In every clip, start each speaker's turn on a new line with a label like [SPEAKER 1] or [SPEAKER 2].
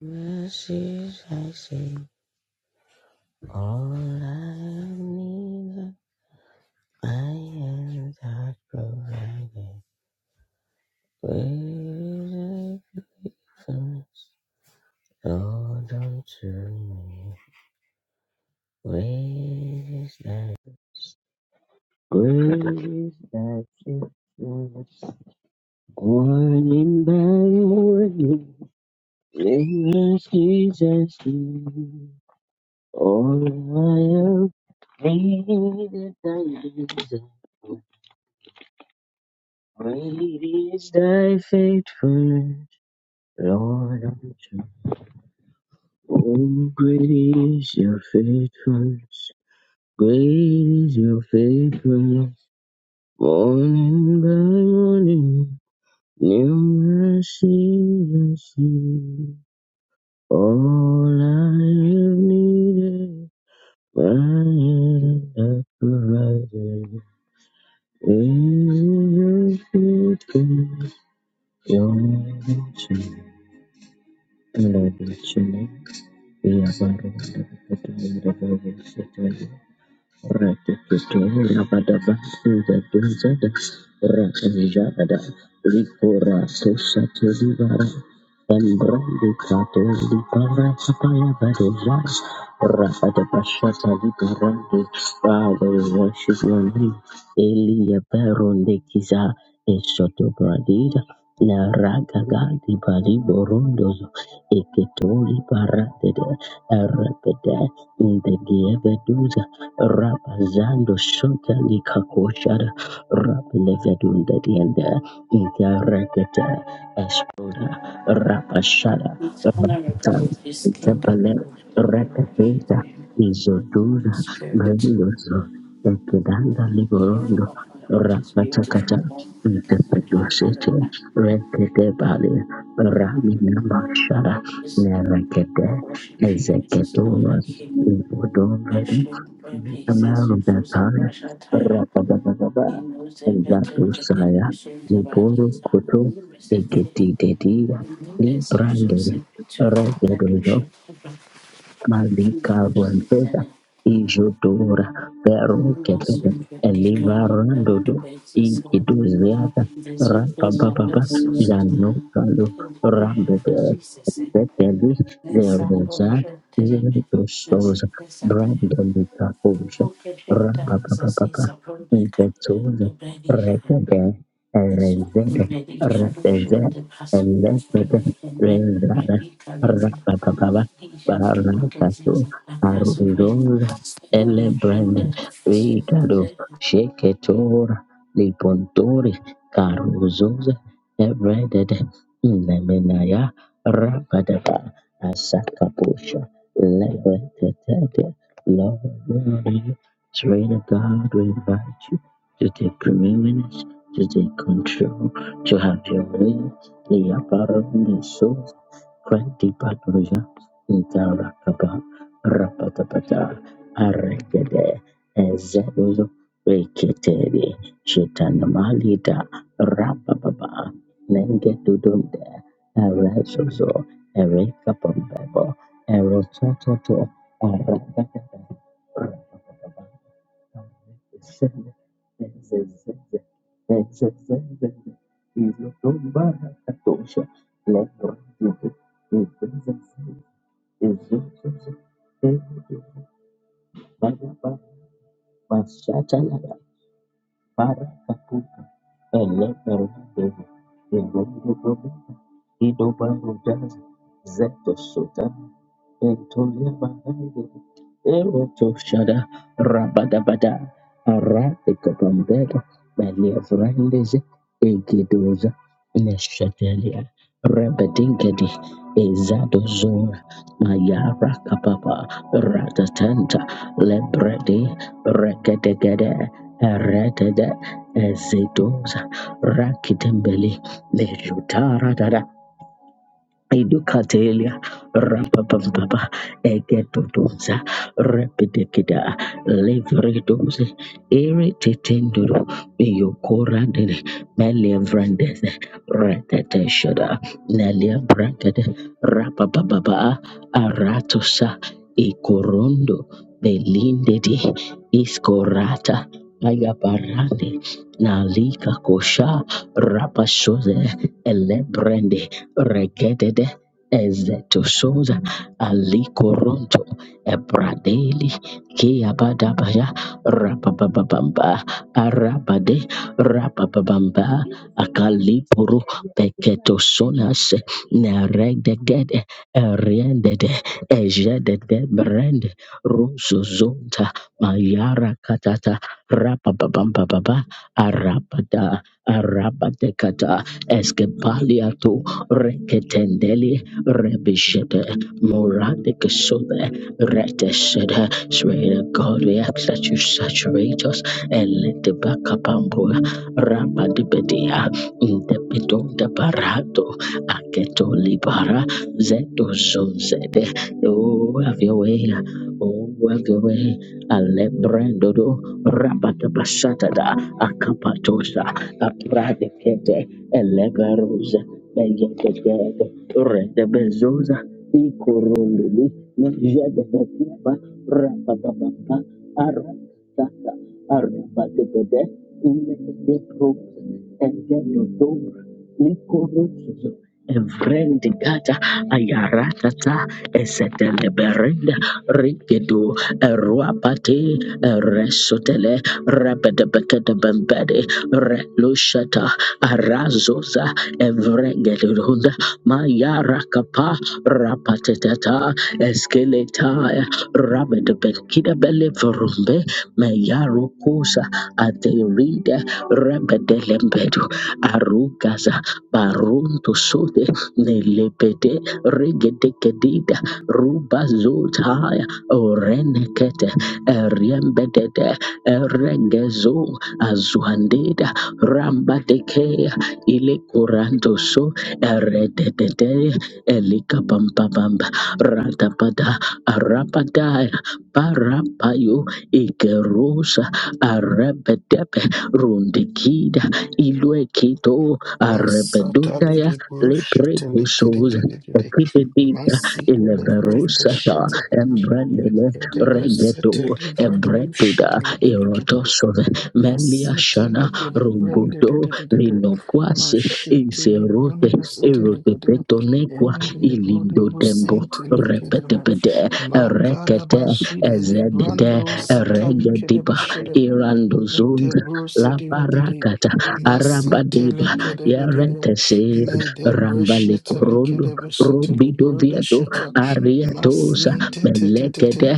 [SPEAKER 1] Mercies I see, all I have needed, my hands have provided. Great is thy faithfulness, Lord, unto me. Great is thy, great is thy faithfulness, morning by morning. Mercies I see, all I have needed, thy hands have Great is thy faithfulness, Lord. unto- Oh, great is your faithfulness. Great is your faithfulness. Morning by morning, new mercies I see. All I have needed, thy hand hath provided. Great is your faithfulness, Lord. unto- me. And I bless your name. Father, we worship your name. Elia Baronde Kiza, Esoto Bradida, La Ragaga, Di Badi Borondos, eketoli paratede erekete indegeveduza rapazando shota likakoshada rapelevedundediende interekete espoda rapashada
[SPEAKER 2] Honorable
[SPEAKER 1] rapatan
[SPEAKER 2] people, this kingdom,
[SPEAKER 1] tepele
[SPEAKER 2] we worship
[SPEAKER 1] repetuza
[SPEAKER 2] you, Holy
[SPEAKER 1] izoduza
[SPEAKER 2] Spirit.
[SPEAKER 1] greviloso ekidanda
[SPEAKER 2] King of
[SPEAKER 1] liborondo
[SPEAKER 2] all Lord is beautiful.
[SPEAKER 1] rapatakata
[SPEAKER 2] Lord, it's beautiful to
[SPEAKER 1] Intepeducete, Retete Bali,
[SPEAKER 2] We are
[SPEAKER 1] Ramina
[SPEAKER 2] beautiful.
[SPEAKER 1] Mashara,
[SPEAKER 2] This
[SPEAKER 1] Nerekete,
[SPEAKER 2] I worship you. It is not
[SPEAKER 1] Ezeketuas,
[SPEAKER 2] like you.
[SPEAKER 1] Ibodo Ready,
[SPEAKER 2] Extreme bread pieces, you do some
[SPEAKER 1] Amarubatan,
[SPEAKER 2] brush and tire. He
[SPEAKER 1] Rapababa,
[SPEAKER 2] knows everything that the
[SPEAKER 1] Zatusaya,
[SPEAKER 2] conclusions about
[SPEAKER 1] Nipuru
[SPEAKER 2] these are
[SPEAKER 1] Kutu,
[SPEAKER 2] who resist the
[SPEAKER 1] Egeti Dedia,
[SPEAKER 2] And then there's you some
[SPEAKER 1] Librande,
[SPEAKER 2] say, turn the hand, you
[SPEAKER 1] Redodo,
[SPEAKER 2] should have
[SPEAKER 1] Malika Vonpeda,
[SPEAKER 2] a
[SPEAKER 1] Ijodora, Peru
[SPEAKER 2] Numerous
[SPEAKER 1] Ketele,
[SPEAKER 2] vertical
[SPEAKER 1] Eliva Randodo,
[SPEAKER 2] ground bases
[SPEAKER 1] Ikiduziata,
[SPEAKER 2] visibles of
[SPEAKER 1] Rapapapa,
[SPEAKER 2] a society
[SPEAKER 1] Janokalo,
[SPEAKER 2] and crucial
[SPEAKER 1] Rabbe
[SPEAKER 2] diseases.
[SPEAKER 1] Betelli
[SPEAKER 2] These are
[SPEAKER 1] Leonosa
[SPEAKER 2] functional therapy diseases
[SPEAKER 1] Iutusosa
[SPEAKER 2] that
[SPEAKER 1] Brandolita Fusa
[SPEAKER 2] pocket data
[SPEAKER 1] Rapapapapa
[SPEAKER 2] disease upon
[SPEAKER 1] Intetuza
[SPEAKER 2] the medical
[SPEAKER 1] Rekede
[SPEAKER 2] the
[SPEAKER 1] Erezede
[SPEAKER 2] medical should
[SPEAKER 1] Reteze
[SPEAKER 2] the person
[SPEAKER 1] Eletede
[SPEAKER 2] and then
[SPEAKER 1] Rezana
[SPEAKER 2] radicalism.
[SPEAKER 1] Rapapapapa
[SPEAKER 2] These are the workers in
[SPEAKER 1] Baranatasu
[SPEAKER 2] the class of a
[SPEAKER 1] Arundoza Elebrand Ricado
[SPEAKER 2] non-sheltered
[SPEAKER 1] Sheketora Lipontori Caruzosa Ebredede Lemenaya Rabadaba Asakabusha Levetetete Lord Lord, Train God we invite you to take preeminence, to take control, to have your way, the apparent source, Kranti Paduja, Itarakaba, Rapatapata, Aregede, Ezebuzo, Reketeri, Shitanamali da Rabababa, Nenge Dudunde, Eresozo, Erekapambebo, Erotototo, Arabakata, Arabakaba, every Ezezeze, every Izotombarakatosha, Lebrotito, Ezezeze, Ezozozo, Ezozo, Bagaba, Masatalada, Barakapuka, Eleberodebe, Erododobe, Idobarudaz, Zetosota, Etolia Bandai, Eroto Shada, Rabadabada, Arate Copambeda, Malia Vrandes, Egidoza, Neshatelia, Rabadinkadi, Ezadozora, Mayara Kapapa, Ratatanta, Lebredi, Rekadegade, Eretede, Ezidoza, Rakitembele, Lejutara Dada, Idukatelia rapapambaba egedodoza repedekida levredoze irritetendoro iyokorandere meliavrandeze reteteshada neliabrandede rapapababa aratosa ikorondo belindedi iskorata ayabarande nalika kosha rapasoze elebrende regedede ezetoshoza alikoronto ebradeli keabadabaya rapababamba arabade rapababamba akalipuru peketoshonas neregdegede eriendede ejedede brende rusuzonta mayara katata rapababamba baba arabada arabadekata Eskepaliato Reketendeli Rebishede Moradic Sode Retesede. Spirit of God, we ask that you saturate us and let the back up and boy rabadibedia indepidonda barato aketo libara zeto zonzede oh have your way oh have your way alebrendodo rabadabashatada akapatosa apradekete eleberuze beyegegede redebezoza ikorondoli mejedebekiba rabababa Saka, Araba and Bede, Ilebe de Prosa, Likorozo, Evrendigata ayaratata eseteleberenda rigedo eruapate eresotele rebedebekedebembede relushata arazoza evrengelunda mayarakapa rapatetata eskeleta rabedebenkidabeleverumbe Kusa Aderide Rebedelembedu Arugaza Barunto Sote Nelebede Regedekedida Rubazotaya Orenekete Eriembedede Erengezo Azuandeda Rambadekea Ile Kuranto So Eredede Elika Pampabamba Ratapada Arapadaya Parapayo Ikerusa Arabedebe Rundikida Iluekito
[SPEAKER 3] Masatali
[SPEAKER 1] Arabedundaya
[SPEAKER 3] de Brushetele
[SPEAKER 1] Leprecusos
[SPEAKER 3] Kidididididi.
[SPEAKER 1] Ekipedita
[SPEAKER 3] Masi de Lebrenda
[SPEAKER 1] Ileverosata
[SPEAKER 3] Shetta.
[SPEAKER 1] Embrandele Regeto
[SPEAKER 3] Lekedebreseteli Bradu
[SPEAKER 1] Ebretuda
[SPEAKER 3] Shidididididi.
[SPEAKER 1] Erotosove Melia Shana
[SPEAKER 3] Masitele gede brende de
[SPEAKER 1] Rungudo
[SPEAKER 3] de de de de.
[SPEAKER 1] Linoquasi
[SPEAKER 3] Mashitele
[SPEAKER 1] Iserote,
[SPEAKER 3] brende sitele gede.
[SPEAKER 1] erotepetonekwa,
[SPEAKER 3] Embe gode
[SPEAKER 1] ilindodembo,
[SPEAKER 3] busentele gede be.
[SPEAKER 1] repetepete,
[SPEAKER 3] Makada
[SPEAKER 1] erekete,
[SPEAKER 3] bashide li brando
[SPEAKER 1] ezedede,
[SPEAKER 3] satali gede
[SPEAKER 1] eregediba,
[SPEAKER 3] beshede. Mente
[SPEAKER 1] irandozonda,
[SPEAKER 3] bruse dile gede.
[SPEAKER 1] labarakata,
[SPEAKER 3] Masitele
[SPEAKER 1] arabadeba,
[SPEAKER 3] gede de de de.
[SPEAKER 1] yaretese,
[SPEAKER 3] Mede breshetele
[SPEAKER 1] rambalekorondo,
[SPEAKER 3] gede beshetele brode
[SPEAKER 1] robidoviato,
[SPEAKER 3] shete.
[SPEAKER 1] ariatosa,
[SPEAKER 3] Masinte te te te te.
[SPEAKER 1] melekede,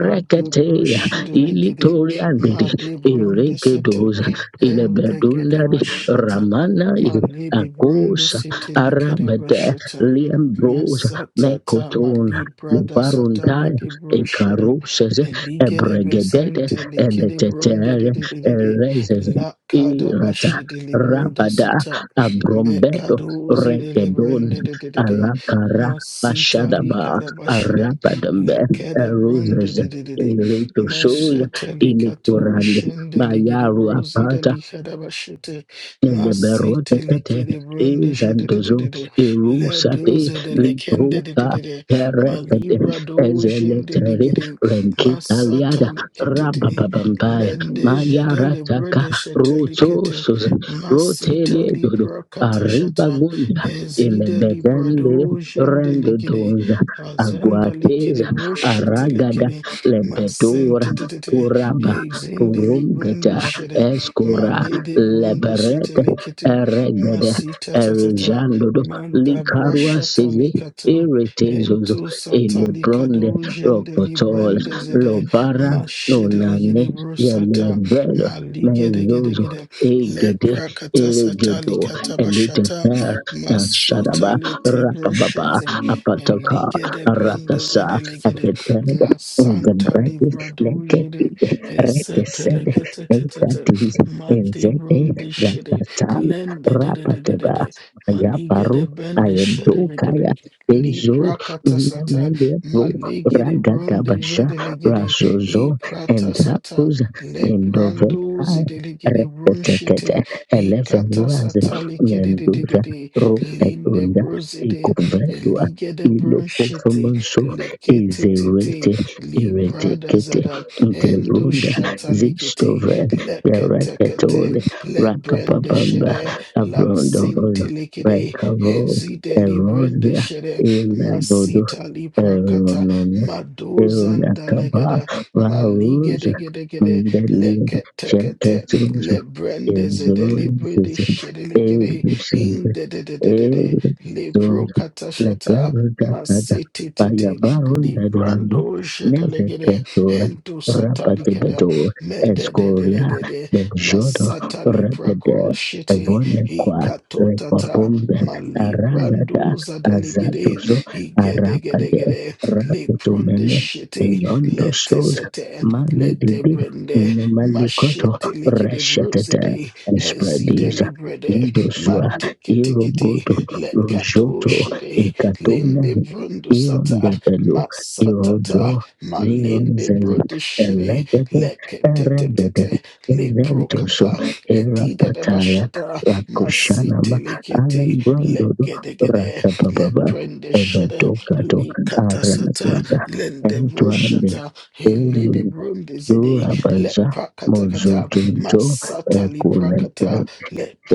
[SPEAKER 3] Made brushede gede.
[SPEAKER 1] ilitoriandede,
[SPEAKER 3] Madi Brundi City,
[SPEAKER 1] irekedosa,
[SPEAKER 3] and the
[SPEAKER 1] ilebedundade,
[SPEAKER 3] Gedeva Shata,
[SPEAKER 1] ramana
[SPEAKER 3] Malibi Brundi
[SPEAKER 1] Akosa
[SPEAKER 3] City, Likedeva
[SPEAKER 1] arabada
[SPEAKER 3] Shata,
[SPEAKER 1] liambrosa
[SPEAKER 3] Masata, ta
[SPEAKER 1] mekotona
[SPEAKER 3] Mali Brada Sata,
[SPEAKER 1] lubaruntaya
[SPEAKER 3] Lidi Brushede,
[SPEAKER 1] ikaruses
[SPEAKER 3] Eligedeva
[SPEAKER 1] ebregededes
[SPEAKER 3] Sente, Likede Brundi, di-
[SPEAKER 1] eletetere
[SPEAKER 3] di- di- di- di,
[SPEAKER 1] erezes
[SPEAKER 3] La
[SPEAKER 1] irata
[SPEAKER 3] Kadabashi, Delibroda
[SPEAKER 1] rabada
[SPEAKER 3] Sata,
[SPEAKER 1] abrombedo
[SPEAKER 3] Mekadozi,
[SPEAKER 1] regedon
[SPEAKER 3] Delibrendi, di- di- di- di,
[SPEAKER 1] alakara
[SPEAKER 3] Masita,
[SPEAKER 1] bashadaba
[SPEAKER 3] Likadabashada,
[SPEAKER 1] arabadambe
[SPEAKER 3] Lekede
[SPEAKER 1] eruzes
[SPEAKER 3] Brundi,
[SPEAKER 1] Rito Sul,
[SPEAKER 3] Meshetelikato
[SPEAKER 1] Inikurand,
[SPEAKER 3] shendeligede
[SPEAKER 1] Bayaru
[SPEAKER 3] brozida
[SPEAKER 1] Apart,
[SPEAKER 3] likadabashete.
[SPEAKER 1] Liberotekete
[SPEAKER 3] Masitelikede brunde
[SPEAKER 1] izandozo
[SPEAKER 3] shedededede.
[SPEAKER 1] irusate
[SPEAKER 3] Ledoze delikende
[SPEAKER 1] liruka
[SPEAKER 3] dededede.
[SPEAKER 1] perepete
[SPEAKER 3] Malibra do
[SPEAKER 1] ezeletere
[SPEAKER 3] shendeligede.
[SPEAKER 1] renkitaliada
[SPEAKER 3] Masataliketete.
[SPEAKER 1] rababambaya
[SPEAKER 3] Lendeje
[SPEAKER 1] mayarataka
[SPEAKER 3] delebrede shetelikete.
[SPEAKER 1] rotosos
[SPEAKER 3] Masita
[SPEAKER 1] roteliedodo
[SPEAKER 3] lipra katashata.
[SPEAKER 1] arribagunda
[SPEAKER 3] Hezide
[SPEAKER 1] ilebezendere
[SPEAKER 3] librado shendeligede.
[SPEAKER 1] rendodoza
[SPEAKER 3] Azanda likede
[SPEAKER 1] aguateza aragada
[SPEAKER 3] broshetelikede.
[SPEAKER 1] lebedora
[SPEAKER 3] Masente tete
[SPEAKER 1] puraba
[SPEAKER 3] exinde
[SPEAKER 1] purumgeta
[SPEAKER 3] librende shede
[SPEAKER 1] eskora
[SPEAKER 3] malede brunde sete
[SPEAKER 1] leberet
[SPEAKER 3] likete
[SPEAKER 1] eregede
[SPEAKER 3] masita tatata
[SPEAKER 1] erijandodo
[SPEAKER 3] manda
[SPEAKER 1] likarua
[SPEAKER 3] brashata
[SPEAKER 1] seze
[SPEAKER 3] likato
[SPEAKER 1] iritezozo
[SPEAKER 3] ento sata
[SPEAKER 1] elebronde
[SPEAKER 3] likado jende
[SPEAKER 1] rokotol
[SPEAKER 3] librende zede
[SPEAKER 1] lovara
[SPEAKER 3] mashede
[SPEAKER 1] nonane
[SPEAKER 3] legede brusata
[SPEAKER 1] yelebero
[SPEAKER 3] maligede gede
[SPEAKER 1] mezozo
[SPEAKER 3] gede
[SPEAKER 1] egede
[SPEAKER 3] lepra kata sata
[SPEAKER 1] eregedo
[SPEAKER 3] likata bashata
[SPEAKER 1] eliteter na
[SPEAKER 3] masota
[SPEAKER 1] shadaba
[SPEAKER 3] lete
[SPEAKER 1] rapababa
[SPEAKER 3] brushete
[SPEAKER 1] apataka
[SPEAKER 3] eligede brende
[SPEAKER 1] arakasa
[SPEAKER 3] zede Ligede.
[SPEAKER 1] atetere
[SPEAKER 3] La
[SPEAKER 1] in the
[SPEAKER 3] Santa
[SPEAKER 1] breath, let it
[SPEAKER 3] Livradujere,
[SPEAKER 1] be.
[SPEAKER 3] Eseteleketetete, Mati
[SPEAKER 1] Enzete
[SPEAKER 3] Brundishede,
[SPEAKER 1] Zakatana
[SPEAKER 3] Lende de de de de de
[SPEAKER 1] Rapataba
[SPEAKER 3] de, Malige de
[SPEAKER 1] Ayaparu
[SPEAKER 3] Bendishede
[SPEAKER 1] Aendo Kaya
[SPEAKER 3] legede,
[SPEAKER 1] Ezo
[SPEAKER 3] Liprakatasata,
[SPEAKER 1] Nemelebro
[SPEAKER 3] Malige de
[SPEAKER 1] Ragatabasha
[SPEAKER 3] Brundijede legede, He
[SPEAKER 1] Rasozo and
[SPEAKER 3] Pratasata,
[SPEAKER 1] Hapuz
[SPEAKER 3] Le Pranduzi
[SPEAKER 1] Endovekaya
[SPEAKER 3] de legede Brunshete,
[SPEAKER 1] Repetekete
[SPEAKER 3] He
[SPEAKER 1] Elevenuaz
[SPEAKER 3] Katasata likede de de de
[SPEAKER 1] Nenduza
[SPEAKER 3] de, Linde
[SPEAKER 1] Rupetunda
[SPEAKER 3] Bruzide,
[SPEAKER 1] Ikuvetua
[SPEAKER 3] Elige de Brunshete,
[SPEAKER 1] Ilokofomonso
[SPEAKER 3] likitititi,
[SPEAKER 1] Ezerete
[SPEAKER 3] librada
[SPEAKER 1] Eretekete
[SPEAKER 3] zada, endo
[SPEAKER 1] Interunda
[SPEAKER 3] shata likiti,
[SPEAKER 1] Zistove
[SPEAKER 3] leketekete,
[SPEAKER 1] Bereketoli,
[SPEAKER 3] lebrende
[SPEAKER 1] Rakapapamba,
[SPEAKER 3] shede,
[SPEAKER 1] Abrondolo,
[SPEAKER 3] latsinti likidi,
[SPEAKER 1] Rekavo,
[SPEAKER 3] edzide librende
[SPEAKER 1] Erosbia,
[SPEAKER 3] shede,
[SPEAKER 1] Elebodo,
[SPEAKER 3] masita liprakata,
[SPEAKER 1] Eronono,
[SPEAKER 3] madozanda
[SPEAKER 1] Eronakaba,
[SPEAKER 3] legada,
[SPEAKER 1] Varus,
[SPEAKER 3] maligedegedegede,
[SPEAKER 1] Mundeli,
[SPEAKER 3] leketekete,
[SPEAKER 1] Sheketus,
[SPEAKER 3] lebrende zede, librede
[SPEAKER 1] Exolis,
[SPEAKER 3] shede ligide
[SPEAKER 1] Elusent,
[SPEAKER 3] in de de
[SPEAKER 1] Elzon,
[SPEAKER 3] liprokata shata
[SPEAKER 1] Leperudakada,
[SPEAKER 3] Masitititi
[SPEAKER 1] Payabarun, Dadiando,
[SPEAKER 3] librando shedelegede
[SPEAKER 1] Nezeketura,
[SPEAKER 3] hendo satalikada
[SPEAKER 1] Rapatebetor, Escoria,
[SPEAKER 3] mededededede
[SPEAKER 1] Benjodo
[SPEAKER 3] masata librako
[SPEAKER 1] Rebede
[SPEAKER 3] shete
[SPEAKER 1] Evonekwa
[SPEAKER 3] hikatotata
[SPEAKER 1] Repapombe
[SPEAKER 3] malibrando
[SPEAKER 1] Aragada
[SPEAKER 3] zadalegede
[SPEAKER 1] Azatuzo Arapade
[SPEAKER 3] higedegedegede lebronde
[SPEAKER 1] Rakutumene
[SPEAKER 3] shete
[SPEAKER 1] Benyondo Sos
[SPEAKER 3] letesete
[SPEAKER 1] Magi Dede
[SPEAKER 3] ledebrende
[SPEAKER 1] Nemalukoto
[SPEAKER 3] mashete likede
[SPEAKER 1] Reshatete
[SPEAKER 3] brozede
[SPEAKER 1] and
[SPEAKER 3] hezide
[SPEAKER 1] Spreadies
[SPEAKER 3] librede
[SPEAKER 1] Indosua
[SPEAKER 3] mateketekete
[SPEAKER 1] Irogoto
[SPEAKER 3] lekato
[SPEAKER 1] Rojoto
[SPEAKER 3] shete
[SPEAKER 1] Ikatune
[SPEAKER 3] Lende Brundu Sata
[SPEAKER 1] Irondebelu
[SPEAKER 3] Masatata
[SPEAKER 1] Irozo
[SPEAKER 3] Malinde
[SPEAKER 1] Vironzes
[SPEAKER 3] Brodishiri
[SPEAKER 1] Elegete
[SPEAKER 3] Lekete
[SPEAKER 1] Erendoso,
[SPEAKER 3] Leprokata Edida de
[SPEAKER 1] Erapataria,
[SPEAKER 3] Bashata
[SPEAKER 1] Rakoshanama,
[SPEAKER 3] Masitelekete
[SPEAKER 1] Alembrandodo,
[SPEAKER 3] Legedegede
[SPEAKER 1] Rakababa,
[SPEAKER 3] Leprendeshire
[SPEAKER 1] Evatokato,
[SPEAKER 3] Likatasata
[SPEAKER 1] Aranazosa,
[SPEAKER 3] Lende
[SPEAKER 1] Entuande,
[SPEAKER 3] Brushata Hilede Brundizidi
[SPEAKER 1] Durabaza,
[SPEAKER 3] Lepakatakata
[SPEAKER 1] Mozotunto,
[SPEAKER 3] Masata
[SPEAKER 1] Ekulete,
[SPEAKER 3] Liprakata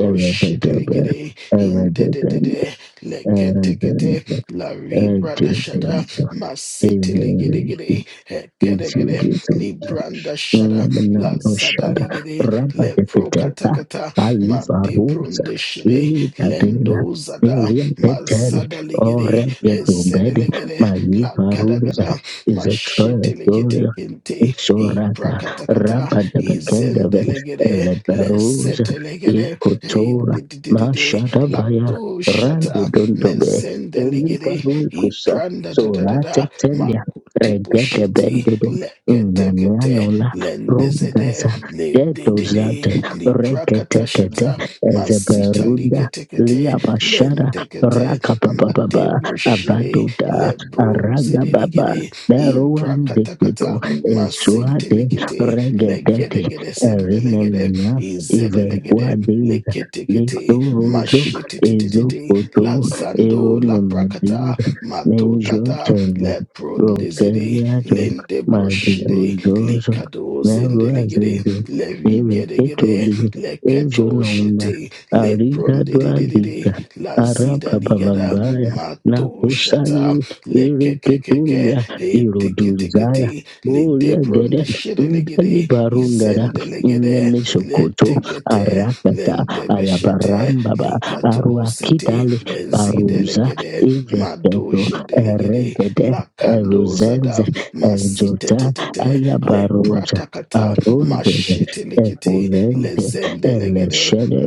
[SPEAKER 1] Erevedebe, Eredeben,
[SPEAKER 3] Indedede Leketekete
[SPEAKER 1] Eredeben,
[SPEAKER 3] La Libra da Shada,
[SPEAKER 1] Edifenso,
[SPEAKER 3] Masiti
[SPEAKER 1] Erevesu,
[SPEAKER 3] Ligidi, Hekedegede,
[SPEAKER 1] Itigito,
[SPEAKER 3] Libranda Shada, La
[SPEAKER 1] Lebanon
[SPEAKER 3] Zada
[SPEAKER 1] Shara
[SPEAKER 3] Ligidi,
[SPEAKER 1] Rabba de
[SPEAKER 3] Lepro
[SPEAKER 1] Piteka
[SPEAKER 3] Katakata, Ma
[SPEAKER 1] Aliva Rosa
[SPEAKER 3] Debrunde Shide,
[SPEAKER 1] Ida de la
[SPEAKER 3] Lendo Zada,
[SPEAKER 1] Irian Tetele
[SPEAKER 3] Mazada Ligidi,
[SPEAKER 1] Oregedo
[SPEAKER 3] Hezede
[SPEAKER 1] Bede
[SPEAKER 3] Ligidi, La
[SPEAKER 1] Maiva Rosa
[SPEAKER 3] Kadagada,
[SPEAKER 1] is a
[SPEAKER 3] Mashiti Ligidi
[SPEAKER 1] Troya
[SPEAKER 3] Kinte, Ipra
[SPEAKER 1] Sorata
[SPEAKER 3] Katakata,
[SPEAKER 1] Rabba de
[SPEAKER 3] Izende
[SPEAKER 1] Bekendave
[SPEAKER 3] Ligidi,
[SPEAKER 1] Leberosa
[SPEAKER 3] Lesete Ligidi, Hey,
[SPEAKER 1] Ekotora
[SPEAKER 3] di- di- di- di- di,
[SPEAKER 1] Mashada
[SPEAKER 3] La
[SPEAKER 1] Baya Rando
[SPEAKER 3] Toshata
[SPEAKER 1] Dondobe
[SPEAKER 3] mezendelegede
[SPEAKER 1] Elibaru Kusa
[SPEAKER 3] ipranda da da da
[SPEAKER 1] Sorate
[SPEAKER 3] da makuti
[SPEAKER 1] Telia Regete
[SPEAKER 3] makutibushiti
[SPEAKER 1] Bendodo
[SPEAKER 3] leketekete lendezede
[SPEAKER 1] Rugaza
[SPEAKER 3] lededede
[SPEAKER 1] detozate reketekete
[SPEAKER 3] liprakatashata masita
[SPEAKER 1] ezeberunda
[SPEAKER 3] likete kete
[SPEAKER 1] lia bashara
[SPEAKER 3] lente kete
[SPEAKER 1] rakapapapapa
[SPEAKER 3] madebrushiri
[SPEAKER 1] avaduda
[SPEAKER 3] lebro zede
[SPEAKER 1] aragababa
[SPEAKER 3] ligidi in
[SPEAKER 1] beruan
[SPEAKER 3] prakata kata
[SPEAKER 1] dikito
[SPEAKER 3] liketekete lentekete madebroshiri lebrozedelegede imprakatakata
[SPEAKER 1] esuade
[SPEAKER 3] masintelikete
[SPEAKER 1] regedete
[SPEAKER 3] legedegede sendelegede
[SPEAKER 1] erinemina
[SPEAKER 3] izedelegede
[SPEAKER 1] ivenkuadeza
[SPEAKER 3] leketekete
[SPEAKER 1] litorozo
[SPEAKER 3] mashititititi
[SPEAKER 1] ezopoto
[SPEAKER 3] la zando la prakata
[SPEAKER 1] eronemedida
[SPEAKER 3] matotata
[SPEAKER 1] menjotene
[SPEAKER 3] le prondezede
[SPEAKER 1] rokeliajo
[SPEAKER 3] lende broshede
[SPEAKER 1] maliguzozo
[SPEAKER 3] likado zendelegede
[SPEAKER 1] Merwazeze,
[SPEAKER 3] le rigedegede
[SPEAKER 1] Ereketoli,
[SPEAKER 3] le keto
[SPEAKER 1] Ejonomba,
[SPEAKER 3] shete le prondededede
[SPEAKER 1] Arigadwaliga,
[SPEAKER 3] la zida ligada
[SPEAKER 1] Arababababaya,
[SPEAKER 3] mato shata
[SPEAKER 1] Nakusaye,
[SPEAKER 3] le kekekeke
[SPEAKER 1] Ereketolia, Iroduzaya,
[SPEAKER 3] eteketekete le
[SPEAKER 1] Boria
[SPEAKER 3] debron de
[SPEAKER 1] Gede, Ndali
[SPEAKER 3] shedelegede
[SPEAKER 1] Barungara,
[SPEAKER 3] izendelegede le
[SPEAKER 1] Namisokoto,
[SPEAKER 3] tekete
[SPEAKER 1] Arakata,
[SPEAKER 3] lendebeshete
[SPEAKER 1] Ayabarambaba,
[SPEAKER 3] likato sete
[SPEAKER 1] Aruakitale, Baruza,
[SPEAKER 3] zidelegede
[SPEAKER 1] Evekedo,
[SPEAKER 3] madoje delegede
[SPEAKER 1] Eregede,
[SPEAKER 3] lakando zada
[SPEAKER 1] Eruzenze, Eljota,
[SPEAKER 3] masitetetete le
[SPEAKER 1] Ayabaroja.
[SPEAKER 3] pratakata
[SPEAKER 1] Arundes,
[SPEAKER 3] mashetelekete le
[SPEAKER 1] Epurente,
[SPEAKER 3] zendelegede
[SPEAKER 1] Eleshede,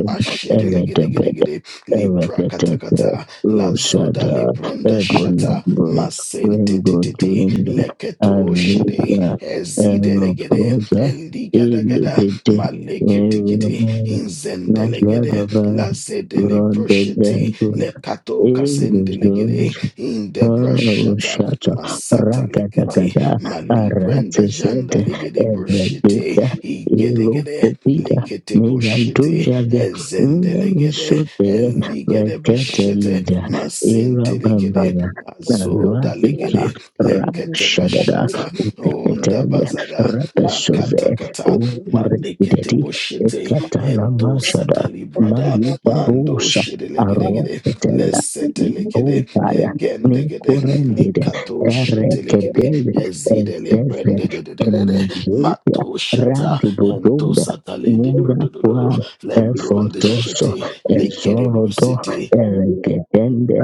[SPEAKER 1] Eredebede,
[SPEAKER 3] mashedelegedegedegede li
[SPEAKER 1] Erekete,
[SPEAKER 3] prakatakata la zoda le
[SPEAKER 1] Rosada,
[SPEAKER 3] bronda shata
[SPEAKER 1] Ebunobo, Bengo
[SPEAKER 3] masentetetete
[SPEAKER 1] Junda,
[SPEAKER 3] leketo shede
[SPEAKER 1] Alusa,
[SPEAKER 3] ezidelegede
[SPEAKER 1] Eroposa,
[SPEAKER 3] eligadagada
[SPEAKER 1] Ilibite,
[SPEAKER 3] maleketikete
[SPEAKER 1] Merumaya,
[SPEAKER 3] inzendelegede
[SPEAKER 1] Nashadava,
[SPEAKER 3] la zedele proshete
[SPEAKER 1] Rondedengura,
[SPEAKER 3] lekato kasende legere indebra
[SPEAKER 1] Oh,
[SPEAKER 3] shata
[SPEAKER 1] shata
[SPEAKER 3] masata
[SPEAKER 1] ragada
[SPEAKER 3] lekete
[SPEAKER 1] gada
[SPEAKER 3] malibrenda
[SPEAKER 1] aratized
[SPEAKER 3] janda legere brushete
[SPEAKER 1] evredita
[SPEAKER 3] igedegede
[SPEAKER 1] irokopida
[SPEAKER 3] lekete brushete
[SPEAKER 1] meyandujaga
[SPEAKER 3] ezende legede
[SPEAKER 1] nemisote
[SPEAKER 3] eligede beshete
[SPEAKER 1] reketelida
[SPEAKER 4] Thank
[SPEAKER 3] masente legede
[SPEAKER 1] irabambara
[SPEAKER 3] azoda
[SPEAKER 1] nalwadika
[SPEAKER 3] legede lekete
[SPEAKER 1] rakshadada
[SPEAKER 3] bashata onda
[SPEAKER 1] teketelia
[SPEAKER 3] bazada
[SPEAKER 1] rapesoze
[SPEAKER 3] lakata kata kata malekete
[SPEAKER 1] orekideti
[SPEAKER 3] boshete ento
[SPEAKER 1] ekatalamashada
[SPEAKER 3] satali brada mando
[SPEAKER 1] mayibarusa
[SPEAKER 3] shede legede
[SPEAKER 1] aroketelia
[SPEAKER 3] lesetelekede egendegede
[SPEAKER 1] Nikurendid,
[SPEAKER 3] likatoshetelekede
[SPEAKER 1] Erekedel,
[SPEAKER 3] ezidele
[SPEAKER 1] Ezezer,
[SPEAKER 3] brendedededede
[SPEAKER 1] Enegeria,
[SPEAKER 3] matoshata
[SPEAKER 1] Radibodobia,
[SPEAKER 3] entosatalididodododo
[SPEAKER 1] Muraquan,
[SPEAKER 3] lembron the
[SPEAKER 1] Efotoso,
[SPEAKER 3] shitty lekede
[SPEAKER 1] Ezorodo,
[SPEAKER 3] brusity
[SPEAKER 1] Eregedende,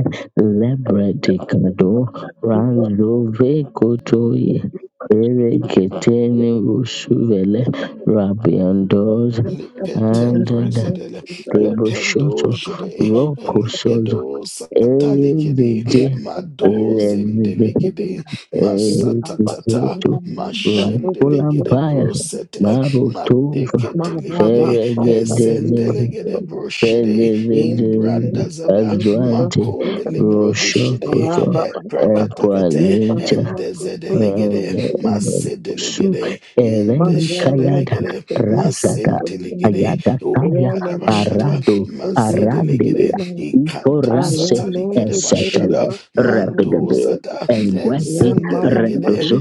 [SPEAKER 1] Lebredicado, Ranzove Kotoye, Ereketene Rusuvele, Rabiandos, and
[SPEAKER 3] Lipetembrezedele, lependo
[SPEAKER 1] Deboshoto,
[SPEAKER 3] jede,
[SPEAKER 1] Rocosos,
[SPEAKER 3] eligedo satalikede,
[SPEAKER 1] Elizidi elezidi
[SPEAKER 4] you.
[SPEAKER 3] madozendelegede,
[SPEAKER 4] Yeah,
[SPEAKER 3] masatatata,
[SPEAKER 1] elizizethu
[SPEAKER 3] mashendelegede
[SPEAKER 1] Rakulambaya
[SPEAKER 3] brosete,
[SPEAKER 1] Marutuva
[SPEAKER 3] mateketelegede,
[SPEAKER 1] Feregedezeze
[SPEAKER 3] ezendelegede broshede,
[SPEAKER 1] Fedezeze
[SPEAKER 3] imbrandazada,
[SPEAKER 1] Azwante
[SPEAKER 3] makondele brodeshede,
[SPEAKER 1] Roshokoto
[SPEAKER 3] eprekatakate, endezedelegede,
[SPEAKER 1] su
[SPEAKER 3] masedelegede,
[SPEAKER 1] eleni kayada
[SPEAKER 3] indeshedelegede,
[SPEAKER 1] rasada
[SPEAKER 3] masentelegede
[SPEAKER 1] ayada
[SPEAKER 3] o
[SPEAKER 1] kaya
[SPEAKER 3] kadabashada
[SPEAKER 1] arado
[SPEAKER 3] mazedelegede
[SPEAKER 1] arandelia
[SPEAKER 3] ikanto
[SPEAKER 1] ikorase
[SPEAKER 3] satalikede bashada
[SPEAKER 1] esetele
[SPEAKER 3] mando
[SPEAKER 1] repidebe
[SPEAKER 3] zada
[SPEAKER 1] engwepi
[SPEAKER 4] mama, mama,
[SPEAKER 3] enzendelegede
[SPEAKER 1] redoso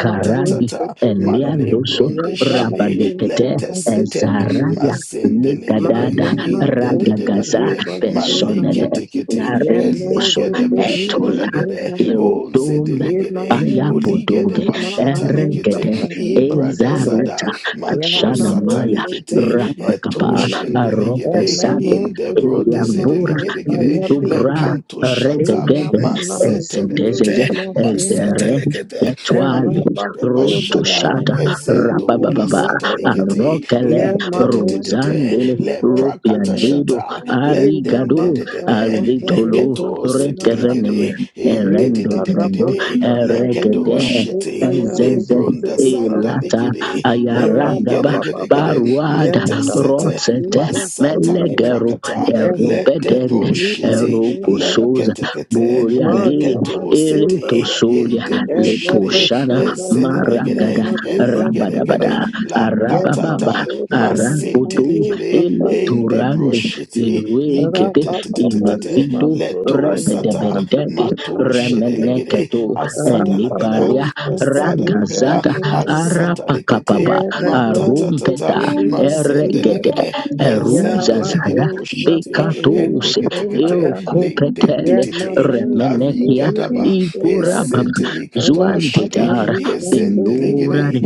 [SPEAKER 4] mama, mama,
[SPEAKER 1] eliandoso
[SPEAKER 4] Thank
[SPEAKER 3] Malebron de
[SPEAKER 4] you.
[SPEAKER 3] shede
[SPEAKER 1] rabadekete
[SPEAKER 3] letesete
[SPEAKER 1] ezaraya
[SPEAKER 3] mazendelegede
[SPEAKER 1] likadada ragagaza
[SPEAKER 3] indedededede
[SPEAKER 1] personele
[SPEAKER 3] maleketekete
[SPEAKER 1] narindoso
[SPEAKER 3] eligede
[SPEAKER 1] etola
[SPEAKER 3] beshedelegede
[SPEAKER 1] irodum
[SPEAKER 3] onzedelegede oligede
[SPEAKER 1] Bayabodove,
[SPEAKER 3] bashatalikete
[SPEAKER 1] Eregede,
[SPEAKER 3] ibradazada
[SPEAKER 1] Ezaruta,
[SPEAKER 3] Mato
[SPEAKER 1] Ashanamaya,
[SPEAKER 3] satalikete
[SPEAKER 1] Rapakaba,
[SPEAKER 3] eto
[SPEAKER 1] Arope
[SPEAKER 3] shendelegede in the bro
[SPEAKER 1] Yambura
[SPEAKER 3] desedelegede le
[SPEAKER 1] Dubra
[SPEAKER 3] canto shata
[SPEAKER 1] Redegede Ezedezeze
[SPEAKER 3] masetelekete
[SPEAKER 1] Ezere
[SPEAKER 3] masetelekete
[SPEAKER 1] Etwali
[SPEAKER 3] malekede
[SPEAKER 1] Roto
[SPEAKER 3] bashada
[SPEAKER 1] Shata
[SPEAKER 3] ezendo la
[SPEAKER 1] Rabababa
[SPEAKER 3] satalikete
[SPEAKER 1] Arokele
[SPEAKER 4] Yeah, my
[SPEAKER 3] lintetetetete
[SPEAKER 1] Rosandele
[SPEAKER 4] sister,
[SPEAKER 3] le prakata
[SPEAKER 1] Ropiandido
[SPEAKER 3] shata le
[SPEAKER 1] Arigado
[SPEAKER 3] dendededede le
[SPEAKER 1] Azitolo
[SPEAKER 4] my
[SPEAKER 3] keto
[SPEAKER 1] Rekeveneme
[SPEAKER 3] setelegede in
[SPEAKER 1] Erendo Dendo
[SPEAKER 3] dedededede le kedo
[SPEAKER 1] Eregede
[SPEAKER 3] shete le
[SPEAKER 1] Ezeze
[SPEAKER 3] bronda
[SPEAKER 1] elata
[SPEAKER 3] sandalegede Leri
[SPEAKER 1] ayaragaba
[SPEAKER 3] gede gede gede
[SPEAKER 1] baruada
[SPEAKER 3] metesete
[SPEAKER 1] rotsete
[SPEAKER 3] masatali
[SPEAKER 1] melegeru
[SPEAKER 3] prakata le
[SPEAKER 1] erobedende
[SPEAKER 3] debro shete
[SPEAKER 1] erokosoza
[SPEAKER 3] lenkete kete
[SPEAKER 1] boriagiri
[SPEAKER 3] leketo sete in
[SPEAKER 1] eretosolia
[SPEAKER 3] debo shete
[SPEAKER 1] leposhana
[SPEAKER 3] ezede gede
[SPEAKER 1] maragada
[SPEAKER 3] eli gede
[SPEAKER 1] rabadabada
[SPEAKER 3] gede la
[SPEAKER 1] arabababa
[SPEAKER 3] katata masinte
[SPEAKER 1] arapoto
[SPEAKER 3] likede in debro
[SPEAKER 4] sister,
[SPEAKER 1] eletorande
[SPEAKER 3] shete
[SPEAKER 1] lerueke
[SPEAKER 3] likete
[SPEAKER 1] kete
[SPEAKER 3] te te te te te
[SPEAKER 1] imizidu
[SPEAKER 3] leto sata
[SPEAKER 1] rebedebendete
[SPEAKER 3] mato shete ligede
[SPEAKER 1] remeneketu
[SPEAKER 3] azada lagada
[SPEAKER 1] elibaria
[SPEAKER 3] azada lagada
[SPEAKER 1] ragazada
[SPEAKER 3] asata likete
[SPEAKER 1] arapakapaba
[SPEAKER 4] Yeah,
[SPEAKER 3] Matatatata.
[SPEAKER 1] arumpeta eregede
[SPEAKER 3] Mazendelegede. Ezendelegede
[SPEAKER 1] eruzazaya
[SPEAKER 3] boshite.
[SPEAKER 1] bekatus
[SPEAKER 3] Eteketekete.
[SPEAKER 1] irokopetele
[SPEAKER 3] Leitentititi. La
[SPEAKER 1] remenekia
[SPEAKER 3] vigadaba.
[SPEAKER 1] ikurababa
[SPEAKER 3] Esetelikatoshire.
[SPEAKER 1] zuantetara
[SPEAKER 3] Ezendelegede.
[SPEAKER 1] pelurare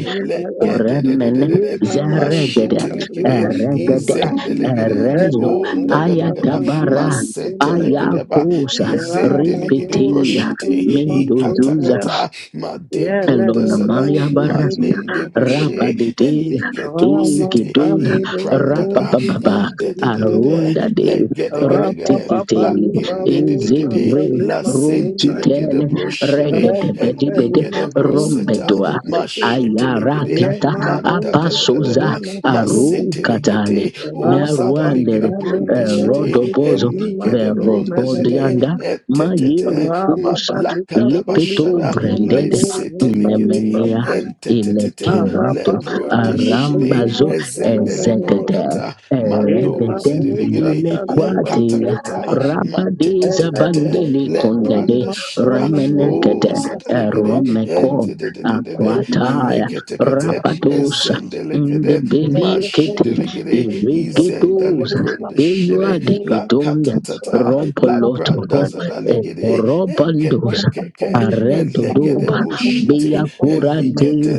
[SPEAKER 1] Uremene
[SPEAKER 3] Lekededededede.
[SPEAKER 1] zeregede
[SPEAKER 3] Mashitelikede.
[SPEAKER 1] regede
[SPEAKER 3] Izendelegede.
[SPEAKER 1] rezo
[SPEAKER 3] Ondagadagada.
[SPEAKER 1] ayatabara
[SPEAKER 3] Masentelekedeba.
[SPEAKER 1] ayakosa
[SPEAKER 4] And I have my
[SPEAKER 3] Ezendelegede
[SPEAKER 4] nose, you
[SPEAKER 1] repetea
[SPEAKER 3] boshite.
[SPEAKER 4] can eat my food
[SPEAKER 1] mendozuza
[SPEAKER 4] there.
[SPEAKER 3] Ikatakata.
[SPEAKER 4] Yeah, and
[SPEAKER 3] Madebro
[SPEAKER 4] then my
[SPEAKER 1] Elona
[SPEAKER 3] dazada.
[SPEAKER 4] nose,
[SPEAKER 1] Maria
[SPEAKER 4] you
[SPEAKER 3] ma
[SPEAKER 4] can
[SPEAKER 1] Barasta
[SPEAKER 4] eat my
[SPEAKER 3] lende
[SPEAKER 4] food
[SPEAKER 3] boshe
[SPEAKER 4] there.
[SPEAKER 1] Rabba de De
[SPEAKER 3] eniketo
[SPEAKER 4] Around my
[SPEAKER 3] sete
[SPEAKER 1] Egedul
[SPEAKER 4] family, then the
[SPEAKER 1] Rabba
[SPEAKER 4] nose,
[SPEAKER 3] imprandada
[SPEAKER 4] you come
[SPEAKER 1] Baba
[SPEAKER 3] in de
[SPEAKER 4] to
[SPEAKER 3] de
[SPEAKER 4] the
[SPEAKER 3] de de
[SPEAKER 4] door.
[SPEAKER 3] de
[SPEAKER 1] Arunda de
[SPEAKER 3] le gede gede
[SPEAKER 4] Around
[SPEAKER 3] gede
[SPEAKER 4] Papa,
[SPEAKER 1] Rititite
[SPEAKER 4] Papa,
[SPEAKER 3] la
[SPEAKER 4] leave my
[SPEAKER 3] kende de de
[SPEAKER 4] boots,
[SPEAKER 3] de de
[SPEAKER 4] Papa,
[SPEAKER 1] Ezewe
[SPEAKER 4] leave
[SPEAKER 3] la
[SPEAKER 4] my food
[SPEAKER 3] sente le
[SPEAKER 4] there.
[SPEAKER 1] Rukiten
[SPEAKER 3] kede broshede
[SPEAKER 4] Around
[SPEAKER 1] Regede Bedi
[SPEAKER 4] Papa,
[SPEAKER 1] Bede
[SPEAKER 4] leave my
[SPEAKER 3] enikede
[SPEAKER 4] food there,
[SPEAKER 3] broseta
[SPEAKER 4] I
[SPEAKER 1] Rombedua
[SPEAKER 4] need to do.
[SPEAKER 3] mashete le kede
[SPEAKER 4] Yeah,
[SPEAKER 1] Ayarakata
[SPEAKER 4] my nose,
[SPEAKER 3] manda da
[SPEAKER 4] you
[SPEAKER 3] da da da
[SPEAKER 4] can
[SPEAKER 1] Apasoza
[SPEAKER 3] da
[SPEAKER 4] eat my food
[SPEAKER 3] masete
[SPEAKER 4] there.
[SPEAKER 3] le
[SPEAKER 1] Arukatale
[SPEAKER 3] kede
[SPEAKER 4] Around
[SPEAKER 3] ozada
[SPEAKER 4] Papa,
[SPEAKER 3] le
[SPEAKER 1] Meruandere
[SPEAKER 3] kede
[SPEAKER 4] family, then
[SPEAKER 1] eh,
[SPEAKER 3] bronde
[SPEAKER 4] the nose,
[SPEAKER 3] shede
[SPEAKER 4] you can
[SPEAKER 1] Rodobozo
[SPEAKER 4] eat my
[SPEAKER 3] enikede
[SPEAKER 4] food
[SPEAKER 3] bronde
[SPEAKER 4] there.
[SPEAKER 3] shede
[SPEAKER 1] Verobodianda
[SPEAKER 3] etetete ma
[SPEAKER 4] Rabba
[SPEAKER 1] Mayerukusa
[SPEAKER 3] la
[SPEAKER 4] Badika
[SPEAKER 3] kada
[SPEAKER 1] Lepeto
[SPEAKER 4] Suliba
[SPEAKER 3] bashada le
[SPEAKER 4] Sunan
[SPEAKER 1] Branded
[SPEAKER 4] Ova
[SPEAKER 3] sete le kede
[SPEAKER 4] Kalipa
[SPEAKER 1] Nemenia
[SPEAKER 4] Sun
[SPEAKER 3] en
[SPEAKER 1] ilekerato
[SPEAKER 4] Rabba
[SPEAKER 3] lebro
[SPEAKER 4] Sapa
[SPEAKER 3] de shide
[SPEAKER 1] arambazo
[SPEAKER 4] Suliba Sunan
[SPEAKER 3] ezendeli
[SPEAKER 4] Ova
[SPEAKER 1] ezedede
[SPEAKER 3] brokata
[SPEAKER 4] Eva
[SPEAKER 1] eredede
[SPEAKER 3] madoze
[SPEAKER 4] Bosa
[SPEAKER 3] deligere le
[SPEAKER 4] Kalipa
[SPEAKER 3] kata
[SPEAKER 1] ilekwatia
[SPEAKER 3] katakata
[SPEAKER 4] Sunaya
[SPEAKER 1] rabadiza
[SPEAKER 4] Ele
[SPEAKER 3] matetetetete
[SPEAKER 4] Novo
[SPEAKER 1] bandili
[SPEAKER 3] le
[SPEAKER 1] kondede
[SPEAKER 3] branda
[SPEAKER 4] Suliba
[SPEAKER 3] shada
[SPEAKER 4] Sunan Ova
[SPEAKER 1] remenegede
[SPEAKER 3] onza
[SPEAKER 4] Sapa
[SPEAKER 3] deligere
[SPEAKER 1] eromeko
[SPEAKER 3] enzedededede
[SPEAKER 1] akwataya
[SPEAKER 3] eleketekete
[SPEAKER 1] rabadosa
[SPEAKER 3] ezendelegede
[SPEAKER 1] ndebeliekete
[SPEAKER 3] mashideligere izendali branda shide ligede izenda
[SPEAKER 1] iregedosa
[SPEAKER 3] libro de shide la
[SPEAKER 1] beluadiketonde
[SPEAKER 3] kata katatata la
[SPEAKER 1] robolotoho
[SPEAKER 3] branda zadaligere
[SPEAKER 1] eporobandosa
[SPEAKER 3] ekekekeke legede
[SPEAKER 1] Arredodoba
[SPEAKER 4] Thank
[SPEAKER 3] bushite
[SPEAKER 1] Bia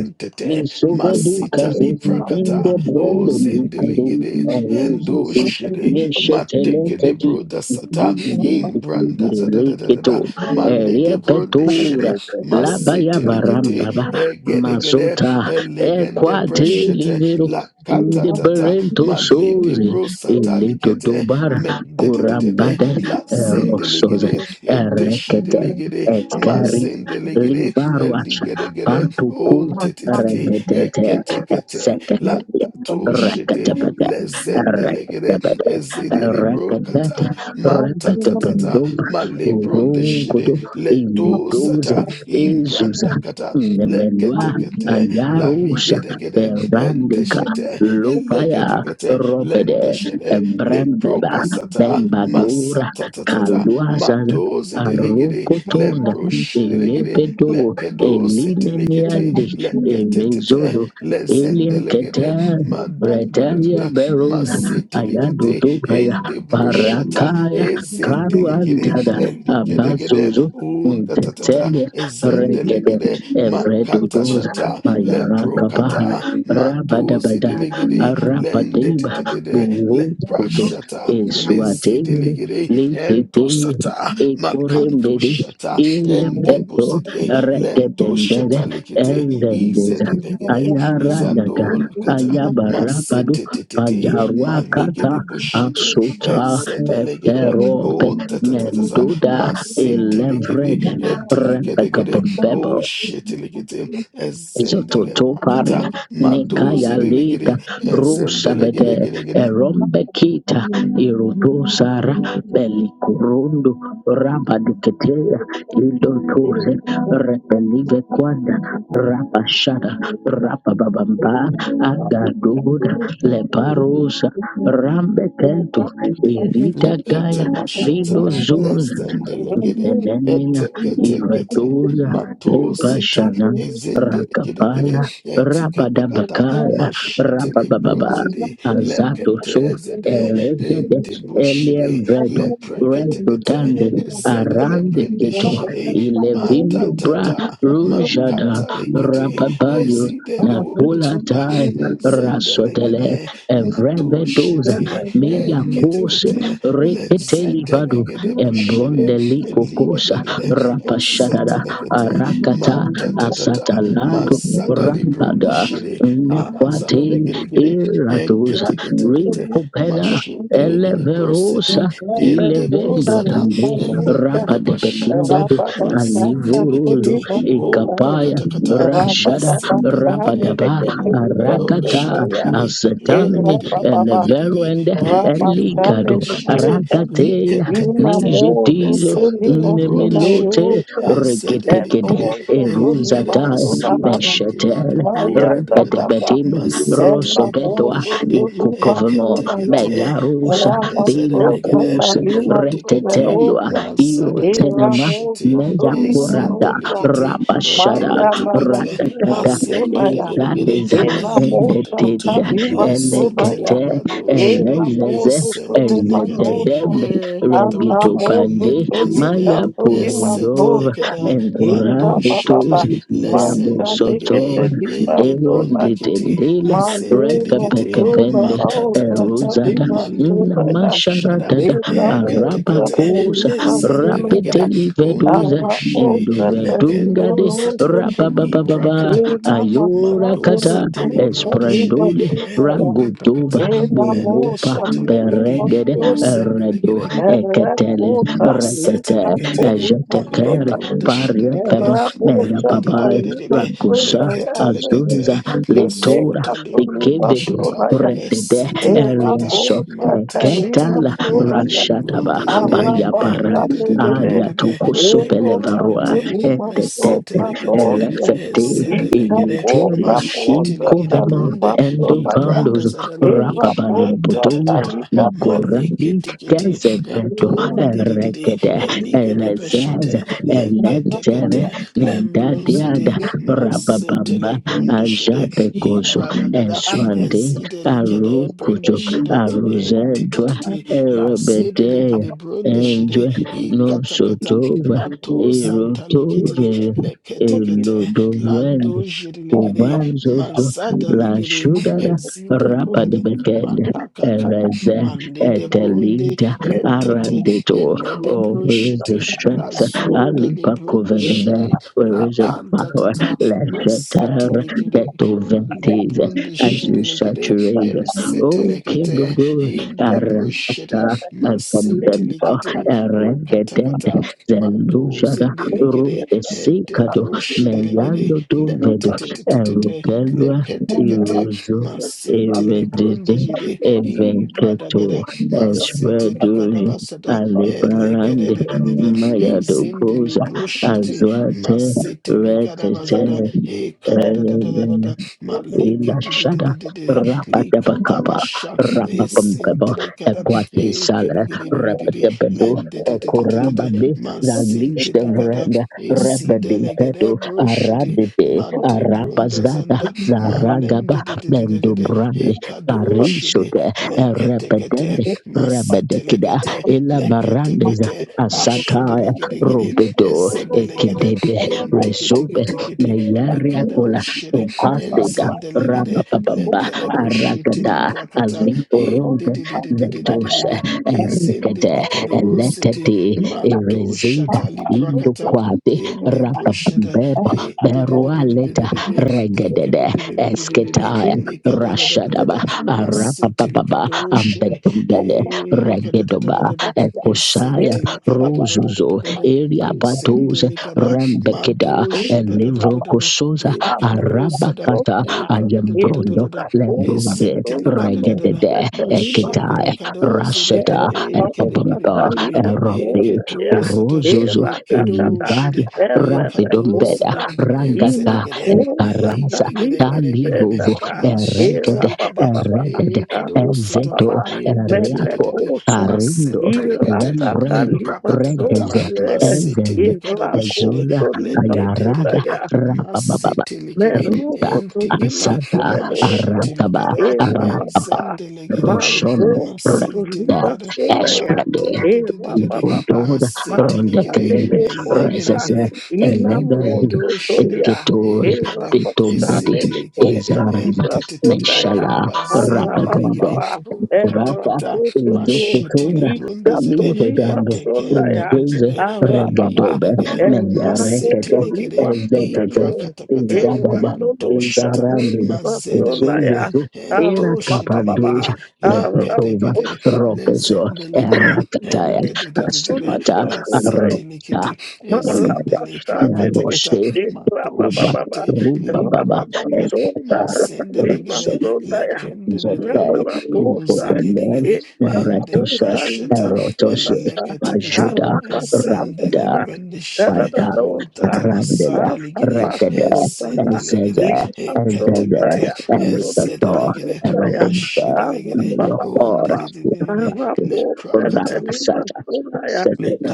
[SPEAKER 4] you.
[SPEAKER 1] Nisubedu
[SPEAKER 3] Masita
[SPEAKER 1] Kase
[SPEAKER 3] li
[SPEAKER 4] Thank you.
[SPEAKER 1] in
[SPEAKER 3] prakata.
[SPEAKER 1] the
[SPEAKER 3] O
[SPEAKER 1] brand of Mikado
[SPEAKER 3] zendelegede. Endo
[SPEAKER 1] Arozos
[SPEAKER 3] shede.
[SPEAKER 1] Nishetele
[SPEAKER 3] Matekele
[SPEAKER 1] Teti
[SPEAKER 3] broda sata. Imbranda zadadadada.
[SPEAKER 1] Niliketo
[SPEAKER 3] Malede bronde
[SPEAKER 1] Eriepetura
[SPEAKER 3] shede.
[SPEAKER 1] Labaya
[SPEAKER 3] Masete likete.
[SPEAKER 1] Varambaba
[SPEAKER 3] Egedegede.
[SPEAKER 1] Mazota
[SPEAKER 3] Elegende
[SPEAKER 1] Equate
[SPEAKER 3] breshete.
[SPEAKER 1] Livero
[SPEAKER 3] La
[SPEAKER 1] in
[SPEAKER 3] kata
[SPEAKER 1] the
[SPEAKER 3] tata.
[SPEAKER 1] Berento
[SPEAKER 3] Malede
[SPEAKER 1] Sose
[SPEAKER 3] bro sata
[SPEAKER 1] Ilito
[SPEAKER 3] likete.
[SPEAKER 1] Dobara
[SPEAKER 3] me de de de de de
[SPEAKER 1] Kurambate
[SPEAKER 3] La
[SPEAKER 1] Erosoze
[SPEAKER 3] sendelegede.
[SPEAKER 1] Erekete
[SPEAKER 3] Edeshedelegede.
[SPEAKER 1] Eskari
[SPEAKER 3] Mazendelegede.
[SPEAKER 1] livaruacha
[SPEAKER 3] eligede gede o
[SPEAKER 1] partuku
[SPEAKER 3] tete tete
[SPEAKER 1] regedete
[SPEAKER 3] eketekete
[SPEAKER 1] seteke
[SPEAKER 3] lakatoshete
[SPEAKER 1] rakatabada
[SPEAKER 3] lezendelegede
[SPEAKER 1] rakatabada
[SPEAKER 3] ezidelibokata
[SPEAKER 1] rakadata
[SPEAKER 3] matatatata
[SPEAKER 1] rapatabandoma
[SPEAKER 3] malebrondeshede
[SPEAKER 1] urungodo ilidoza
[SPEAKER 3] letosata
[SPEAKER 1] ezuza
[SPEAKER 3] imbrandakata
[SPEAKER 1] nemenua
[SPEAKER 3] leketekete
[SPEAKER 1] ayarusha
[SPEAKER 3] larigedegede
[SPEAKER 1] berandika
[SPEAKER 4] Thank
[SPEAKER 3] enteshete
[SPEAKER 1] lupaya
[SPEAKER 3] eleketekete
[SPEAKER 1] robede
[SPEAKER 3] lendeshede
[SPEAKER 1] brembeba
[SPEAKER 3] leprokasata
[SPEAKER 1] bembadura
[SPEAKER 3] masatatata
[SPEAKER 1] kaluaza
[SPEAKER 3] madozedelegede
[SPEAKER 1] Arokoto na
[SPEAKER 3] lembroshede legede
[SPEAKER 1] beyebedo
[SPEAKER 3] lekedosete
[SPEAKER 1] elineniande
[SPEAKER 3] leketetete,
[SPEAKER 1] emezozo eliaketa
[SPEAKER 3] lezendelegede,
[SPEAKER 1] retalia
[SPEAKER 3] madadadadada,
[SPEAKER 1] berona
[SPEAKER 3] masetelekete,
[SPEAKER 1] ayadodo kaya
[SPEAKER 3] hendebroshata,
[SPEAKER 1] parakaya
[SPEAKER 3] ezendelegede,
[SPEAKER 1] karuandada
[SPEAKER 3] eligedegede,
[SPEAKER 1] abazozo
[SPEAKER 3] undatatata,
[SPEAKER 1] ntetelia
[SPEAKER 3] ezende
[SPEAKER 1] regede
[SPEAKER 3] legede makata
[SPEAKER 1] evredodoza
[SPEAKER 3] shata
[SPEAKER 1] mayarakabara
[SPEAKER 3] leprokata,
[SPEAKER 1] rabadabada
[SPEAKER 3] madozedelegede,
[SPEAKER 1] arabadeba
[SPEAKER 3] lendedededede,
[SPEAKER 1] burukoto
[SPEAKER 3] leprashata,
[SPEAKER 1] eswatele
[SPEAKER 3] mezidelegede,
[SPEAKER 1] lipepele
[SPEAKER 3] entosata,
[SPEAKER 1] ekorembede
[SPEAKER 3] makantoshata,
[SPEAKER 1] ilebeto
[SPEAKER 3] endebozede,
[SPEAKER 1] regedendede
[SPEAKER 3] lentoshata lekete,
[SPEAKER 1] ezendeza
[SPEAKER 3] Izedededede,
[SPEAKER 1] ayaradaga
[SPEAKER 3] izandola kata,
[SPEAKER 1] ayabarabado
[SPEAKER 3] masetetetete,
[SPEAKER 1] pajaruakata
[SPEAKER 3] malegede bushete,
[SPEAKER 4] you.
[SPEAKER 1] asuta
[SPEAKER 3] ezedelegede,
[SPEAKER 4] Thank
[SPEAKER 1] eperope
[SPEAKER 3] oh, tatatata,
[SPEAKER 1] menduda
[SPEAKER 3] masintelegede,
[SPEAKER 1] elevrede
[SPEAKER 3] edigedegede,
[SPEAKER 1] rebekabambebo
[SPEAKER 3] oh, shetelegede, ezendele
[SPEAKER 1] Zototopari
[SPEAKER 3] brakata,
[SPEAKER 1] Nekayalita
[SPEAKER 3] madozedelegede,
[SPEAKER 1] Rusabede
[SPEAKER 3] ezendelegedegedegede.
[SPEAKER 1] Erombekita Irodosara Belikurundo Rabaduketea Idotose Repelige Kwanda Rabashada Rabababamba Agaduda Leparosa Rambeketo Irita
[SPEAKER 3] Lekete
[SPEAKER 1] Gaya Vido
[SPEAKER 3] bashata, less
[SPEAKER 1] Zunza
[SPEAKER 3] than delegate,
[SPEAKER 1] Zelenina
[SPEAKER 3] etekete,
[SPEAKER 4] you.
[SPEAKER 1] Ivadoza
[SPEAKER 3] mato city,
[SPEAKER 1] Lebashana Rakapaya
[SPEAKER 3] ezendelegate, etikatakata,
[SPEAKER 1] Rabadabakaya
[SPEAKER 3] machetele
[SPEAKER 1] Rabababa
[SPEAKER 3] bronzede,
[SPEAKER 1] azatoso
[SPEAKER 3] lekete zede,
[SPEAKER 1] elegede
[SPEAKER 3] intibushide,
[SPEAKER 1] elievredo
[SPEAKER 3] lepreketekete,
[SPEAKER 1] rentudande
[SPEAKER 3] zedele
[SPEAKER 1] arandiketo
[SPEAKER 3] brindishide,
[SPEAKER 1] ilevindo bra
[SPEAKER 3] madadada,
[SPEAKER 1] rujada
[SPEAKER 3] makata lekete,
[SPEAKER 1] rapabadio
[SPEAKER 3] ezidelo chata,
[SPEAKER 1] natulatae rasotele
[SPEAKER 3] ezendelegate, mato
[SPEAKER 1] evrevedoza
[SPEAKER 3] shete,
[SPEAKER 1] mega kose
[SPEAKER 3] enketekete,
[SPEAKER 1] reketelivado
[SPEAKER 3] Lezendelegede bushire,
[SPEAKER 1] embrondelikokosa
[SPEAKER 3] eligedegede,
[SPEAKER 1] rapashadada
[SPEAKER 3] esetelegete,
[SPEAKER 1] arakata
[SPEAKER 3] matatatata,
[SPEAKER 1] asatala Radu
[SPEAKER 3] mazadali
[SPEAKER 1] Rambada
[SPEAKER 3] brundishire,
[SPEAKER 1] Nequatin
[SPEAKER 3] azadalegedegede,
[SPEAKER 1] Iratus
[SPEAKER 3] enketeketekete,
[SPEAKER 1] Ripopena
[SPEAKER 4] Thank you.
[SPEAKER 3] mashudelegede brositi,
[SPEAKER 1] Eleverosa
[SPEAKER 4] Rama
[SPEAKER 3] ende
[SPEAKER 4] Sota
[SPEAKER 1] Ilevendo
[SPEAKER 3] brozada,
[SPEAKER 1] Dame
[SPEAKER 3] eligede
[SPEAKER 1] Rapa de
[SPEAKER 3] bashata,
[SPEAKER 1] Bekindado
[SPEAKER 3] masentelekete,
[SPEAKER 1] Alivuruzo
[SPEAKER 4] Lima
[SPEAKER 3] o
[SPEAKER 1] Ikapaya
[SPEAKER 3] pakatakata,
[SPEAKER 1] Rashada
[SPEAKER 3] mesendelegede,
[SPEAKER 1] Rapadaba
[SPEAKER 3] eligede
[SPEAKER 1] Arakata
[SPEAKER 3] oshirelegede,
[SPEAKER 1] Asetani Eleveruende Eligado
[SPEAKER 3] Ekedevondeshiti,
[SPEAKER 1] Arakate
[SPEAKER 3] liketekete,
[SPEAKER 1] Nijetizo Ne
[SPEAKER 3] lezendelebrodeshiri,
[SPEAKER 1] melote reketekede
[SPEAKER 3] ezedelikidi,
[SPEAKER 1] eruzata
[SPEAKER 3] eligedebasantalikidi,
[SPEAKER 1] meshetel
[SPEAKER 3] ogadabeda,
[SPEAKER 1] repetebetim rosopetwa
[SPEAKER 3] masetelebrondeshiti,
[SPEAKER 1] ikukovmo
[SPEAKER 3] eketekete,
[SPEAKER 1] meyarusa
[SPEAKER 3] lendezedelegede,
[SPEAKER 1] bilakus
[SPEAKER 4] Sona
[SPEAKER 3] intikiti,
[SPEAKER 1] retetelwa
[SPEAKER 4] Nosa Era
[SPEAKER 1] irotenama
[SPEAKER 3] mazadalibroshiti,
[SPEAKER 4] mozo
[SPEAKER 1] meyakurada
[SPEAKER 4] tolimonosa,
[SPEAKER 3] ezendelikiti,
[SPEAKER 1] rabashada
[SPEAKER 4] maya
[SPEAKER 3] eteketekete,
[SPEAKER 4] nananima
[SPEAKER 1] ratatata
[SPEAKER 4] sonaya,
[SPEAKER 3] azendelegedegede,
[SPEAKER 1] izadiza
[SPEAKER 4] ena mosha
[SPEAKER 3] eliketekete,
[SPEAKER 1] endetinda
[SPEAKER 4] tanima sonaya,
[SPEAKER 1] enekete
[SPEAKER 3] lesentelebradoshiri,
[SPEAKER 4] ena
[SPEAKER 1] elezeze
[SPEAKER 4] mozo
[SPEAKER 3] esentelikate
[SPEAKER 1] Ezedede
[SPEAKER 4] tolimanosa,
[SPEAKER 3] e
[SPEAKER 4] ana
[SPEAKER 1] regito
[SPEAKER 3] katakutu
[SPEAKER 4] mozo
[SPEAKER 1] pande,
[SPEAKER 4] tolita
[SPEAKER 3] mendezede
[SPEAKER 1] maya porindova
[SPEAKER 4] tolimanosa,
[SPEAKER 3] esetelikada
[SPEAKER 4] era
[SPEAKER 3] lando
[SPEAKER 4] bababa,
[SPEAKER 1] encoranditos
[SPEAKER 3] shede
[SPEAKER 4] masha
[SPEAKER 3] lezendeligede
[SPEAKER 4] nekete
[SPEAKER 1] demosoton
[SPEAKER 4] lima
[SPEAKER 3] inde
[SPEAKER 1] eros
[SPEAKER 4] sona,
[SPEAKER 1] de
[SPEAKER 3] brondekete
[SPEAKER 1] detendele
[SPEAKER 4] manena
[SPEAKER 3] azentelikete
[SPEAKER 4] sona
[SPEAKER 1] recapecavende
[SPEAKER 4] naosha
[SPEAKER 3] matatatata
[SPEAKER 1] erosada
[SPEAKER 4] tanima
[SPEAKER 3] male
[SPEAKER 4] sonaya,
[SPEAKER 3] bronda shada
[SPEAKER 1] inamasharadada
[SPEAKER 4] ena mosha
[SPEAKER 3] eketekete
[SPEAKER 1] arabagosa
[SPEAKER 4] tanima sonaya,
[SPEAKER 3] lezendeligede onde
[SPEAKER 1] rapeteliveduza
[SPEAKER 4] Ara
[SPEAKER 3] boshire
[SPEAKER 4] ospete
[SPEAKER 3] lekendo
[SPEAKER 1] induvedungade
[SPEAKER 4] limonu
[SPEAKER 3] city
[SPEAKER 4] tutu
[SPEAKER 3] ibra
[SPEAKER 1] rababababa
[SPEAKER 4] ena
[SPEAKER 3] katakata
[SPEAKER 4] masa
[SPEAKER 1] ayora kata
[SPEAKER 3] madosa tele
[SPEAKER 4] melekota
[SPEAKER 3] brondo
[SPEAKER 4] lima
[SPEAKER 3] shede
[SPEAKER 1] Esprendule
[SPEAKER 3] eto
[SPEAKER 4] sunaya
[SPEAKER 1] Raguduba
[SPEAKER 3] katakata
[SPEAKER 4] ena
[SPEAKER 3] Lende
[SPEAKER 1] Bulupa
[SPEAKER 4] mosa
[SPEAKER 3] shete
[SPEAKER 4] kulima
[SPEAKER 3] likidi.
[SPEAKER 1] Beregede
[SPEAKER 3] O
[SPEAKER 4] sunaya
[SPEAKER 3] sende
[SPEAKER 1] Redu
[SPEAKER 3] legere
[SPEAKER 4] ere
[SPEAKER 1] Eketele
[SPEAKER 4] kota
[SPEAKER 1] Retete
[SPEAKER 4] lika
[SPEAKER 3] Masetelekete,
[SPEAKER 4] polima
[SPEAKER 1] Ejetekere
[SPEAKER 3] malibro
[SPEAKER 4] sunaya
[SPEAKER 1] Paria
[SPEAKER 3] deshedelegede,
[SPEAKER 1] Pevo
[SPEAKER 4] Era
[SPEAKER 1] Meja
[SPEAKER 4] bosa
[SPEAKER 1] Papai
[SPEAKER 4] lima
[SPEAKER 3] mendededededede,
[SPEAKER 1] Ragusa
[SPEAKER 4] sunaya amene
[SPEAKER 3] meketelekete,
[SPEAKER 1] Azunza
[SPEAKER 4] ene
[SPEAKER 1] Leitura
[SPEAKER 3] lasota
[SPEAKER 4] kato
[SPEAKER 3] libro
[SPEAKER 4] lima
[SPEAKER 1] Bikevedu
[SPEAKER 3] dashata,
[SPEAKER 4] sunaya
[SPEAKER 1] Redede
[SPEAKER 4] Era
[SPEAKER 3] esitalikata,
[SPEAKER 1] Eriaso
[SPEAKER 4] bosa lima
[SPEAKER 3] matashata,
[SPEAKER 1] Eketala
[SPEAKER 4] sunaya
[SPEAKER 3] malibro
[SPEAKER 1] Rashadaba
[SPEAKER 3] ndezede,
[SPEAKER 1] Bayabaran
[SPEAKER 4] Arabasalebebe,
[SPEAKER 3] endedededededede,
[SPEAKER 1] Ayatukusu
[SPEAKER 4] Ero
[SPEAKER 3] leketekete,
[SPEAKER 1] Belevarua
[SPEAKER 4] katrimimaso
[SPEAKER 3] mesetelekete,
[SPEAKER 4] nanosa,
[SPEAKER 1] Elected
[SPEAKER 3] ezedelegede,
[SPEAKER 4] Itako
[SPEAKER 1] Eliteria in
[SPEAKER 4] namosa
[SPEAKER 3] mashetelegede
[SPEAKER 1] Covenant
[SPEAKER 3] bronde,
[SPEAKER 1] and
[SPEAKER 4] tarimaso
[SPEAKER 1] the
[SPEAKER 4] baya,
[SPEAKER 3] ibranda
[SPEAKER 1] founders of
[SPEAKER 3] zadalegede,
[SPEAKER 4] Eva bosa
[SPEAKER 1] Rapabalimbotoria
[SPEAKER 3] atatatata,
[SPEAKER 4] tarikato di
[SPEAKER 1] Nicorandi
[SPEAKER 3] maleketekete,
[SPEAKER 1] Gazeveto
[SPEAKER 4] Eva
[SPEAKER 3] etondididi
[SPEAKER 1] Erecede
[SPEAKER 4] bosa nimi,
[SPEAKER 1] Elezez
[SPEAKER 3] eligedebeshete
[SPEAKER 1] Eletere
[SPEAKER 3] leketekete
[SPEAKER 4] Arababa,
[SPEAKER 3] lembrozide
[SPEAKER 1] Nindadiada
[SPEAKER 4] Mekete nimi,
[SPEAKER 1] Rapabamba
[SPEAKER 3] masetelebrondeşede
[SPEAKER 1] Ajade Koso
[SPEAKER 3] hibradagada
[SPEAKER 4] Arababa,
[SPEAKER 1] Eswande
[SPEAKER 4] Ere
[SPEAKER 3] ezideligede
[SPEAKER 4] bosa nanosa, Ere bosa
[SPEAKER 1] Arukuto
[SPEAKER 4] nimi,
[SPEAKER 3] brendeşede
[SPEAKER 1] Aruzetua
[SPEAKER 3] ligede.
[SPEAKER 1] Erebede
[SPEAKER 3] lazedeligede brondeşede
[SPEAKER 1] Endwe no
[SPEAKER 3] ikatakata
[SPEAKER 1] Sotova,
[SPEAKER 3] mato
[SPEAKER 1] èrò tó
[SPEAKER 3] santaliketi
[SPEAKER 1] rèrè
[SPEAKER 3] leketekete
[SPEAKER 1] èlòdòrẹ́ǹdì
[SPEAKER 3] landojidiligede
[SPEAKER 4] Arababa,
[SPEAKER 1] kòbánzózó
[SPEAKER 3] mazadaligede
[SPEAKER 1] làṣúdára
[SPEAKER 3] ezidelikede
[SPEAKER 1] rábàdìbẹ̀kẹ́lẹ̀
[SPEAKER 3] makakaka
[SPEAKER 1] ẹ̀rẹ̀zẹ̀
[SPEAKER 3] malede
[SPEAKER 1] ẹ̀tẹ̀lídà
[SPEAKER 3] etete
[SPEAKER 1] arandètò. Oh, where is the
[SPEAKER 3] elebroshete la
[SPEAKER 1] strength?
[SPEAKER 3] zoda
[SPEAKER 1] Alipakoveveve,
[SPEAKER 3] lebrondeshete
[SPEAKER 1] where
[SPEAKER 3] la
[SPEAKER 1] is the
[SPEAKER 3] kanta
[SPEAKER 1] power?
[SPEAKER 3] tata
[SPEAKER 1] Lasheter
[SPEAKER 3] masete lekere ma
[SPEAKER 1] tetoventes, as
[SPEAKER 3] lebrondeshete
[SPEAKER 1] you
[SPEAKER 3] lekere
[SPEAKER 1] saturate us. Oh,
[SPEAKER 3] esete
[SPEAKER 1] King of
[SPEAKER 3] lekete
[SPEAKER 1] glory,
[SPEAKER 4] Thank
[SPEAKER 3] indebroshete
[SPEAKER 1] Arapata, and from
[SPEAKER 3] masinte lekete o
[SPEAKER 1] them,
[SPEAKER 3] katakata ma
[SPEAKER 1] Velujara
[SPEAKER 3] dozende lekere
[SPEAKER 1] Rubesikado
[SPEAKER 3] edebroshete lekere
[SPEAKER 1] Meyando Duvedo
[SPEAKER 3] lentetetetete
[SPEAKER 1] Erupelua
[SPEAKER 3] kete
[SPEAKER 1] Iruzu
[SPEAKER 3] masinte
[SPEAKER 1] Eredite
[SPEAKER 3] lebrondeshire i brada lebrondeshete
[SPEAKER 1] Evenketo
[SPEAKER 3] Masiti
[SPEAKER 1] Esveduri
[SPEAKER 3] likadabasada
[SPEAKER 1] Alibarande
[SPEAKER 3] elekededededede izindili
[SPEAKER 1] Mayadogoza
[SPEAKER 3] broshiti
[SPEAKER 1] Azuate
[SPEAKER 3] masiti likadabazada
[SPEAKER 1] Retetene Elevene
[SPEAKER 3] ekadadadadadada
[SPEAKER 4] you.
[SPEAKER 1] Ilashada
[SPEAKER 3] malikededededede
[SPEAKER 4] Thank
[SPEAKER 1] Rapadabakaba
[SPEAKER 3] likatabasha
[SPEAKER 1] Rapapampeba
[SPEAKER 3] esinti likada
[SPEAKER 1] Equate Sale
[SPEAKER 3] ekedegedededede
[SPEAKER 1] Rapadebedu
[SPEAKER 3] lendededededede
[SPEAKER 1] Galish
[SPEAKER 3] masinti
[SPEAKER 1] The Galishte
[SPEAKER 3] likada
[SPEAKER 1] vrede
[SPEAKER 3] esidelegede
[SPEAKER 1] rebedintetu
[SPEAKER 3] broshiti
[SPEAKER 1] aradite arabazada
[SPEAKER 3] madebrundazanda
[SPEAKER 1] zaragaba
[SPEAKER 3] malendedededede
[SPEAKER 1] mendubrali
[SPEAKER 3] ekadoshiti
[SPEAKER 1] parisote
[SPEAKER 3] leketekete
[SPEAKER 1] rebedende rebedekida
[SPEAKER 3] masetelekete
[SPEAKER 1] elabarandeza
[SPEAKER 3] leketekete
[SPEAKER 1] asataya
[SPEAKER 3] mashedelegedegede
[SPEAKER 1] rubido
[SPEAKER 3] esedelegede
[SPEAKER 1] ekidede resube
[SPEAKER 3] enteketeketekete
[SPEAKER 1] meyariakola
[SPEAKER 3] likadeoshede
[SPEAKER 1] upastida
[SPEAKER 3] enzendelegede
[SPEAKER 1] rabababa aragada
[SPEAKER 3] lekedebosheteliprakata
[SPEAKER 1] aliboronde lectose
[SPEAKER 3] edededededededede
[SPEAKER 1] enricade
[SPEAKER 3] ezendelikedeosete
[SPEAKER 1] eletete erezida
[SPEAKER 3] mantoshataliprakata
[SPEAKER 1] indokwate
[SPEAKER 4] you.
[SPEAKER 3] endebrosheta
[SPEAKER 4] I the
[SPEAKER 1] rapapambebo berualeta
[SPEAKER 3] ededededededede
[SPEAKER 4] new country.
[SPEAKER 1] regedede
[SPEAKER 3] ekedededededede
[SPEAKER 1] esketaya
[SPEAKER 4] They started to
[SPEAKER 1] rashadaba
[SPEAKER 3] likadadadadada
[SPEAKER 4] be
[SPEAKER 1] arapapapaba
[SPEAKER 3] masetelikadoshede
[SPEAKER 1] ambedumbede
[SPEAKER 4] also the
[SPEAKER 1] regedoba ekoshaya rozuzo eriabadoze
[SPEAKER 3] Isindelikada
[SPEAKER 1] rembekeda
[SPEAKER 3] Madosha da da da da da da
[SPEAKER 1] elivrokosoza
[SPEAKER 3] Ekadosa da
[SPEAKER 1] arabakata
[SPEAKER 3] Ekada da da da da da
[SPEAKER 1] ayembrondo
[SPEAKER 4] Elisa,
[SPEAKER 3] da
[SPEAKER 4] porra,
[SPEAKER 1] lebrude
[SPEAKER 4] solta a
[SPEAKER 3] Isindelikada da da
[SPEAKER 4] noite,
[SPEAKER 3] da
[SPEAKER 1] regedede
[SPEAKER 4] essa é
[SPEAKER 1] eketaya
[SPEAKER 4] minha
[SPEAKER 3] Mashindelikadozi di
[SPEAKER 4] Ila
[SPEAKER 1] rashada
[SPEAKER 3] Ekedekede
[SPEAKER 1] epabamba erobi
[SPEAKER 3] Eketosa da
[SPEAKER 1] Orozozo Elidad
[SPEAKER 3] Ekedoshidi Ekadosa
[SPEAKER 1] Rabidombeda
[SPEAKER 3] da
[SPEAKER 1] Rangata
[SPEAKER 3] Enzedegede
[SPEAKER 1] Karasa
[SPEAKER 3] Eligedegedegedegede
[SPEAKER 1] Talivovo Ereged
[SPEAKER 3] Mashetalika da
[SPEAKER 1] Ereged
[SPEAKER 3] Ekadosa
[SPEAKER 1] Ezeto Eriaco
[SPEAKER 3] Idididididi,
[SPEAKER 1] Carindo
[SPEAKER 3] masentelekete,
[SPEAKER 1] Lembrendo
[SPEAKER 3] leprakatakata,
[SPEAKER 1] Regeze Ezeze
[SPEAKER 3] masitelikadabashede,
[SPEAKER 1] Ezula
[SPEAKER 4] kota lila
[SPEAKER 1] Ayaraga
[SPEAKER 4] sudaya
[SPEAKER 3] lededededede,
[SPEAKER 1] Rapababa
[SPEAKER 3] masitelikede,
[SPEAKER 4] Meruko to lima
[SPEAKER 3] entekete,
[SPEAKER 1] Asata
[SPEAKER 4] sunenosa.
[SPEAKER 1] Arakaba
[SPEAKER 3] mashitelikada,
[SPEAKER 4] E raba
[SPEAKER 1] Arakaba
[SPEAKER 4] baba.
[SPEAKER 3] enzendelegedegede,
[SPEAKER 1] Roshona
[SPEAKER 4] Mazo to to
[SPEAKER 1] Preda
[SPEAKER 4] lima
[SPEAKER 3] masintelikada,
[SPEAKER 4] sunaya.
[SPEAKER 1] Esprede
[SPEAKER 4] E raba
[SPEAKER 3] madidididididi,
[SPEAKER 4] baba.
[SPEAKER 1] Nepodora, Ronde
[SPEAKER 3] masitelikede,
[SPEAKER 4] Mashande
[SPEAKER 1] Canida,
[SPEAKER 4] le kota.
[SPEAKER 1] Rasasa,
[SPEAKER 3] elegedegede,
[SPEAKER 4] Ina
[SPEAKER 1] Eleven,
[SPEAKER 4] mozo
[SPEAKER 3] elibrendo
[SPEAKER 4] to
[SPEAKER 3] shede,
[SPEAKER 4] lia.
[SPEAKER 1] Eketori,
[SPEAKER 4] E
[SPEAKER 3] ekada,
[SPEAKER 4] raba
[SPEAKER 1] Pitumbedi,
[SPEAKER 4] shande le
[SPEAKER 3] esitelikede,
[SPEAKER 4] kota.
[SPEAKER 1] Izaram,
[SPEAKER 4] Gita
[SPEAKER 3] entetetetete,
[SPEAKER 4] sunaya.
[SPEAKER 1] Meshala,
[SPEAKER 4] Raba
[SPEAKER 3] lazendelegede,
[SPEAKER 1] Rapapunda,
[SPEAKER 4] baba.
[SPEAKER 3] Oh,
[SPEAKER 4] E
[SPEAKER 3] kata
[SPEAKER 1] Rapa,
[SPEAKER 3] kata
[SPEAKER 4] rato to to.
[SPEAKER 3] mashetele
[SPEAKER 1] Izekutora,
[SPEAKER 3] brunde
[SPEAKER 4] Ita to
[SPEAKER 3] zere
[SPEAKER 1] Belinto
[SPEAKER 4] lima
[SPEAKER 3] he
[SPEAKER 1] Dando,
[SPEAKER 3] tekende
[SPEAKER 4] sunaya.
[SPEAKER 1] Ruzose,
[SPEAKER 3] bezere
[SPEAKER 4] Arababa.
[SPEAKER 1] Regadobe,
[SPEAKER 3] eligere ligere gere
[SPEAKER 4] E
[SPEAKER 1] Mega
[SPEAKER 4] rako
[SPEAKER 1] Rekete,
[SPEAKER 4] to
[SPEAKER 3] masetele gere
[SPEAKER 4] lima
[SPEAKER 3] he
[SPEAKER 1] Ezekete,
[SPEAKER 4] sunenosa.
[SPEAKER 3] prakata kata
[SPEAKER 1] Izababa,
[SPEAKER 4] Iradodo
[SPEAKER 3] mando shata
[SPEAKER 1] Izarandida,
[SPEAKER 4] Shakalima
[SPEAKER 3] mazedele
[SPEAKER 4] Sonaya
[SPEAKER 3] gere
[SPEAKER 1] Izuzu, Era
[SPEAKER 3] ento shedele
[SPEAKER 4] Arababa
[SPEAKER 1] Capaduja,
[SPEAKER 3] gere lekete
[SPEAKER 1] Lepetova,
[SPEAKER 3] kete
[SPEAKER 4] Arabosa
[SPEAKER 1] Ropeso,
[SPEAKER 3] lezendele gere
[SPEAKER 1] Era
[SPEAKER 3] ende de
[SPEAKER 4] Malika
[SPEAKER 3] de de de de
[SPEAKER 4] Tulipa
[SPEAKER 1] Aspata
[SPEAKER 3] la setele
[SPEAKER 1] Arota
[SPEAKER 3] kete
[SPEAKER 1] Ramada
[SPEAKER 3] ezendele
[SPEAKER 1] ya
[SPEAKER 3] prakata
[SPEAKER 4] Rabashandede,
[SPEAKER 3] kata kata,
[SPEAKER 1] Roshe
[SPEAKER 3] mato
[SPEAKER 1] Ruba
[SPEAKER 4] Rabababa,
[SPEAKER 3] shete
[SPEAKER 1] Ruba
[SPEAKER 3] li
[SPEAKER 1] Baba
[SPEAKER 3] prakata
[SPEAKER 4] Rababasota,
[SPEAKER 1] Equatar
[SPEAKER 3] mazendele
[SPEAKER 4] Lima
[SPEAKER 3] gere
[SPEAKER 1] Rason
[SPEAKER 4] Sondaya,
[SPEAKER 3] lekende de de de de,
[SPEAKER 1] Zotel
[SPEAKER 4] Rababosa,
[SPEAKER 1] Lipotamer
[SPEAKER 3] Ozidigiri and the
[SPEAKER 1] Eratosha
[SPEAKER 4] Epakota,
[SPEAKER 3] Brashata
[SPEAKER 4] Lima
[SPEAKER 1] Erotoshe
[SPEAKER 4] Sondaya,
[SPEAKER 3] Lekatekete
[SPEAKER 1] Bajuda
[SPEAKER 3] Zendele
[SPEAKER 1] Rapda
[SPEAKER 4] Arabasandada,
[SPEAKER 3] Brandishele
[SPEAKER 1] Fada,
[SPEAKER 4] Dadadosa,
[SPEAKER 3] Utata
[SPEAKER 1] Randela,
[SPEAKER 3] Masada Ligiri
[SPEAKER 1] Rekada,
[SPEAKER 4] Afabasota,
[SPEAKER 1] Ezeza,
[SPEAKER 3] Zendelegere
[SPEAKER 4] Lima
[SPEAKER 1] Ezeza,
[SPEAKER 4] Sondaya,
[SPEAKER 3] Hekatekete
[SPEAKER 4] Katolima
[SPEAKER 1] Elisator,
[SPEAKER 3] Zedelegere
[SPEAKER 4] Sondaya,
[SPEAKER 1] Erobomba,
[SPEAKER 3] Mashidigiri
[SPEAKER 1] Milofor,
[SPEAKER 4] Arabababa,
[SPEAKER 3] Undedigiri
[SPEAKER 1] Practice,
[SPEAKER 4] Arabosa,
[SPEAKER 3] Leprakata
[SPEAKER 4] Lima
[SPEAKER 1] Rapasata,
[SPEAKER 4] Sondaya,
[SPEAKER 1] Setana,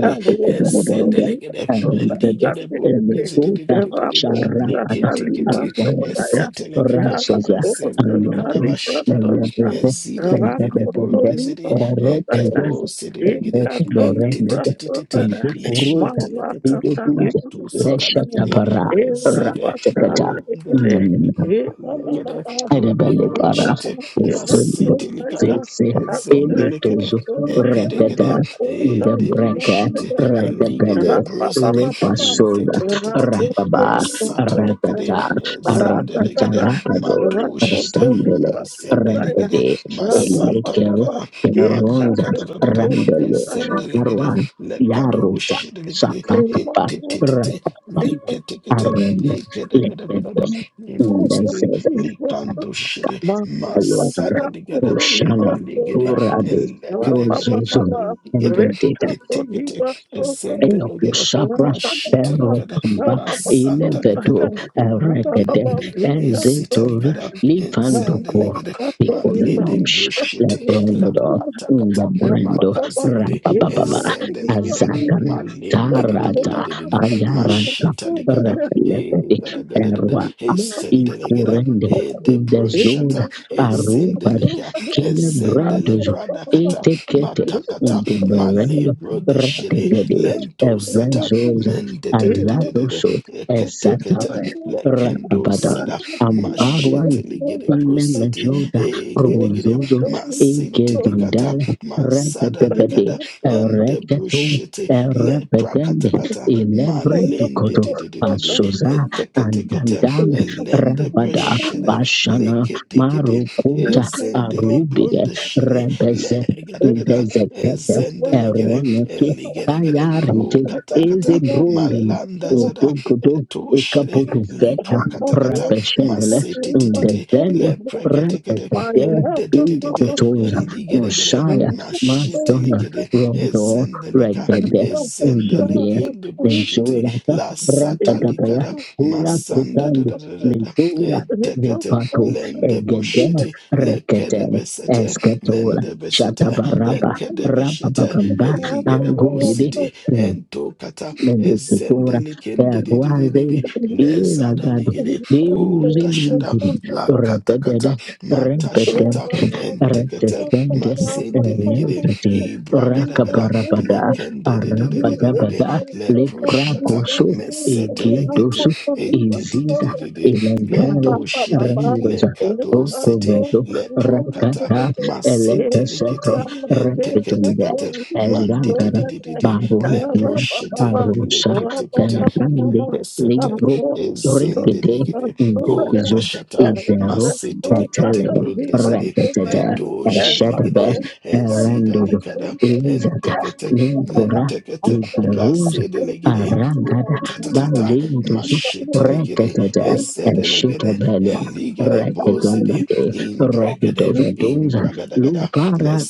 [SPEAKER 4] Thank
[SPEAKER 3] Esendelegede,
[SPEAKER 1] Erendada,
[SPEAKER 3] Eligedebo,
[SPEAKER 1] Emetuta,
[SPEAKER 3] Dizidididididid,
[SPEAKER 1] Sharapada,
[SPEAKER 3] Leketikiti,
[SPEAKER 1] Arwanazo,
[SPEAKER 3] Esetelegede,
[SPEAKER 1] Ransoza, Ayodon,
[SPEAKER 3] Ezendelikadabashada,
[SPEAKER 1] Mezabete,
[SPEAKER 3] Ezideligedebo,
[SPEAKER 1] Mezabete,
[SPEAKER 3] Dizidi, Ekedo,
[SPEAKER 1] Erendeza,
[SPEAKER 3] Sidiligede,
[SPEAKER 1] Erendeza,
[SPEAKER 3] Intitititititi,
[SPEAKER 1] Ndukuruka
[SPEAKER 3] Leshetelekete,
[SPEAKER 1] idotunze
[SPEAKER 3] Matu
[SPEAKER 1] resha
[SPEAKER 3] Satalikede,
[SPEAKER 1] tapara
[SPEAKER 3] Ezede,
[SPEAKER 1] rapatakata.
[SPEAKER 3] Oh, dididididid, Lekede, Oh,
[SPEAKER 1] Rebele para
[SPEAKER 3] Debrunshite,
[SPEAKER 1] o fundo
[SPEAKER 3] Masetelikada,
[SPEAKER 1] zese
[SPEAKER 3] Ezondelikede,
[SPEAKER 1] eletoso repeta in the
[SPEAKER 3] Ende
[SPEAKER 4] you.
[SPEAKER 1] breca
[SPEAKER 3] brushite, elige de
[SPEAKER 1] retebele
[SPEAKER 4] Rapa
[SPEAKER 3] brusite,
[SPEAKER 4] Baba,
[SPEAKER 3] inte
[SPEAKER 1] repasola
[SPEAKER 3] te te te te te,
[SPEAKER 1] rababa
[SPEAKER 3] masata likide,
[SPEAKER 1] ratata
[SPEAKER 3] ezende
[SPEAKER 1] ratata
[SPEAKER 3] ligide,
[SPEAKER 1] rapado
[SPEAKER 3] madushite,
[SPEAKER 1] rasandele
[SPEAKER 3] ezende ligide,
[SPEAKER 1] rendede
[SPEAKER 3] masanta
[SPEAKER 1] elekero
[SPEAKER 3] likada,
[SPEAKER 1] keneronza
[SPEAKER 3] malika da da da da,
[SPEAKER 1] randele
[SPEAKER 3] ezende ligide,
[SPEAKER 1] arwan yaruta
[SPEAKER 3] lekadushite ligide,
[SPEAKER 1] sakakapa
[SPEAKER 3] ete te te te,
[SPEAKER 1] rapapa
[SPEAKER 3] leketekete,
[SPEAKER 1] arene
[SPEAKER 3] ikede de de de de de,
[SPEAKER 1] and then
[SPEAKER 3] imbusite,
[SPEAKER 1] says,
[SPEAKER 3] likandushite, mazada ligada,
[SPEAKER 1] Hoshana,
[SPEAKER 3] maligide,
[SPEAKER 1] Horabes, Zozo, and
[SPEAKER 3] Ligada,
[SPEAKER 1] the data.
[SPEAKER 4] Rekato
[SPEAKER 3] etekete,
[SPEAKER 4] Liba Sona
[SPEAKER 3] ezendolo gada,
[SPEAKER 1] Elokosabra
[SPEAKER 4] Thank
[SPEAKER 3] mashitelikada,
[SPEAKER 1] Peropamba
[SPEAKER 3] masantalikada,
[SPEAKER 1] Ilevedo
[SPEAKER 3] gede
[SPEAKER 1] Erekede
[SPEAKER 3] gede,
[SPEAKER 1] Ezetori
[SPEAKER 3] esitalikada,
[SPEAKER 1] Livandoko
[SPEAKER 3] ezendelegede, malede
[SPEAKER 1] Picolemons
[SPEAKER 3] mbrushite,
[SPEAKER 1] Lebrondo
[SPEAKER 3] lakatakata,
[SPEAKER 1] Ndebrendo
[SPEAKER 3] matazende,
[SPEAKER 1] Rapapapa
[SPEAKER 3] ezendelegede,
[SPEAKER 1] Azagana
[SPEAKER 3] malende,
[SPEAKER 1] Tarata
[SPEAKER 3] dididididididi,
[SPEAKER 1] Ayaranta
[SPEAKER 3] mashitalikada,
[SPEAKER 1] Repelepedi
[SPEAKER 3] egadagada,
[SPEAKER 1] Erwata
[SPEAKER 3] esendelegede,
[SPEAKER 1] Ikurende Ndezuza
[SPEAKER 3] edebrushata,
[SPEAKER 1] Arubadi
[SPEAKER 3] ezendelika, ezendele
[SPEAKER 1] Kilebrendozo
[SPEAKER 3] brada kata
[SPEAKER 1] Etekete
[SPEAKER 3] matakata
[SPEAKER 1] Ndebrendo
[SPEAKER 3] malebro de shire
[SPEAKER 1] Retekede
[SPEAKER 3] lento sata
[SPEAKER 1] Evrenzos
[SPEAKER 3] mende de de de
[SPEAKER 4] you.
[SPEAKER 3] de de de
[SPEAKER 1] Azadosho
[SPEAKER 4] My
[SPEAKER 3] kete kete
[SPEAKER 1] Esatai
[SPEAKER 3] lekendo
[SPEAKER 1] Rakabata
[SPEAKER 3] sata mashete
[SPEAKER 1] Ambarwan
[SPEAKER 3] ligere brosete
[SPEAKER 1] Inemejoda
[SPEAKER 3] e gede gede
[SPEAKER 1] Rozozo
[SPEAKER 3] masinte likata
[SPEAKER 1] Ikevundale
[SPEAKER 3] mazada likada
[SPEAKER 1] Repetepete
[SPEAKER 3] ende
[SPEAKER 1] Ereketu
[SPEAKER 3] brushete le
[SPEAKER 1] Erepetende
[SPEAKER 3] prakata kata
[SPEAKER 1] Elevre
[SPEAKER 3] malende
[SPEAKER 1] Tukoto
[SPEAKER 3] de de de de de
[SPEAKER 1] Pasoza
[SPEAKER 3] etekete kete
[SPEAKER 1] Andandan
[SPEAKER 3] elende
[SPEAKER 1] Rabada
[SPEAKER 3] breshete
[SPEAKER 1] Bashana
[SPEAKER 3] lekete kete
[SPEAKER 1] Marukota
[SPEAKER 3] ezende le
[SPEAKER 1] Arubide
[SPEAKER 3] bronde shire
[SPEAKER 1] Rebeze
[SPEAKER 3] legedegede
[SPEAKER 1] Dezekete
[SPEAKER 3] ezendelegede
[SPEAKER 1] Eroneke,
[SPEAKER 3] eligedegede
[SPEAKER 1] Bayarite eze
[SPEAKER 3] ukatakata
[SPEAKER 1] brondele
[SPEAKER 3] malanda zada
[SPEAKER 1] odogodo
[SPEAKER 3] etoshede
[SPEAKER 1] ekapoto zeta
[SPEAKER 3] liprakatakata
[SPEAKER 1] rapeshendele
[SPEAKER 3] masetititite
[SPEAKER 1] ndezele
[SPEAKER 3] lepreketekede
[SPEAKER 1] repetete
[SPEAKER 3] endedededede
[SPEAKER 1] ikotoza
[SPEAKER 3] eligedegede
[SPEAKER 1] noshaya masone
[SPEAKER 3] mashetelekede
[SPEAKER 1] rodo
[SPEAKER 3] ezendelika
[SPEAKER 1] regede ndebie
[SPEAKER 3] ezendelekende bushete
[SPEAKER 1] nenzulata
[SPEAKER 4] Thank
[SPEAKER 1] rapadapaya
[SPEAKER 3] lasatalikada
[SPEAKER 1] hura
[SPEAKER 3] masanda da
[SPEAKER 1] kutandi
[SPEAKER 3] da da da da.
[SPEAKER 1] nenzula
[SPEAKER 3] etekete
[SPEAKER 1] vipato
[SPEAKER 3] lende
[SPEAKER 1] egede
[SPEAKER 3] bushete
[SPEAKER 1] rekete
[SPEAKER 3] lekedebesete
[SPEAKER 1] esketola
[SPEAKER 3] Nende Beshete,
[SPEAKER 1] shatabaraba
[SPEAKER 3] Lekede Beshete,
[SPEAKER 1] rabababamba
[SPEAKER 3] Eligedabo
[SPEAKER 1] Nangudede.
[SPEAKER 3] City,
[SPEAKER 1] Mm
[SPEAKER 3] Entokata, lezada
[SPEAKER 1] benedettora perroise inagado
[SPEAKER 3] Lezadaligidi,
[SPEAKER 1] Deus é
[SPEAKER 3] Undashada,
[SPEAKER 1] livre,
[SPEAKER 3] Lakatakata,
[SPEAKER 1] repetete,
[SPEAKER 3] Matashata,
[SPEAKER 1] repetente,
[SPEAKER 3] Entekete,
[SPEAKER 1] retestente,
[SPEAKER 3] Mazendeligidi,
[SPEAKER 1] elente,
[SPEAKER 3] Ibragadagada,
[SPEAKER 1] racaparabada,
[SPEAKER 3] Lekende,
[SPEAKER 1] arabadabada,
[SPEAKER 3] Leprushata,
[SPEAKER 1] lepracoso,
[SPEAKER 3] Mesetelekete,
[SPEAKER 1] egidoso, iziza,
[SPEAKER 3] Edididididi,
[SPEAKER 1] elengere,
[SPEAKER 3] Lendoshiri,
[SPEAKER 1] randosa,
[SPEAKER 3] Lekado City,
[SPEAKER 1] ocovedo,
[SPEAKER 3] Leprokata,
[SPEAKER 1] racata,
[SPEAKER 4] you.
[SPEAKER 3] masete lekete
[SPEAKER 1] elepeseto,
[SPEAKER 4] Thank
[SPEAKER 3] eteke
[SPEAKER 1] repetende,
[SPEAKER 3] tekete mandi di di
[SPEAKER 1] elangara,
[SPEAKER 3] di di di
[SPEAKER 1] baruante,
[SPEAKER 3] lebroshete
[SPEAKER 1] Arosa
[SPEAKER 3] lekete kete
[SPEAKER 1] Perande
[SPEAKER 3] lepesete
[SPEAKER 1] Libro
[SPEAKER 3] ezende
[SPEAKER 1] Repete
[SPEAKER 3] legede
[SPEAKER 1] Indepiso
[SPEAKER 3] ontashata
[SPEAKER 1] Isero
[SPEAKER 3] masete lekete
[SPEAKER 1] Patale
[SPEAKER 3] brondezede
[SPEAKER 1] Repetede
[SPEAKER 3] edoje
[SPEAKER 1] Eshadebe
[SPEAKER 3] legede ezida
[SPEAKER 1] Erandodo
[SPEAKER 3] likada
[SPEAKER 1] Izada
[SPEAKER 3] entekete
[SPEAKER 1] Limpora
[SPEAKER 3] lentekete
[SPEAKER 1] Iveruza
[SPEAKER 3] lazede legede
[SPEAKER 1] Arangada
[SPEAKER 3] ontatatata
[SPEAKER 1] Balindoso
[SPEAKER 3] mashete legede
[SPEAKER 1] Reketede
[SPEAKER 3] ezede legede
[SPEAKER 1] Eshitabelia
[SPEAKER 3] eligede bozede
[SPEAKER 1] Reketundade
[SPEAKER 3] imbregede in
[SPEAKER 1] Robidovedoza
[SPEAKER 4] you.
[SPEAKER 3] bragadagada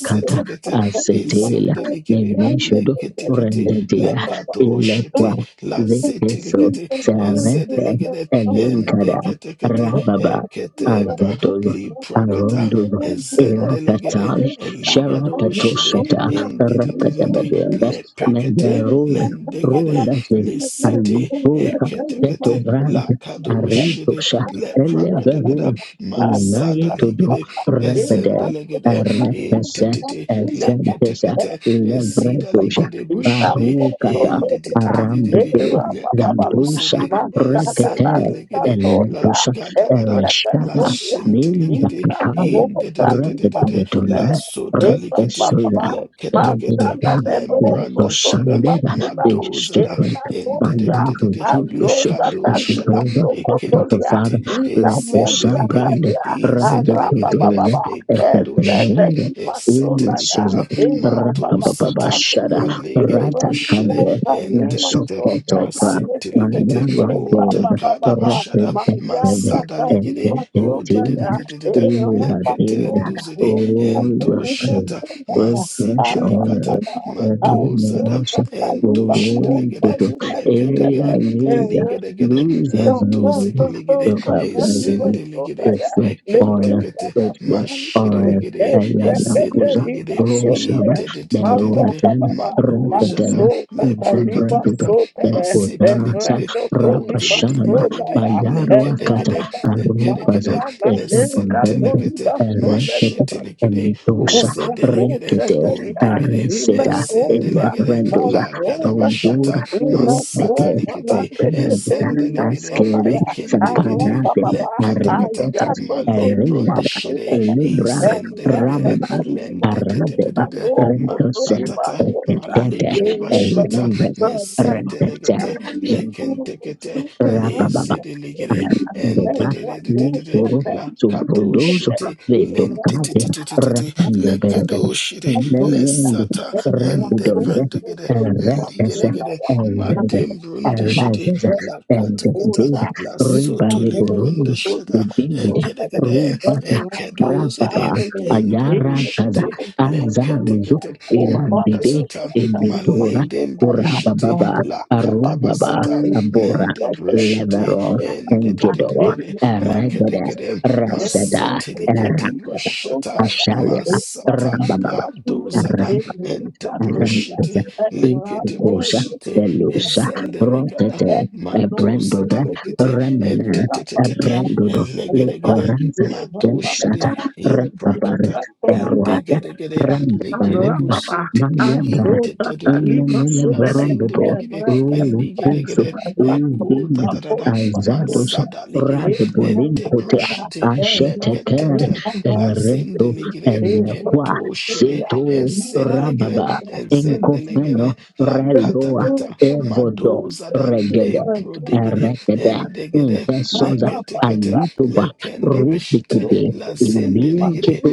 [SPEAKER 4] Thank
[SPEAKER 1] Asetela
[SPEAKER 3] ezendelegede
[SPEAKER 1] Nemeshodo
[SPEAKER 3] leketekete
[SPEAKER 1] Rendedia ilekwa
[SPEAKER 3] lekatoshete
[SPEAKER 1] viteso
[SPEAKER 3] lasetelekete
[SPEAKER 1] serete
[SPEAKER 3] ezedelegede
[SPEAKER 1] elinkada
[SPEAKER 3] endeketekete
[SPEAKER 1] rababa
[SPEAKER 3] eketemba
[SPEAKER 1] azedul
[SPEAKER 3] liprakata
[SPEAKER 1] arondul
[SPEAKER 3] ezendelegede
[SPEAKER 1] irakatal
[SPEAKER 3] eligadoshede
[SPEAKER 1] sharakatosata
[SPEAKER 3] endedididi
[SPEAKER 1] rapazabadembe
[SPEAKER 3] lepekete
[SPEAKER 1] megerud
[SPEAKER 3] lendegede
[SPEAKER 1] rundasi
[SPEAKER 3] lesete
[SPEAKER 1] alipuka
[SPEAKER 3] eketekete
[SPEAKER 1] tetobrand
[SPEAKER 3] lakadoshede
[SPEAKER 1] aritosa eleverun
[SPEAKER 3] lepragadagada
[SPEAKER 1] ninaye
[SPEAKER 3] mazada
[SPEAKER 1] todo
[SPEAKER 3] ligede.
[SPEAKER 1] rebede
[SPEAKER 3] Ezende ezendelegede
[SPEAKER 1] repese
[SPEAKER 3] intititi
[SPEAKER 1] ezentesa
[SPEAKER 4] you.
[SPEAKER 3] leketekete
[SPEAKER 1] levredosa
[SPEAKER 3] ezidalegede
[SPEAKER 4] Iba mo
[SPEAKER 3] boshede
[SPEAKER 4] to Ina
[SPEAKER 1] barukata
[SPEAKER 4] moto toka.
[SPEAKER 3] inditititititi
[SPEAKER 4] Ina
[SPEAKER 1] Arambide,
[SPEAKER 4] baba
[SPEAKER 1] Zandusa,
[SPEAKER 3] lekatosede
[SPEAKER 4] Masana
[SPEAKER 1] Rekete,
[SPEAKER 4] nalika
[SPEAKER 3] ezendelegede la
[SPEAKER 4] tolia,
[SPEAKER 1] Eletusa,
[SPEAKER 3] Gadagada,
[SPEAKER 4] ekweka
[SPEAKER 3] la
[SPEAKER 1] Ereshara,
[SPEAKER 4] tolia,
[SPEAKER 1] Minda
[SPEAKER 3] shintilikiti,
[SPEAKER 4] ina
[SPEAKER 1] Pitaya,
[SPEAKER 3] in de de
[SPEAKER 4] koka
[SPEAKER 3] de de de
[SPEAKER 4] ina
[SPEAKER 3] de de, la
[SPEAKER 4] sunene,
[SPEAKER 1] Repetituna,
[SPEAKER 4] eka
[SPEAKER 3] sotalikiti,
[SPEAKER 4] baba,
[SPEAKER 1] Repesula,
[SPEAKER 3] la ketekete,
[SPEAKER 4] masana
[SPEAKER 1] Elida,
[SPEAKER 4] nenozo
[SPEAKER 3] lembranda
[SPEAKER 4] toli
[SPEAKER 3] shada,
[SPEAKER 1] Leposandeda,
[SPEAKER 4] masuna,
[SPEAKER 1] is
[SPEAKER 3] madozada,
[SPEAKER 1] different.
[SPEAKER 4] ena
[SPEAKER 3] in de
[SPEAKER 1] By
[SPEAKER 3] de
[SPEAKER 4] noza,
[SPEAKER 3] de de
[SPEAKER 1] love
[SPEAKER 3] de
[SPEAKER 1] and
[SPEAKER 3] de,
[SPEAKER 1] truth, as
[SPEAKER 4] azoka
[SPEAKER 3] likado
[SPEAKER 1] we pray
[SPEAKER 4] talika
[SPEAKER 3] shada,
[SPEAKER 1] the
[SPEAKER 4] soko
[SPEAKER 1] Father of the
[SPEAKER 4] tolia,
[SPEAKER 1] Father,
[SPEAKER 3] ekintikiti,
[SPEAKER 4] ina
[SPEAKER 1] let us
[SPEAKER 4] moza
[SPEAKER 1] brand
[SPEAKER 4] talia,
[SPEAKER 1] Randy
[SPEAKER 4] ara
[SPEAKER 1] to
[SPEAKER 3] ezindilikiti,
[SPEAKER 4] baba
[SPEAKER 1] those
[SPEAKER 4] baba,
[SPEAKER 3] ekando
[SPEAKER 4] ezete
[SPEAKER 3] shere
[SPEAKER 1] Epepelinde.
[SPEAKER 4] lipa
[SPEAKER 1] in
[SPEAKER 3] esete
[SPEAKER 4] sonaya,
[SPEAKER 3] mikada
[SPEAKER 1] Susan
[SPEAKER 4] era
[SPEAKER 3] mato
[SPEAKER 4] baba
[SPEAKER 3] sata
[SPEAKER 4] sane,
[SPEAKER 1] Rakababashada
[SPEAKER 3] malegede
[SPEAKER 4] era
[SPEAKER 1] Rata
[SPEAKER 3] bushere
[SPEAKER 1] Kande,
[SPEAKER 4] koka lima
[SPEAKER 3] entekete
[SPEAKER 1] Nasokotoba
[SPEAKER 3] masente
[SPEAKER 4] sonaya,
[SPEAKER 3] likete
[SPEAKER 4] my
[SPEAKER 1] Mandaragod
[SPEAKER 3] ontakada bashada
[SPEAKER 1] Representative
[SPEAKER 3] mazada ligede o de de de de
[SPEAKER 1] Executive
[SPEAKER 3] de de de lekete
[SPEAKER 1] Irradiated
[SPEAKER 3] nduzede ento
[SPEAKER 1] Overcome
[SPEAKER 3] shata
[SPEAKER 1] Crash
[SPEAKER 3] masite likata
[SPEAKER 1] on
[SPEAKER 3] madozada
[SPEAKER 1] Anonymous
[SPEAKER 3] ento shede legede
[SPEAKER 1] Photo
[SPEAKER 3] lekete
[SPEAKER 1] Area
[SPEAKER 3] gede
[SPEAKER 4] Thank
[SPEAKER 1] Leader
[SPEAKER 3] eligede gede
[SPEAKER 1] Losers
[SPEAKER 4] Oh,
[SPEAKER 3] ento
[SPEAKER 1] and
[SPEAKER 4] oh,
[SPEAKER 3] zede
[SPEAKER 4] oh, oh,
[SPEAKER 3] legede
[SPEAKER 1] the
[SPEAKER 4] God, what you
[SPEAKER 1] Baptism
[SPEAKER 4] want
[SPEAKER 3] ezende
[SPEAKER 4] so bad?
[SPEAKER 1] Reflect
[SPEAKER 4] Little
[SPEAKER 1] on
[SPEAKER 4] Papa
[SPEAKER 1] Reflect
[SPEAKER 4] Son,
[SPEAKER 1] on
[SPEAKER 3] Mashidelegede,
[SPEAKER 1] Ayala
[SPEAKER 4] Executive
[SPEAKER 1] Rosa
[SPEAKER 3] Ezendelegede,
[SPEAKER 4] Diva Son,
[SPEAKER 1] Rosa
[SPEAKER 4] Mavra
[SPEAKER 3] Idedededededede,
[SPEAKER 4] Papa,
[SPEAKER 1] Baron
[SPEAKER 4] and
[SPEAKER 3] Madozada,
[SPEAKER 4] so Catalima
[SPEAKER 1] Zembranduba,
[SPEAKER 3] Leprakatakata,
[SPEAKER 4] Son,
[SPEAKER 1] Bepodasa,
[SPEAKER 3] Masitelegede,
[SPEAKER 4] Evreto Solima
[SPEAKER 1] Rapashanaba,
[SPEAKER 4] Son,
[SPEAKER 3] Ondededededede,
[SPEAKER 1] Bayaro
[SPEAKER 4] Evra
[SPEAKER 1] Akata,
[SPEAKER 3] Lekedekede,
[SPEAKER 4] Papa,
[SPEAKER 1] Arubaza,
[SPEAKER 3] Lekedekede,
[SPEAKER 4] Master Nalenka
[SPEAKER 1] Bepodende,
[SPEAKER 3] Lesentelekete,
[SPEAKER 4] Solima
[SPEAKER 1] Erekete,
[SPEAKER 4] Son,
[SPEAKER 3] Mashitelegede,
[SPEAKER 1] Enitosa,
[SPEAKER 3] Ozedelegede,
[SPEAKER 1] Rikete,
[SPEAKER 3] Ondegede,
[SPEAKER 1] Ereseda,
[SPEAKER 3] Ezendelegede,
[SPEAKER 1] Elebrandoza,
[SPEAKER 3] Lagadabashata,
[SPEAKER 1] Rundura, Rundete,
[SPEAKER 3] Masatalegede,
[SPEAKER 1] Ekerda,
[SPEAKER 3] Ezendelegede,
[SPEAKER 1] Askeri,
[SPEAKER 3] Ekentekete,
[SPEAKER 1] Sapanate,
[SPEAKER 3] Lekatakata,
[SPEAKER 1] Arendete,
[SPEAKER 3] Male bronde
[SPEAKER 1] Erenada,
[SPEAKER 3] shere
[SPEAKER 1] Libra,
[SPEAKER 3] izendelege
[SPEAKER 1] Rabba,
[SPEAKER 3] lende de de de de
[SPEAKER 1] Arande,
[SPEAKER 3] de ma
[SPEAKER 1] Rentosen,
[SPEAKER 3] patata malege de
[SPEAKER 1] el
[SPEAKER 3] bashata
[SPEAKER 1] nombre
[SPEAKER 4] Thank
[SPEAKER 1] Rebeca,
[SPEAKER 3] mesentelegete
[SPEAKER 4] Thank
[SPEAKER 1] Jean
[SPEAKER 3] lekentekete lezedelegere ende
[SPEAKER 1] Dopa
[SPEAKER 3] de de de de de de
[SPEAKER 1] Litoro
[SPEAKER 3] la kato
[SPEAKER 1] Subrodoso
[SPEAKER 3] shite
[SPEAKER 1] Veto
[SPEAKER 3] lente ti
[SPEAKER 1] Cade
[SPEAKER 3] ti ti ti ti ti
[SPEAKER 1] Rapandabere
[SPEAKER 3] lekedo shete
[SPEAKER 1] Nemiende
[SPEAKER 3] lesata ende
[SPEAKER 1] Redudone
[SPEAKER 3] brendegede
[SPEAKER 1] Retese
[SPEAKER 3] eligedegede
[SPEAKER 1] Erede
[SPEAKER 3] madem shidi
[SPEAKER 1] Erezeza
[SPEAKER 3] la kata kata
[SPEAKER 1] Erezeza
[SPEAKER 3] la soto le bronde
[SPEAKER 1] Ribaliborundo
[SPEAKER 3] shada
[SPEAKER 1] Ubimida
[SPEAKER 3] ekede kede
[SPEAKER 1] Rubata
[SPEAKER 3] ekedo zidi
[SPEAKER 1] Rapapa
[SPEAKER 3] in the
[SPEAKER 1] Ayara Kaza
[SPEAKER 3] brushiti le kete
[SPEAKER 1] Azaruzu
[SPEAKER 3] kete
[SPEAKER 1] Irandide
[SPEAKER 3] mantasata
[SPEAKER 1] Ebitora
[SPEAKER 3] malede brushiti
[SPEAKER 1] Kurababa
[SPEAKER 3] la
[SPEAKER 4] you.
[SPEAKER 3] kata
[SPEAKER 1] Arubaba
[SPEAKER 3] basata
[SPEAKER 4] It's just
[SPEAKER 1] Abora
[SPEAKER 3] mende
[SPEAKER 4] that there
[SPEAKER 3] brushiti
[SPEAKER 1] Levero
[SPEAKER 4] is
[SPEAKER 3] and de de
[SPEAKER 4] a
[SPEAKER 3] de de
[SPEAKER 1] Engedo,
[SPEAKER 3] de de le kete
[SPEAKER 1] Eregede,
[SPEAKER 3] kete
[SPEAKER 4] Thank
[SPEAKER 1] Raseda,
[SPEAKER 3] masete le kete
[SPEAKER 1] Era,
[SPEAKER 3] brushata
[SPEAKER 1] Ashaleba,
[SPEAKER 3] masata
[SPEAKER 1] Rabababa,
[SPEAKER 3] adozada and brushiti
[SPEAKER 1] Arantaza,
[SPEAKER 3] le kete
[SPEAKER 1] Ikosha,
[SPEAKER 3] brushiti
[SPEAKER 1] Delusa,
[SPEAKER 3] ezendelekada
[SPEAKER 1] Rotete,
[SPEAKER 3] mato
[SPEAKER 1] Ebrandoda,
[SPEAKER 3] satalikete
[SPEAKER 1] Remena,
[SPEAKER 3] etetetetete
[SPEAKER 1] Ebrandodo,
[SPEAKER 3] elegedegede
[SPEAKER 1] Licoranza,
[SPEAKER 3] mato shide
[SPEAKER 1] Delsata, Rapabar,
[SPEAKER 3] imprakata
[SPEAKER 1] Eruaga,
[SPEAKER 3] indegedegede legede
[SPEAKER 1] Rambaromba,
[SPEAKER 3] businte
[SPEAKER 1] Mayambar,
[SPEAKER 3] intetetebe
[SPEAKER 1] Inamela
[SPEAKER 3] lazende
[SPEAKER 1] Borombo,
[SPEAKER 3] legede
[SPEAKER 1] Ulukusu,
[SPEAKER 3] eligedegede eko
[SPEAKER 1] Udin,
[SPEAKER 3] dadadada
[SPEAKER 1] Azados,
[SPEAKER 4] you.
[SPEAKER 3] mazada legede
[SPEAKER 4] Thank
[SPEAKER 1] Radbulin Kotea,
[SPEAKER 3] edebrushite
[SPEAKER 1] Asheteker,
[SPEAKER 3] leketete lazende
[SPEAKER 1] Enreto,
[SPEAKER 3] legede
[SPEAKER 1] Eliaqua,
[SPEAKER 3] ento shide
[SPEAKER 1] Seto,
[SPEAKER 3] ezedelegede
[SPEAKER 1] Rababa. Enkofeno
[SPEAKER 3] ezendelegede la
[SPEAKER 1] reloa
[SPEAKER 3] kata
[SPEAKER 1] evodo
[SPEAKER 3] Madozada,
[SPEAKER 1] regede
[SPEAKER 3] Ebro digide,
[SPEAKER 1] regede
[SPEAKER 3] Endigide,
[SPEAKER 1] intesoza
[SPEAKER 3] Leketikete,
[SPEAKER 1] ayutuba
[SPEAKER 3] Lekendebeshite,
[SPEAKER 1] rubikide
[SPEAKER 3] Lazindeligide,
[SPEAKER 1] ilinketu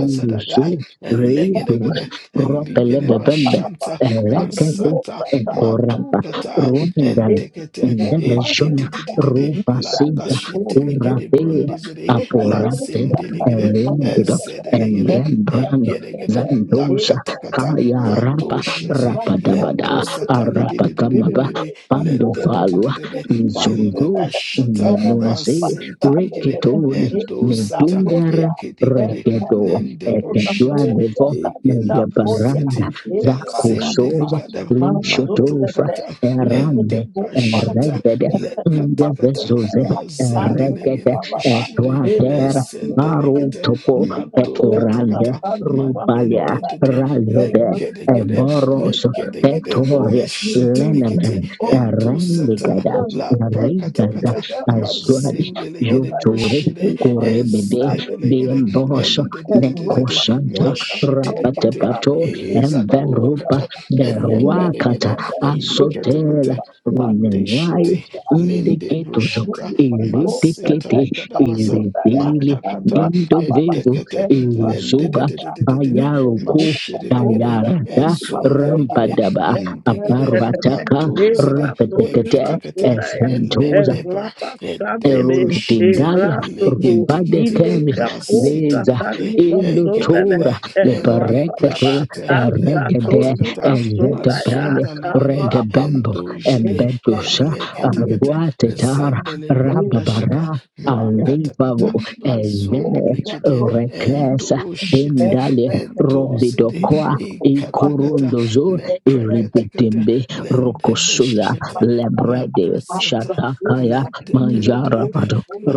[SPEAKER 1] iluzu redus
[SPEAKER 3] Elegidigide, Eligide
[SPEAKER 1] ropelebebembe
[SPEAKER 3] Bashanta,
[SPEAKER 1] reketu
[SPEAKER 3] Masata,
[SPEAKER 1] ekorapa
[SPEAKER 3] Matukata,
[SPEAKER 1] rundal
[SPEAKER 4] you.
[SPEAKER 3] Entekete,
[SPEAKER 4] Thank
[SPEAKER 1] indebejona
[SPEAKER 3] Edidididididi,
[SPEAKER 1] rubasita
[SPEAKER 3] Latashitilikide,
[SPEAKER 1] kurape
[SPEAKER 3] Brundizide,
[SPEAKER 1] aporate
[SPEAKER 3] Lazindeligide,
[SPEAKER 1] erendido
[SPEAKER 3] Ezedeligide,
[SPEAKER 1] elembrando
[SPEAKER 3] Egedegede, Lakatakata,
[SPEAKER 1] Kaya
[SPEAKER 4] you.
[SPEAKER 1] rapa
[SPEAKER 3] Matoshiti.
[SPEAKER 4] Thank
[SPEAKER 3] Lento
[SPEAKER 1] rapadabada
[SPEAKER 3] satali de de de de de
[SPEAKER 1] arapakamaba
[SPEAKER 3] de de. Let
[SPEAKER 1] pando
[SPEAKER 3] de de de
[SPEAKER 1] falwa
[SPEAKER 3] de de de. Lende
[SPEAKER 1] izuzu
[SPEAKER 3] bashata
[SPEAKER 1] nenuaze
[SPEAKER 3] masinte ligere.
[SPEAKER 1] reketoni
[SPEAKER 3] Endo sata
[SPEAKER 1] nedungara
[SPEAKER 3] ekedigere.
[SPEAKER 1] reketo
[SPEAKER 3] Lende
[SPEAKER 1] eketua
[SPEAKER 3] broshete
[SPEAKER 1] mevo
[SPEAKER 3] ekende
[SPEAKER 1] meyabaranda
[SPEAKER 3] brosete. La zende
[SPEAKER 1] zakosoza
[SPEAKER 3] likada
[SPEAKER 1] lishotofra
[SPEAKER 3] matokata.
[SPEAKER 1] erande
[SPEAKER 3] Ende bashata
[SPEAKER 1] eregede
[SPEAKER 3] lekata kata
[SPEAKER 1] ndevezoze
[SPEAKER 3] mazende
[SPEAKER 1] eregede
[SPEAKER 3] ligere broshete
[SPEAKER 1] etuatera
[SPEAKER 3] esende lekete
[SPEAKER 1] marutopo
[SPEAKER 3] matokata
[SPEAKER 1] etorande
[SPEAKER 3] kata
[SPEAKER 1] rubalia
[SPEAKER 3] madende
[SPEAKER 4] you.
[SPEAKER 3] de de
[SPEAKER 4] Thank
[SPEAKER 1] Razobe,
[SPEAKER 3] legere gere
[SPEAKER 1] Evoros,
[SPEAKER 3] legede gede
[SPEAKER 1] Petori,
[SPEAKER 3] meshete likete
[SPEAKER 1] Lenemen,
[SPEAKER 3] ento sata
[SPEAKER 1] Rendigada,
[SPEAKER 3] la prakata
[SPEAKER 1] Rigada,
[SPEAKER 3] kata
[SPEAKER 1] Azuadi,
[SPEAKER 3] mazende legede
[SPEAKER 1] Joturi,
[SPEAKER 3] broshede
[SPEAKER 1] Kurebede,
[SPEAKER 3] ezede legede
[SPEAKER 1] Bimbos,
[SPEAKER 3] ende de de de de de
[SPEAKER 1] Nekosanta,
[SPEAKER 3] mashete likete
[SPEAKER 1] Rapatepato,
[SPEAKER 3] ezado
[SPEAKER 1] Enverupa,
[SPEAKER 3] kata elengede
[SPEAKER 1] Beruakata,
[SPEAKER 3] gede elikete
[SPEAKER 1] Asotela,
[SPEAKER 3] kote
[SPEAKER 1] Runenwai,
[SPEAKER 3] mateshete
[SPEAKER 4] you.
[SPEAKER 3] lende
[SPEAKER 1] Indicators of
[SPEAKER 4] Thank
[SPEAKER 3] brosheta maseta
[SPEAKER 1] Irriticate,
[SPEAKER 3] likada basa
[SPEAKER 1] Irritili,
[SPEAKER 3] matakata
[SPEAKER 1] Indovivo,
[SPEAKER 3] etekete lende de
[SPEAKER 1] Iuzuba,
[SPEAKER 3] de de de de de de
[SPEAKER 1] Bayaruku
[SPEAKER 3] mashede legede
[SPEAKER 1] Dayarada
[SPEAKER 3] ezondeligede
[SPEAKER 1] Rambadaba
[SPEAKER 3] indegede
[SPEAKER 1] Aparataka
[SPEAKER 3] matozede
[SPEAKER 1] Repetekete
[SPEAKER 3] eketekete
[SPEAKER 1] Esventos
[SPEAKER 3] elendebra
[SPEAKER 1] Erode
[SPEAKER 3] edembroshete
[SPEAKER 1] Dindalia, rumba de
[SPEAKER 3] leketekete
[SPEAKER 1] Kemis, Veza,
[SPEAKER 3] masetelegede egedegede
[SPEAKER 1] Ilutura, Lepereketo,
[SPEAKER 3] endebreshete
[SPEAKER 1] Eregede,
[SPEAKER 3] lekatakata
[SPEAKER 1] Ezetepele,
[SPEAKER 3] mazondaligede
[SPEAKER 1] Regebembo,
[SPEAKER 3] endojede
[SPEAKER 1] Embetusa,
[SPEAKER 3] eleketekete
[SPEAKER 4] you.
[SPEAKER 1] Arwatetar,
[SPEAKER 4] Is not
[SPEAKER 3] zendelebradashada
[SPEAKER 1] Rababara,
[SPEAKER 4] Australia.
[SPEAKER 1] Alivavo,
[SPEAKER 3] makatakata
[SPEAKER 4] We need to go
[SPEAKER 1] Ezene,
[SPEAKER 4] to
[SPEAKER 3] azondaligede
[SPEAKER 4] Australia
[SPEAKER 1] Rekesa,
[SPEAKER 4] and
[SPEAKER 3] entoshete
[SPEAKER 4] that
[SPEAKER 1] Tindale,
[SPEAKER 4] that that that
[SPEAKER 3] endozede
[SPEAKER 4] We need
[SPEAKER 1] Robidokoa,
[SPEAKER 4] to go to
[SPEAKER 3] Ikatakata
[SPEAKER 4] Malaysia.
[SPEAKER 1] Ikurundozo,
[SPEAKER 4] That that that that
[SPEAKER 3] leprekatakata
[SPEAKER 1] Iribitimbe, Rokosuza,
[SPEAKER 3] lendebeshete
[SPEAKER 1] Lebrede,
[SPEAKER 4] that that
[SPEAKER 3] lakasata
[SPEAKER 1] Shatakaya,
[SPEAKER 3] le
[SPEAKER 4] that We need to go to
[SPEAKER 1] Majarabado
[SPEAKER 4] Malaysia.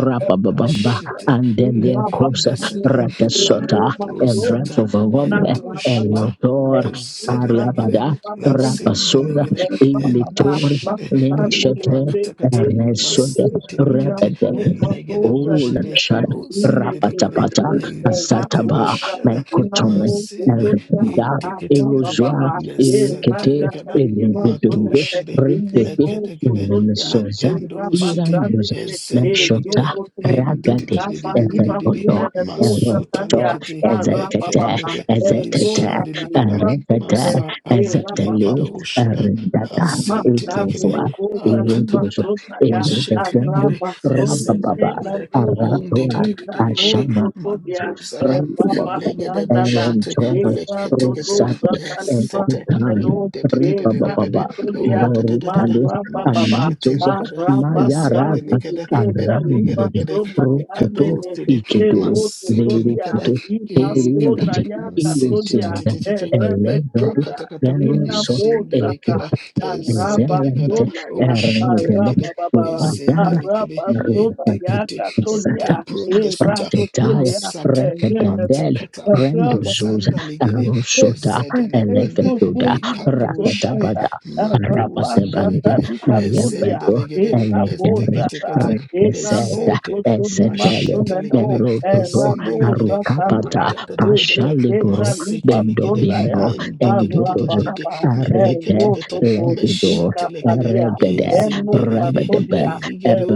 [SPEAKER 4] That that that that
[SPEAKER 1] and
[SPEAKER 4] We
[SPEAKER 1] then their
[SPEAKER 4] na
[SPEAKER 1] course
[SPEAKER 4] bashani
[SPEAKER 3] lekendeseda
[SPEAKER 4] and We na
[SPEAKER 1] Rakasota
[SPEAKER 4] bashoni
[SPEAKER 1] Event
[SPEAKER 3] lakatrosata
[SPEAKER 1] of a
[SPEAKER 4] na na
[SPEAKER 1] woman
[SPEAKER 4] na na.
[SPEAKER 3] entroshita.
[SPEAKER 4] And
[SPEAKER 1] Elodor
[SPEAKER 4] We
[SPEAKER 3] Zedelegede,
[SPEAKER 1] Ariabada
[SPEAKER 4] Thank you.
[SPEAKER 1] Rapasoda
[SPEAKER 4] Thank
[SPEAKER 3] Lazindelegede, and the
[SPEAKER 1] Ilitori
[SPEAKER 3] Shide, Lepra
[SPEAKER 1] Nishate
[SPEAKER 3] Katakata,
[SPEAKER 1] Resoda
[SPEAKER 3] Masinteligete,
[SPEAKER 1] Rebede
[SPEAKER 3] Elegede
[SPEAKER 1] Ola
[SPEAKER 3] Bojede,
[SPEAKER 1] Shara
[SPEAKER 3] Rosendelegede,
[SPEAKER 1] Rapatapata
[SPEAKER 3] Elikete
[SPEAKER 1] Asataba
[SPEAKER 3] Bashada,
[SPEAKER 1] Mekotome
[SPEAKER 3] mazinde
[SPEAKER 1] Erekenda
[SPEAKER 3] Etikete
[SPEAKER 1] Erozua Erekete
[SPEAKER 3] lesentelekada
[SPEAKER 1] Elebedunde
[SPEAKER 3] matushiri
[SPEAKER 1] Repete
[SPEAKER 3] lekedekede
[SPEAKER 1] Nemesoza
[SPEAKER 3] lekendoshiti
[SPEAKER 1] Irandos,
[SPEAKER 3] ezendelegede
[SPEAKER 1] Meshota, Ragade,
[SPEAKER 3] ididididididididi
[SPEAKER 1] Ezekoto, Erokoto,
[SPEAKER 3] masutalikiti
[SPEAKER 1] Ezekete,
[SPEAKER 3] eketekete
[SPEAKER 1] Ezetete,
[SPEAKER 3] ishindilikada
[SPEAKER 1] Erekete,
[SPEAKER 3] masa
[SPEAKER 4] you.
[SPEAKER 1] Ezeteli,
[SPEAKER 3] lekadoshada
[SPEAKER 1] Erendata,
[SPEAKER 3] asintilekede
[SPEAKER 4] Makabune
[SPEAKER 1] Etufua,
[SPEAKER 4] kosa lima
[SPEAKER 1] Erodos,
[SPEAKER 3] akatakata
[SPEAKER 4] sota ya
[SPEAKER 1] Ezetekendo,
[SPEAKER 3] mashitilikede
[SPEAKER 4] araba sona
[SPEAKER 1] Rabababa,
[SPEAKER 4] lena
[SPEAKER 3] ezendelegede
[SPEAKER 4] rosa
[SPEAKER 1] Arantoa,
[SPEAKER 4] ina
[SPEAKER 3] undididididididi
[SPEAKER 4] nozo
[SPEAKER 1] Ashana,
[SPEAKER 4] tobia
[SPEAKER 3] maduzada
[SPEAKER 4] eva
[SPEAKER 1] Rabibobe,
[SPEAKER 3] elegede
[SPEAKER 4] bastanda na
[SPEAKER 3] boshiti
[SPEAKER 1] Erontoa,
[SPEAKER 4] eva
[SPEAKER 3] Leketekete.
[SPEAKER 4] dodoza
[SPEAKER 1] Rosate,
[SPEAKER 3] Yes,
[SPEAKER 4] talima
[SPEAKER 3] sete.
[SPEAKER 4] sona
[SPEAKER 1] Ekutan,
[SPEAKER 4] no
[SPEAKER 3] In de de de de de de
[SPEAKER 4] eva
[SPEAKER 3] de de.
[SPEAKER 1] Ribababa,
[SPEAKER 3] Oh,
[SPEAKER 4] kotobia
[SPEAKER 3] da da da da da.
[SPEAKER 1] Boritalis,
[SPEAKER 4] maraba baba
[SPEAKER 3] Mashete
[SPEAKER 1] Amazos,
[SPEAKER 3] likada.
[SPEAKER 4] araba
[SPEAKER 3] Ezende
[SPEAKER 1] Mayaraka
[SPEAKER 4] sali
[SPEAKER 3] likada.
[SPEAKER 4] diketa lima
[SPEAKER 1] Alrandede
[SPEAKER 3] Edegedegede.
[SPEAKER 4] sona ya
[SPEAKER 1] Rukutu
[SPEAKER 3] Ikado
[SPEAKER 4] nene
[SPEAKER 3] tede.
[SPEAKER 1] Ikidu
[SPEAKER 4] ego
[SPEAKER 3] Masete
[SPEAKER 4] tobia
[SPEAKER 3] likada.
[SPEAKER 1] Verukutu
[SPEAKER 4] ima
[SPEAKER 3] Ikada.
[SPEAKER 4] sona
[SPEAKER 1] Erundidi
[SPEAKER 4] ya
[SPEAKER 3] Masente ti
[SPEAKER 4] katodia
[SPEAKER 3] ti
[SPEAKER 1] Iluzinda
[SPEAKER 3] ti ti ti.
[SPEAKER 4] erebe
[SPEAKER 3] Le
[SPEAKER 1] Elevedu
[SPEAKER 4] kota
[SPEAKER 3] prakatakata.
[SPEAKER 4] ina
[SPEAKER 1] Veroso
[SPEAKER 3] Ezende
[SPEAKER 1] Eke
[SPEAKER 3] likada.
[SPEAKER 4] Araba
[SPEAKER 3] Ezende likada.
[SPEAKER 1] Zelente
[SPEAKER 4] Somaya,
[SPEAKER 3] Oh, shete
[SPEAKER 1] eregele
[SPEAKER 4] Araba
[SPEAKER 3] likede.
[SPEAKER 4] Baba,
[SPEAKER 3] Ezende
[SPEAKER 1] ubazara
[SPEAKER 3] likede.
[SPEAKER 4] Araba Somaya
[SPEAKER 1] rubasatan
[SPEAKER 3] Etekete. Ete
[SPEAKER 4] Catolia,
[SPEAKER 1] satans
[SPEAKER 3] brunda
[SPEAKER 4] Eva
[SPEAKER 3] sita.
[SPEAKER 1] praktetaya
[SPEAKER 4] Catolia,
[SPEAKER 3] Masata.
[SPEAKER 1] rekabendele
[SPEAKER 3] Matakata
[SPEAKER 4] and
[SPEAKER 1] rendozuza
[SPEAKER 3] mazanda ligere
[SPEAKER 1] rusota
[SPEAKER 3] ezedelebende
[SPEAKER 1] elefetuda
[SPEAKER 3] ikatushire
[SPEAKER 1] rakatabada
[SPEAKER 3] maduzi
[SPEAKER 1] arapatabande
[SPEAKER 3] delegere
[SPEAKER 1] meyebedo
[SPEAKER 3] ezendelegere
[SPEAKER 1] elegere
[SPEAKER 3] eteketekete
[SPEAKER 1] rekeseda
[SPEAKER 3] lesente
[SPEAKER 1] esetele
[SPEAKER 3] mashetelegere
[SPEAKER 1] merododo
[SPEAKER 3] ezendelegere
[SPEAKER 1] arukapata
[SPEAKER 3] madadadadadada
[SPEAKER 1] pashaliburu bendo
[SPEAKER 3] masetelegere
[SPEAKER 1] bimbo engedozo
[SPEAKER 3] mendededededede
[SPEAKER 1] arede
[SPEAKER 3] meleketekete
[SPEAKER 1] Levido,
[SPEAKER 3] meshetelegere
[SPEAKER 1] Eregede,
[SPEAKER 3] enzindelegere
[SPEAKER 1] Rabadabed,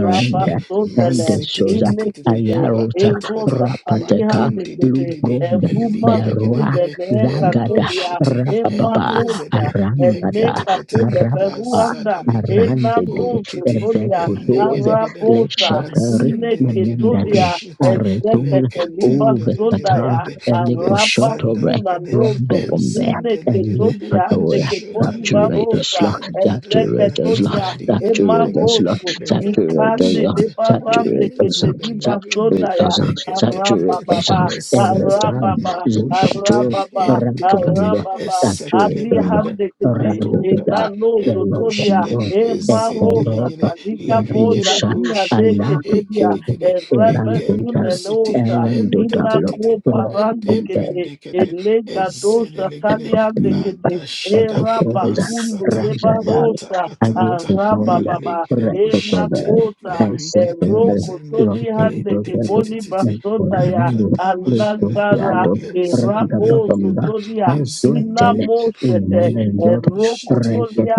[SPEAKER 4] Rabba Sodele,
[SPEAKER 1] Endesosa,
[SPEAKER 3] masetetetetete
[SPEAKER 4] Inekete,
[SPEAKER 1] Ayarosa,
[SPEAKER 4] Ego
[SPEAKER 3] vakatakata
[SPEAKER 1] Rapateka,
[SPEAKER 4] Sapalihan Dekete,
[SPEAKER 3] madendedededede
[SPEAKER 1] Lugrund,
[SPEAKER 4] Eruma
[SPEAKER 1] Berua,
[SPEAKER 4] skule
[SPEAKER 3] Eligedegedegede,
[SPEAKER 4] ne
[SPEAKER 1] Zagada,
[SPEAKER 4] katedia.
[SPEAKER 3] endoshete,
[SPEAKER 1] Rapapa,
[SPEAKER 4] Emanoza.
[SPEAKER 3] endezede,
[SPEAKER 4] Ene
[SPEAKER 1] Arambata,
[SPEAKER 3] leketekete,
[SPEAKER 4] katele
[SPEAKER 1] Arapapa,
[SPEAKER 4] peruanda
[SPEAKER 3] lazadalegede,
[SPEAKER 1] Arandede,
[SPEAKER 4] Enanozo
[SPEAKER 3] ontiti,
[SPEAKER 4] tolia.
[SPEAKER 1] Evekutoze,
[SPEAKER 3] elegedegede,
[SPEAKER 4] Arabosa.
[SPEAKER 1] Leshetari,
[SPEAKER 4] Ine
[SPEAKER 3] nazendelegede,
[SPEAKER 1] Namendade,
[SPEAKER 4] ketolia.
[SPEAKER 3] boshete,
[SPEAKER 1] Aretul,
[SPEAKER 4] Ezekete liba
[SPEAKER 1] Uvekata,
[SPEAKER 4] sondaya.
[SPEAKER 3] leketendedededede,
[SPEAKER 4] Araba
[SPEAKER 1] Eliposhotobre,
[SPEAKER 4] kuna
[SPEAKER 3] lezandalegede,
[SPEAKER 1] Rombe
[SPEAKER 4] nozo.
[SPEAKER 1] Bombe,
[SPEAKER 4] Ine
[SPEAKER 3] ezendelegede,
[SPEAKER 4] ketolia.
[SPEAKER 1] Elipador,
[SPEAKER 4] Ande ketoli
[SPEAKER 3] ajodalegede,
[SPEAKER 1] Saturate us, Lord. Saturate
[SPEAKER 3] andadadada,
[SPEAKER 1] us, Lord.
[SPEAKER 4] Ezeketolia.
[SPEAKER 1] Saturate
[SPEAKER 3] aligedegedegede,
[SPEAKER 1] us, Lord.
[SPEAKER 4] Emaroso.
[SPEAKER 1] Saturate us,
[SPEAKER 4] Ikande
[SPEAKER 1] Lord.
[SPEAKER 4] de
[SPEAKER 3] leketebeshete,
[SPEAKER 4] barande
[SPEAKER 1] Saturate us,
[SPEAKER 4] kete
[SPEAKER 1] Lord.
[SPEAKER 4] liba
[SPEAKER 3] lekezedelegende,
[SPEAKER 1] Saturate us, Lord.
[SPEAKER 3] leketekete,
[SPEAKER 1] Saturate us,
[SPEAKER 4] baba.
[SPEAKER 1] Lord.
[SPEAKER 3] Blessed
[SPEAKER 1] Every time,
[SPEAKER 4] Arababa,
[SPEAKER 3] matushite
[SPEAKER 1] Zipato,
[SPEAKER 4] Arababa,
[SPEAKER 3] entekete
[SPEAKER 1] Rakaganda,
[SPEAKER 4] Arababa,
[SPEAKER 1] Saturate
[SPEAKER 4] Ali
[SPEAKER 1] us,
[SPEAKER 3] essetelebrende
[SPEAKER 1] Lord.
[SPEAKER 4] Handekete,
[SPEAKER 3] matokata
[SPEAKER 1] Rakaganda,
[SPEAKER 4] Enano Zotolia,
[SPEAKER 3] entushide
[SPEAKER 1] Belokando,
[SPEAKER 4] Emma Rosa,
[SPEAKER 3] ezindelegede
[SPEAKER 1] Ekoroto,
[SPEAKER 4] Salika
[SPEAKER 3] levigede
[SPEAKER 4] Bola,
[SPEAKER 1] Marusha,
[SPEAKER 4] Dia de
[SPEAKER 3] goshide
[SPEAKER 4] Ketelia,
[SPEAKER 1] Alatuko,
[SPEAKER 3] ekedigede
[SPEAKER 1] Elandita,
[SPEAKER 3] ekendusiti
[SPEAKER 4] Rebestunenosa, Ina
[SPEAKER 1] Elandodalo,
[SPEAKER 3] entetetete
[SPEAKER 4] Copa
[SPEAKER 1] Rotokombe,
[SPEAKER 4] Randekete,
[SPEAKER 3] entebrendekete
[SPEAKER 4] Elega Dosa,
[SPEAKER 3] ezedelegede
[SPEAKER 4] Taliandekete,
[SPEAKER 3] ladashada
[SPEAKER 4] Eraba
[SPEAKER 1] Ekotoza
[SPEAKER 4] Kunde,
[SPEAKER 3] masata
[SPEAKER 4] Leba
[SPEAKER 1] Rajadal
[SPEAKER 4] Rosa,
[SPEAKER 3] matakatanta
[SPEAKER 1] Agitodonda
[SPEAKER 4] Arababa,
[SPEAKER 3] malegede
[SPEAKER 4] Ena
[SPEAKER 1] Rakatava
[SPEAKER 3] bushite
[SPEAKER 4] Kota,
[SPEAKER 1] and
[SPEAKER 3] levikete
[SPEAKER 1] Setonda
[SPEAKER 4] Eroko,
[SPEAKER 3] bezene
[SPEAKER 4] Tony
[SPEAKER 1] Rotting
[SPEAKER 4] Handeke,
[SPEAKER 1] Dogabo
[SPEAKER 4] Poli
[SPEAKER 3] letetititi
[SPEAKER 1] and
[SPEAKER 4] Basondaya,
[SPEAKER 1] Orlando
[SPEAKER 3] lakadabashide
[SPEAKER 4] Alagara
[SPEAKER 1] Licopiado
[SPEAKER 4] Rabo,
[SPEAKER 1] Rangababamba
[SPEAKER 3] Lezendelica,
[SPEAKER 4] Sotolia, Ina
[SPEAKER 1] Azuatele
[SPEAKER 3] Ezendelica,
[SPEAKER 4] Moshete Roko,
[SPEAKER 1] Memendot
[SPEAKER 3] Endemishiti,
[SPEAKER 4] rabosotolia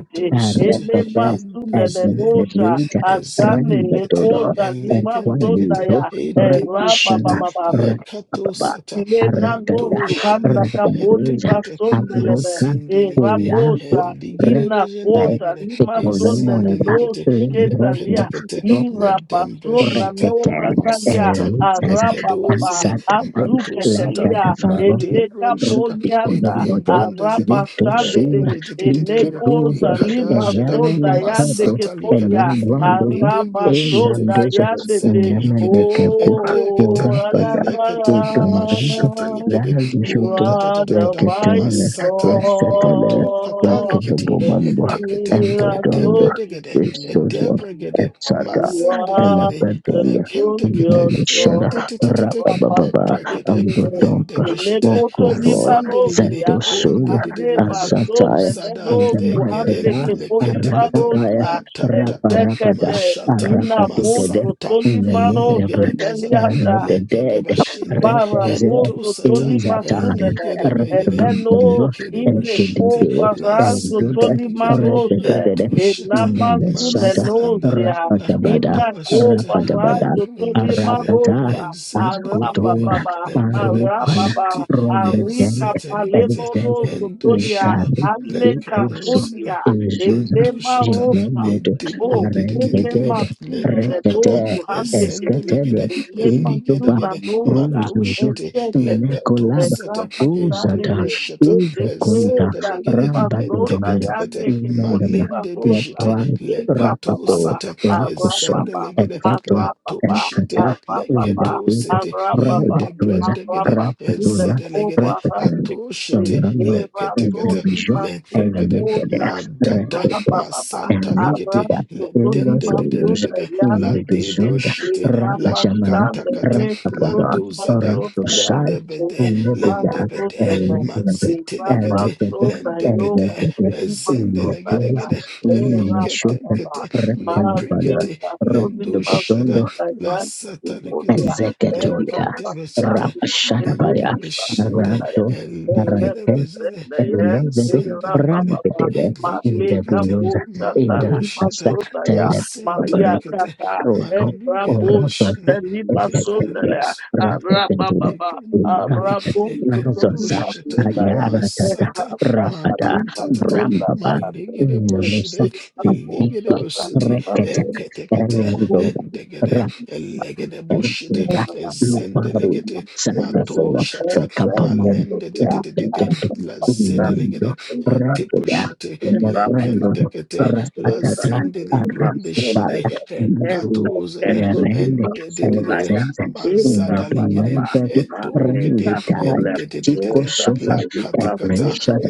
[SPEAKER 4] inamoshete erokotoliandekete
[SPEAKER 1] Rakata
[SPEAKER 3] and
[SPEAKER 1] as the
[SPEAKER 4] enemasunelenosha
[SPEAKER 3] Ezendelica,
[SPEAKER 1] leader
[SPEAKER 4] azane
[SPEAKER 3] Ezidelicate,
[SPEAKER 1] Rangatodo
[SPEAKER 4] ekota
[SPEAKER 1] and
[SPEAKER 3] Elecanticate,
[SPEAKER 1] Qualito
[SPEAKER 4] limasondaya
[SPEAKER 3] Etebushiti,
[SPEAKER 1] Rakshana
[SPEAKER 4] Baba.
[SPEAKER 1] Rakababa
[SPEAKER 3] Lecatosata,
[SPEAKER 4] Lena no
[SPEAKER 1] Arakata
[SPEAKER 3] Madoshada,
[SPEAKER 4] zuhanda kapoli
[SPEAKER 1] Rebandeja
[SPEAKER 3] Etecate,
[SPEAKER 4] basondelebe
[SPEAKER 1] Avoka
[SPEAKER 4] e
[SPEAKER 3] Mazindeligate,
[SPEAKER 1] Kuyake
[SPEAKER 4] rabosa
[SPEAKER 1] Re
[SPEAKER 3] Eligate,
[SPEAKER 4] ina kota
[SPEAKER 3] Vegendeligate,
[SPEAKER 4] lima sondele
[SPEAKER 1] Tekmozamonda
[SPEAKER 4] no
[SPEAKER 3] Ezendelicate,
[SPEAKER 4] siketa
[SPEAKER 1] Lindroda
[SPEAKER 4] lia
[SPEAKER 3] Lecaticate,
[SPEAKER 4] ira basona
[SPEAKER 3] Ledembreshita,
[SPEAKER 4] no
[SPEAKER 1] Rekete,
[SPEAKER 4] katalia
[SPEAKER 3] Masata,
[SPEAKER 1] Elitas,
[SPEAKER 4] araba baba
[SPEAKER 3] lekedozide.
[SPEAKER 1] Ansata,
[SPEAKER 4] azukete
[SPEAKER 1] Lenta
[SPEAKER 3] Matosata,
[SPEAKER 1] de
[SPEAKER 4] lia
[SPEAKER 1] Faro,
[SPEAKER 4] eleka
[SPEAKER 3] Madebron Shada,
[SPEAKER 1] Rupi Conomodo,
[SPEAKER 3] Elebron Desede,
[SPEAKER 4] araba
[SPEAKER 1] Vito Sura,
[SPEAKER 4] sadele
[SPEAKER 1] Linke
[SPEAKER 3] Lendedededede,
[SPEAKER 4] eleko
[SPEAKER 1] Rosa,
[SPEAKER 3] Ekada
[SPEAKER 4] lima
[SPEAKER 3] Shada,
[SPEAKER 1] Eliana
[SPEAKER 4] soda yande
[SPEAKER 1] Mecato,
[SPEAKER 3] Masata Likada,
[SPEAKER 4] kepolia
[SPEAKER 1] Elinduandoso,
[SPEAKER 3] Maledebro Shete,
[SPEAKER 4] Arabasoda
[SPEAKER 1] Elandoso,
[SPEAKER 4] yadete.
[SPEAKER 3] Zedelikete,
[SPEAKER 1] Namedecaco,
[SPEAKER 3] Etekete,
[SPEAKER 4] Oh,
[SPEAKER 1] Urapada,
[SPEAKER 3] Elekete,
[SPEAKER 1] Udonzo,
[SPEAKER 3] Mashete
[SPEAKER 4] Alabara.
[SPEAKER 3] Likete,
[SPEAKER 4] You
[SPEAKER 1] Lalishoto,
[SPEAKER 3] Unda da da
[SPEAKER 4] are
[SPEAKER 3] da da
[SPEAKER 4] the
[SPEAKER 3] da,
[SPEAKER 4] mighty
[SPEAKER 1] Reketene,
[SPEAKER 3] Masata,
[SPEAKER 1] Restatele,
[SPEAKER 3] Mato
[SPEAKER 4] God.
[SPEAKER 1] Rekete
[SPEAKER 3] Katalikete,
[SPEAKER 1] Bomambo,
[SPEAKER 3] Etekete,
[SPEAKER 4] Ela
[SPEAKER 1] Endotondo,
[SPEAKER 4] tobi.
[SPEAKER 3] Etebedegede,
[SPEAKER 1] Vistoso,
[SPEAKER 3] Etebregede,
[SPEAKER 1] etc
[SPEAKER 4] You are
[SPEAKER 3] Mazendeligede,
[SPEAKER 4] the
[SPEAKER 1] elebedele
[SPEAKER 4] glorious God.
[SPEAKER 1] Shada
[SPEAKER 3] Lekentekete, le
[SPEAKER 1] Rababa
[SPEAKER 3] brekete,
[SPEAKER 4] Rapashandelele,
[SPEAKER 3] lende
[SPEAKER 1] Ambodompa
[SPEAKER 3] beshete,
[SPEAKER 1] Mokovo
[SPEAKER 4] Nekotolibarosia,
[SPEAKER 3] azindeligidi,
[SPEAKER 1] Zentosuz
[SPEAKER 3] onde dididididi,
[SPEAKER 4] Azebaso,
[SPEAKER 1] Asataya
[SPEAKER 3] uzada,
[SPEAKER 4] Zemeno,
[SPEAKER 3] egede,
[SPEAKER 4] Kuhande,
[SPEAKER 1] Ezebrekada
[SPEAKER 3] leketekete,
[SPEAKER 1] Aratapaya
[SPEAKER 4] Kefolibarosa,
[SPEAKER 3] la ta ta ta,
[SPEAKER 1] Raparapada
[SPEAKER 4] Ezekete,
[SPEAKER 3] mashata,
[SPEAKER 1] Arapatidede
[SPEAKER 4] Inamoto,
[SPEAKER 3] masanta,
[SPEAKER 4] Solibarosha,
[SPEAKER 1] Namidabre
[SPEAKER 3] elegede bazada,
[SPEAKER 4] Telianda,
[SPEAKER 3] lekede
[SPEAKER 1] Redede
[SPEAKER 3] bashinde,
[SPEAKER 1] Redeze
[SPEAKER 4] Barabozo
[SPEAKER 3] entosata,
[SPEAKER 4] Tony
[SPEAKER 1] Izatan
[SPEAKER 4] Masulele,
[SPEAKER 3] eligede begede,
[SPEAKER 4] Eleno
[SPEAKER 1] Rababambo
[SPEAKER 3] lekede
[SPEAKER 4] Ine Ko
[SPEAKER 3] boshite,
[SPEAKER 1] Ekidede
[SPEAKER 3] la
[SPEAKER 4] Parazo
[SPEAKER 3] sente
[SPEAKER 1] Ejude
[SPEAKER 4] Tony
[SPEAKER 3] ligidi,
[SPEAKER 4] Maroshe,
[SPEAKER 1] Redede
[SPEAKER 3] entoshita,
[SPEAKER 4] Enamasune
[SPEAKER 1] Namesata
[SPEAKER 3] mazanda,
[SPEAKER 4] Nozia,
[SPEAKER 3] la
[SPEAKER 1] Rapatabada
[SPEAKER 4] Ina Ko
[SPEAKER 3] kadabashata, le
[SPEAKER 1] Rabadabada,
[SPEAKER 4] Parazo Tony
[SPEAKER 3] kundishine,
[SPEAKER 1] Arakata,
[SPEAKER 4] Marosha, Araba
[SPEAKER 3] Enzendelegere,
[SPEAKER 1] Askutura,
[SPEAKER 4] Baba, Araba
[SPEAKER 1] Parupana,
[SPEAKER 3] lekerebeshiti,
[SPEAKER 4] Baba,
[SPEAKER 1] Rombedend,
[SPEAKER 4] Arika
[SPEAKER 3] ensetelegete,
[SPEAKER 4] Palemo
[SPEAKER 1] Evises,
[SPEAKER 4] Rosso Tonia,
[SPEAKER 3] endoshila,
[SPEAKER 1] Likari,
[SPEAKER 4] Aleka
[SPEAKER 1] Ibusu,
[SPEAKER 3] lekadosile,
[SPEAKER 4] Fulia,
[SPEAKER 1] Izuza,
[SPEAKER 4] Enema
[SPEAKER 3] mentoshita,
[SPEAKER 4] Rosa,
[SPEAKER 1] Genomedo,
[SPEAKER 4] Oh, Kele
[SPEAKER 3] edebrundedededede,
[SPEAKER 1] Arended,
[SPEAKER 4] Masune
[SPEAKER 3] leprakata,
[SPEAKER 1] Rekete,
[SPEAKER 4] Nozu handeke
[SPEAKER 3] esendelegede,
[SPEAKER 1] Esketelia, Lintuba,
[SPEAKER 4] Nemasuna
[SPEAKER 3] eligedegede,
[SPEAKER 4] Mosha,
[SPEAKER 1] Rosuzu,
[SPEAKER 4] and
[SPEAKER 3] matoshite,
[SPEAKER 4] Sekete, and
[SPEAKER 1] Nekolaba,
[SPEAKER 3] lekatosata,
[SPEAKER 4] Rama Shamene,
[SPEAKER 1] Uzata,
[SPEAKER 3] endebroshata,
[SPEAKER 4] and the
[SPEAKER 1] Ivekunta,
[SPEAKER 4] Kesa
[SPEAKER 3] ezendelegede,
[SPEAKER 4] Lima Sona
[SPEAKER 1] Rambadudum,
[SPEAKER 3] eteketekete,
[SPEAKER 4] Yande
[SPEAKER 1] Melema,
[SPEAKER 4] Kepolima Mosha,
[SPEAKER 3] malendebeshite,
[SPEAKER 1] Lepran,
[SPEAKER 4] Eva
[SPEAKER 1] Rapato,
[SPEAKER 4] Baba,
[SPEAKER 3] lekatosata,
[SPEAKER 4] Abra
[SPEAKER 1] rakuson.
[SPEAKER 4] Baba,
[SPEAKER 3] ezendelegede,
[SPEAKER 1] Esatto,
[SPEAKER 4] Abra Baba,
[SPEAKER 3] latoshite,
[SPEAKER 1] Enfata,
[SPEAKER 4] Abra Baba,
[SPEAKER 3] leketo
[SPEAKER 1] Indapito,
[SPEAKER 3] sete
[SPEAKER 4] Abra Baba,
[SPEAKER 3] inde
[SPEAKER 1] Braletosa,
[SPEAKER 4] Abra
[SPEAKER 3] brendegede
[SPEAKER 4] Baba, Sule
[SPEAKER 1] Prantatosa,
[SPEAKER 3] ezedelegede
[SPEAKER 4] Koma Hande
[SPEAKER 1] Pratatel,
[SPEAKER 3] ato
[SPEAKER 4] Kete,
[SPEAKER 3] shete
[SPEAKER 1] Donano,
[SPEAKER 4] Eva
[SPEAKER 3] leketekete
[SPEAKER 4] Toni
[SPEAKER 1] Indabisho,
[SPEAKER 4] Masune
[SPEAKER 3] letekete
[SPEAKER 1] Evicada,
[SPEAKER 4] Mosha,
[SPEAKER 3] madada
[SPEAKER 4] Abra Baba,
[SPEAKER 1] and
[SPEAKER 3] masanta lekete
[SPEAKER 4] Abra
[SPEAKER 1] Nikita
[SPEAKER 4] Toni
[SPEAKER 1] Elo
[SPEAKER 3] ledende de de
[SPEAKER 1] Soldiers
[SPEAKER 4] Masune
[SPEAKER 3] de la
[SPEAKER 4] Yande
[SPEAKER 1] in
[SPEAKER 4] Kete,
[SPEAKER 3] debro
[SPEAKER 1] Bisons
[SPEAKER 3] shete
[SPEAKER 1] Raka
[SPEAKER 3] la
[SPEAKER 1] Shamana
[SPEAKER 3] katakata
[SPEAKER 1] Rakapada
[SPEAKER 3] landozada
[SPEAKER 1] Rakosai
[SPEAKER 3] lendebede
[SPEAKER 1] Nepita
[SPEAKER 3] lendebede
[SPEAKER 1] and
[SPEAKER 3] matsetelekete
[SPEAKER 1] Elepita and
[SPEAKER 3] lendebede
[SPEAKER 1] the Gata in the Pins
[SPEAKER 3] ezendelegedegede
[SPEAKER 1] Nemeshuta
[SPEAKER 3] liketekete
[SPEAKER 1] Rakalabala
[SPEAKER 3] leprikete lendoshada
[SPEAKER 1] Rakapatondo
[SPEAKER 3] La satanikete
[SPEAKER 1] Ezekatolia
[SPEAKER 3] lekete besete lende
[SPEAKER 1] Rapashatabaya
[SPEAKER 3] beshende
[SPEAKER 1] Rato
[SPEAKER 3] eligere
[SPEAKER 1] Rake
[SPEAKER 3] bezere
[SPEAKER 1] and
[SPEAKER 3] la
[SPEAKER 1] learn to run, with
[SPEAKER 3] zendelikere
[SPEAKER 1] it. the Eleven rampidebe
[SPEAKER 3] eliketekete
[SPEAKER 1] debilunza irakasa
[SPEAKER 3] mandosheta
[SPEAKER 1] telebaro
[SPEAKER 4] Maria
[SPEAKER 3] masentelekete
[SPEAKER 4] Tata
[SPEAKER 1] roto
[SPEAKER 3] maligere
[SPEAKER 4] Raposha
[SPEAKER 1] orotoso
[SPEAKER 3] beshende
[SPEAKER 4] Daniba
[SPEAKER 1] etetele
[SPEAKER 4] Sondalea,
[SPEAKER 1] ratetetele
[SPEAKER 4] Rababa,
[SPEAKER 3] Ekenegede,
[SPEAKER 1] irakasa
[SPEAKER 4] Raposha
[SPEAKER 1] nazosa
[SPEAKER 4] Daniba
[SPEAKER 3] ekendosheta,
[SPEAKER 4] Sondalea,
[SPEAKER 1] ayaratata
[SPEAKER 3] masata,
[SPEAKER 1] rapada
[SPEAKER 4] Raposha
[SPEAKER 3] matantatata,
[SPEAKER 1] brambaba
[SPEAKER 4] Sondalea,
[SPEAKER 3] malegede
[SPEAKER 1] inamusa
[SPEAKER 3] boshede, elegede
[SPEAKER 4] Raposha
[SPEAKER 3] bosete,
[SPEAKER 4] Daniba
[SPEAKER 1] Rekete,
[SPEAKER 3] eketekete,
[SPEAKER 1] Emerdoba,
[SPEAKER 3] endegede,
[SPEAKER 1] Ra,
[SPEAKER 3] elegede boshede,
[SPEAKER 1] Erkura, Luparu,
[SPEAKER 3] ezendelegede,
[SPEAKER 4] Sondalea,
[SPEAKER 1] Sartesola,
[SPEAKER 4] I
[SPEAKER 3] matoshata,
[SPEAKER 4] will get
[SPEAKER 1] Fekapamamu,
[SPEAKER 4] to the
[SPEAKER 3] malendedededede,
[SPEAKER 1] Elketondo,
[SPEAKER 4] answer from the
[SPEAKER 3] lazedelegede,
[SPEAKER 1] Unirindo,
[SPEAKER 4] people that you
[SPEAKER 1] Rekeda,
[SPEAKER 4] must
[SPEAKER 3] eteposhete,
[SPEAKER 4] do in Brahman.
[SPEAKER 1] Elefrendodo,
[SPEAKER 3] lekentekete,
[SPEAKER 4] I'm talking about.
[SPEAKER 1] Rakatata,
[SPEAKER 4] I will
[SPEAKER 3] lazendele brondeshede,
[SPEAKER 1] Arakupada, Nuru,
[SPEAKER 4] get
[SPEAKER 3] ekatozede,
[SPEAKER 4] to
[SPEAKER 1] Irene,
[SPEAKER 4] the answer by
[SPEAKER 3] endededede,
[SPEAKER 4] the
[SPEAKER 1] Elsense,
[SPEAKER 4] people that I'm talking about.
[SPEAKER 3] bazadalegede,
[SPEAKER 1] Independentedu,
[SPEAKER 4] I will
[SPEAKER 3] etorokete
[SPEAKER 4] get to
[SPEAKER 1] Rendutai,
[SPEAKER 4] the answer by the people that I'm talking
[SPEAKER 1] Chico
[SPEAKER 3] endededede
[SPEAKER 4] about.
[SPEAKER 1] Sufe,
[SPEAKER 4] I will get to
[SPEAKER 3] lakatakata
[SPEAKER 4] the answer by
[SPEAKER 1] Ebreshada,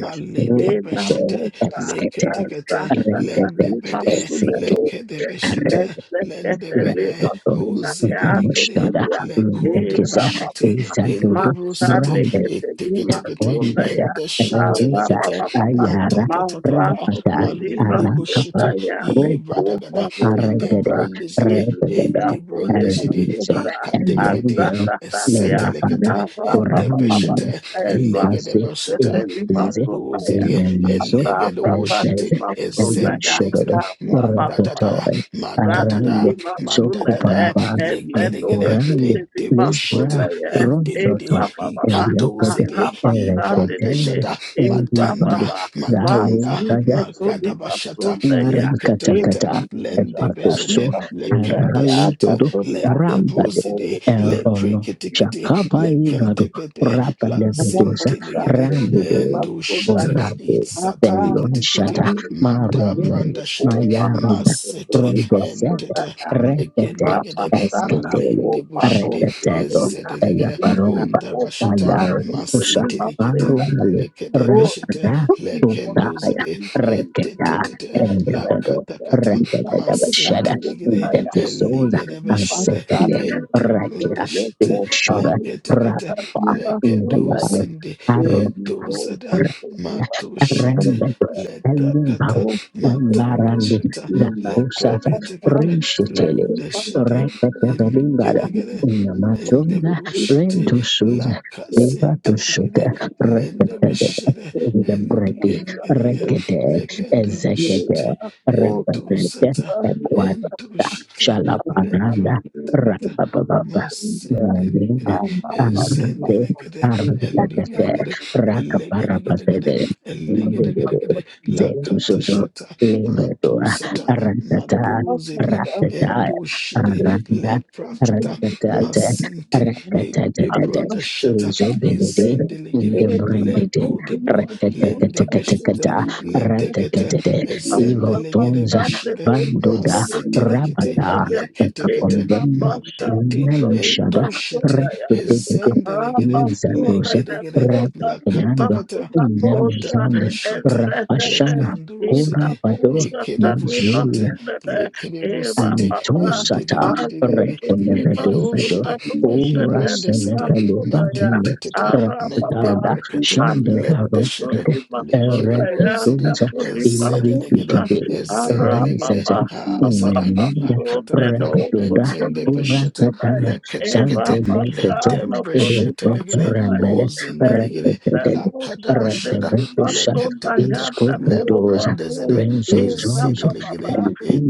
[SPEAKER 4] the people that I'm
[SPEAKER 1] Rakate,
[SPEAKER 3] maledebeshete
[SPEAKER 1] Eskete,
[SPEAKER 3] leketekete
[SPEAKER 4] talking about. I
[SPEAKER 1] Rendete,
[SPEAKER 4] will get
[SPEAKER 3] lendebede
[SPEAKER 4] to the answer
[SPEAKER 1] Esike,
[SPEAKER 3] lekedebeshete
[SPEAKER 4] by
[SPEAKER 3] lendebede
[SPEAKER 4] the
[SPEAKER 3] ozedelegede
[SPEAKER 1] Rendodonamushkada
[SPEAKER 4] people that
[SPEAKER 1] Rebekiza
[SPEAKER 4] I'm talking
[SPEAKER 3] lekodebushete
[SPEAKER 4] about.
[SPEAKER 1] Izandudu
[SPEAKER 3] endebrosete
[SPEAKER 4] Masande
[SPEAKER 1] Brande
[SPEAKER 4] Keteli
[SPEAKER 3] eteketekete
[SPEAKER 1] wanda ya
[SPEAKER 4] Masundaya Ava
[SPEAKER 1] reza
[SPEAKER 3] endeshentelekete
[SPEAKER 4] Baba Baba
[SPEAKER 1] ayara
[SPEAKER 3] matatatata
[SPEAKER 4] Mava
[SPEAKER 1] rafata
[SPEAKER 4] Keteli
[SPEAKER 3] malendebushete
[SPEAKER 1] arakapa
[SPEAKER 4] Masundaya
[SPEAKER 1] propapa
[SPEAKER 3] ibradagada
[SPEAKER 4] Nekopa Rosata
[SPEAKER 1] aragada
[SPEAKER 3] edebrondezede
[SPEAKER 1] regada
[SPEAKER 4] Iblika Poleba
[SPEAKER 3] edebrondezede
[SPEAKER 1] erzo
[SPEAKER 4] Rosa
[SPEAKER 3] ikatekete
[SPEAKER 1] elevero
[SPEAKER 4] Azaka Talia
[SPEAKER 1] leyapada
[SPEAKER 3] Setelekete, a
[SPEAKER 4] Ava Baba
[SPEAKER 1] kuram,
[SPEAKER 4] Baba
[SPEAKER 3] Debeshete,
[SPEAKER 4] Eva
[SPEAKER 1] basi
[SPEAKER 3] Elegedebashete,
[SPEAKER 4] Keteli
[SPEAKER 1] inze
[SPEAKER 4] Masundaya
[SPEAKER 3] Madozidi,
[SPEAKER 1] enemezo
[SPEAKER 4] Ava Baba
[SPEAKER 3] Elegedoshete,
[SPEAKER 1] ezeze
[SPEAKER 4] Masundaya
[SPEAKER 1] eloshododo
[SPEAKER 3] Ezendelegede,
[SPEAKER 4] Ava Baba
[SPEAKER 3] Madadada,
[SPEAKER 1] rototore
[SPEAKER 4] Rapid
[SPEAKER 1] arande
[SPEAKER 4] be
[SPEAKER 3] Madadada,
[SPEAKER 4] masunda there,
[SPEAKER 3] Madadada,
[SPEAKER 1] sokupamba
[SPEAKER 4] and let no
[SPEAKER 3] Legedegede,
[SPEAKER 1] amporande
[SPEAKER 4] city be masunda
[SPEAKER 3] Edebroshete,
[SPEAKER 1] libra
[SPEAKER 4] there. In
[SPEAKER 3] Edende,
[SPEAKER 1] rozoto
[SPEAKER 4] Rabba Baba, and
[SPEAKER 3] Ikadozidi,
[SPEAKER 4] Rabba
[SPEAKER 1] and
[SPEAKER 4] Sunday the
[SPEAKER 1] ereketende
[SPEAKER 4] gate.
[SPEAKER 3] Iprandashata,
[SPEAKER 4] In Rabba
[SPEAKER 3] Madanda,
[SPEAKER 1] endivado
[SPEAKER 4] Baba,
[SPEAKER 3] Madanda,
[SPEAKER 4] Masika to be masunda
[SPEAKER 3] Magadabashata,
[SPEAKER 4] there. In
[SPEAKER 3] Leketekete,
[SPEAKER 1] Narakatagata
[SPEAKER 4] Rabba be
[SPEAKER 3] Lendebezede,
[SPEAKER 1] Epatoso
[SPEAKER 4] masunda there,
[SPEAKER 1] Arali
[SPEAKER 3] Lekendeshete,
[SPEAKER 1] Dodo
[SPEAKER 4] Satodia.
[SPEAKER 3] let
[SPEAKER 1] Rambade
[SPEAKER 3] debrosidi,
[SPEAKER 4] Oh,
[SPEAKER 3] let
[SPEAKER 1] Erono
[SPEAKER 3] preketikiti,
[SPEAKER 1] Shakaba
[SPEAKER 3] let
[SPEAKER 1] Igado
[SPEAKER 3] kentekete,
[SPEAKER 1] Rapa
[SPEAKER 3] Let
[SPEAKER 4] Rapa
[SPEAKER 1] Levedosa
[SPEAKER 3] sintiligidi,
[SPEAKER 4] Sunday be my
[SPEAKER 1] Rambide
[SPEAKER 3] endo
[SPEAKER 4] soon there.
[SPEAKER 3] shiti,
[SPEAKER 1] Orabe Belon
[SPEAKER 3] itsatalikiti,
[SPEAKER 1] Shada
[SPEAKER 4] Rapa
[SPEAKER 1] Maromo
[SPEAKER 3] madabranda
[SPEAKER 4] yenye
[SPEAKER 3] shiti,
[SPEAKER 4] kupa
[SPEAKER 1] Mayarida
[SPEAKER 4] mambo
[SPEAKER 3] masete,
[SPEAKER 4] kulipa
[SPEAKER 1] Rondesete
[SPEAKER 3] entete,
[SPEAKER 4] kutaka
[SPEAKER 1] Retetet
[SPEAKER 3] legendigidi,
[SPEAKER 4] rapa sana
[SPEAKER 1] Eskitele
[SPEAKER 3] malindi
[SPEAKER 4] kupa
[SPEAKER 3] bushidi,
[SPEAKER 4] rosu
[SPEAKER 1] Reteteto
[SPEAKER 4] kulia
[SPEAKER 3] ezedelegede,
[SPEAKER 4] ina
[SPEAKER 1] Eyaparomba
[SPEAKER 3] onda
[SPEAKER 4] kupa
[SPEAKER 3] basheta,
[SPEAKER 4] rasu
[SPEAKER 1] Mayarikusa
[SPEAKER 4] kulima
[SPEAKER 3] masitilikiti,
[SPEAKER 4] sena
[SPEAKER 1] Arunale
[SPEAKER 3] lekede
[SPEAKER 4] o
[SPEAKER 3] beshete,
[SPEAKER 1] Rapada Tutaya
[SPEAKER 3] lekenduzidi,
[SPEAKER 4] kusikisi
[SPEAKER 1] Reketa
[SPEAKER 3] etetete,
[SPEAKER 4] na
[SPEAKER 3] la
[SPEAKER 1] Rendezvous,
[SPEAKER 3] katakata,
[SPEAKER 4] zakatarisa kuta
[SPEAKER 3] masente
[SPEAKER 1] Rendezvous,
[SPEAKER 4] kunaya
[SPEAKER 1] Devisosa,
[SPEAKER 3] Eligenebeshire,
[SPEAKER 1] Ansetele,
[SPEAKER 4] mpasane
[SPEAKER 1] Rakia,
[SPEAKER 4] ele
[SPEAKER 3] Edebundeshite,
[SPEAKER 1] Big
[SPEAKER 4] kupa
[SPEAKER 1] Sugar,
[SPEAKER 4] rusa
[SPEAKER 3] Leketekete,
[SPEAKER 1] Rapa,
[SPEAKER 4] sarima sundaya
[SPEAKER 1] Nayar,
[SPEAKER 3] Lekedosinde,
[SPEAKER 1] Aro,
[SPEAKER 4] ele
[SPEAKER 3] Edozada,
[SPEAKER 4] rosu kulima
[SPEAKER 3] Matoshite,
[SPEAKER 1] Remember,
[SPEAKER 4] sundaya
[SPEAKER 1] remember,
[SPEAKER 3] Letakata,
[SPEAKER 1] Marandi,
[SPEAKER 3] Matandeshita,
[SPEAKER 4] Una
[SPEAKER 1] Zakusata,
[SPEAKER 4] copa más
[SPEAKER 3] Lepreketekete,
[SPEAKER 1] Rishitili,
[SPEAKER 4] arriba
[SPEAKER 3] Lendeshite,
[SPEAKER 4] I'm
[SPEAKER 1] Rekatavalimbada,
[SPEAKER 3] Eligenegene,
[SPEAKER 1] Namasunda,
[SPEAKER 4] constitución
[SPEAKER 3] Lendebushite,
[SPEAKER 1] Rentusuza,
[SPEAKER 4] de
[SPEAKER 1] Viva to
[SPEAKER 4] estas instituciones
[SPEAKER 3] Lakasintirigine,
[SPEAKER 1] Suda,
[SPEAKER 4] hasta que
[SPEAKER 1] Rekatavada,
[SPEAKER 3] Lendebeshire,
[SPEAKER 4] bajo
[SPEAKER 1] Vidambreti,
[SPEAKER 3] Eligenegene,
[SPEAKER 1] Rekate, Ezekate,
[SPEAKER 3] Lekedoshite,
[SPEAKER 1] Rekate,
[SPEAKER 3] Endosata,
[SPEAKER 4] bajo la
[SPEAKER 1] Equata,
[SPEAKER 3] Endoshita
[SPEAKER 4] pregunta
[SPEAKER 1] Shalapananda,
[SPEAKER 4] que
[SPEAKER 3] leprakata
[SPEAKER 4] más
[SPEAKER 1] Rapababa,
[SPEAKER 4] primera
[SPEAKER 3] masendelegede
[SPEAKER 1] Nandina,
[SPEAKER 4] ama la
[SPEAKER 1] Arante,
[SPEAKER 3] ezendelegede
[SPEAKER 1] Arvate,
[SPEAKER 3] elegelegede elegelegede
[SPEAKER 1] Rakaparapate,
[SPEAKER 3] elegelegede
[SPEAKER 4] vida.
[SPEAKER 1] zetu
[SPEAKER 3] lakata
[SPEAKER 1] soso
[SPEAKER 3] shata
[SPEAKER 1] limetoa
[SPEAKER 3] matosata
[SPEAKER 1] ratata
[SPEAKER 3] madozede
[SPEAKER 1] ratata
[SPEAKER 3] endoshede
[SPEAKER 1] randa
[SPEAKER 3] leprakata
[SPEAKER 1] ratata
[SPEAKER 3] masente
[SPEAKER 1] ratata ratata
[SPEAKER 3] edebronda shata
[SPEAKER 1] izo belede
[SPEAKER 3] ezendelegede
[SPEAKER 1] indemrendete
[SPEAKER 3] lekodebo lendebeshete
[SPEAKER 1] ratatatatata
[SPEAKER 3] letekete
[SPEAKER 1] ratatate
[SPEAKER 3] ezendelegede
[SPEAKER 1] irotonza
[SPEAKER 3] beshete
[SPEAKER 1] bandoda
[SPEAKER 3] masitelikete
[SPEAKER 1] rabata
[SPEAKER 3] leketekete
[SPEAKER 1] ekapombemba
[SPEAKER 3] matikte
[SPEAKER 1] nalushada
[SPEAKER 3] endoshite
[SPEAKER 1] ratatatate
[SPEAKER 4] Ara
[SPEAKER 3] ezendelegede
[SPEAKER 4] Baba,
[SPEAKER 1] izadosa
[SPEAKER 3] legedegede lakatakata
[SPEAKER 1] in them is London,
[SPEAKER 3] madabrashata
[SPEAKER 1] Rapashana, Kura
[SPEAKER 3] lekanduruzede
[SPEAKER 1] Pato,
[SPEAKER 3] ekedebushite
[SPEAKER 1] Bazul,
[SPEAKER 3] lekedebusite
[SPEAKER 1] Alito sata Alitosata
[SPEAKER 3] endededededede
[SPEAKER 1] rekenevedovedo
[SPEAKER 3] lekedoshite librendesete
[SPEAKER 1] orasenevelebane
[SPEAKER 3] metentetete
[SPEAKER 1] rakdada
[SPEAKER 3] medebrekete lendeshede
[SPEAKER 1] shandagaropede
[SPEAKER 3] lekedebuzede
[SPEAKER 1] erebedoza
[SPEAKER 3] ezedelegede
[SPEAKER 1] irigidide
[SPEAKER 3] ezendelegede
[SPEAKER 1] rezeze
[SPEAKER 4] Abba,
[SPEAKER 3] Azada
[SPEAKER 4] Abba,
[SPEAKER 1] nenida
[SPEAKER 4] so then,
[SPEAKER 3] Akatakata
[SPEAKER 4] oh,
[SPEAKER 1] rebedoda
[SPEAKER 4] control
[SPEAKER 3] zende Beshete
[SPEAKER 4] me,
[SPEAKER 1] orakatana
[SPEAKER 4] Eva
[SPEAKER 3] Leketekete
[SPEAKER 4] Pasha
[SPEAKER 1] santelebete
[SPEAKER 3] Ledembreshete
[SPEAKER 4] Polipa
[SPEAKER 3] Legede
[SPEAKER 1] erekeparambele
[SPEAKER 4] Sondaya
[SPEAKER 3] Ozende
[SPEAKER 4] and
[SPEAKER 3] Legede
[SPEAKER 1] reketedele
[SPEAKER 4] Rosa
[SPEAKER 3] Lakadabashada
[SPEAKER 4] Teliva
[SPEAKER 1] rekevedosa
[SPEAKER 3] Leketekete
[SPEAKER 4] Sondayana
[SPEAKER 1] iskobedoza
[SPEAKER 4] Popato
[SPEAKER 3] Lembrandezede
[SPEAKER 4] Eva
[SPEAKER 3] Ezede
[SPEAKER 1] renzozonzo
[SPEAKER 4] Baba
[SPEAKER 3] Legede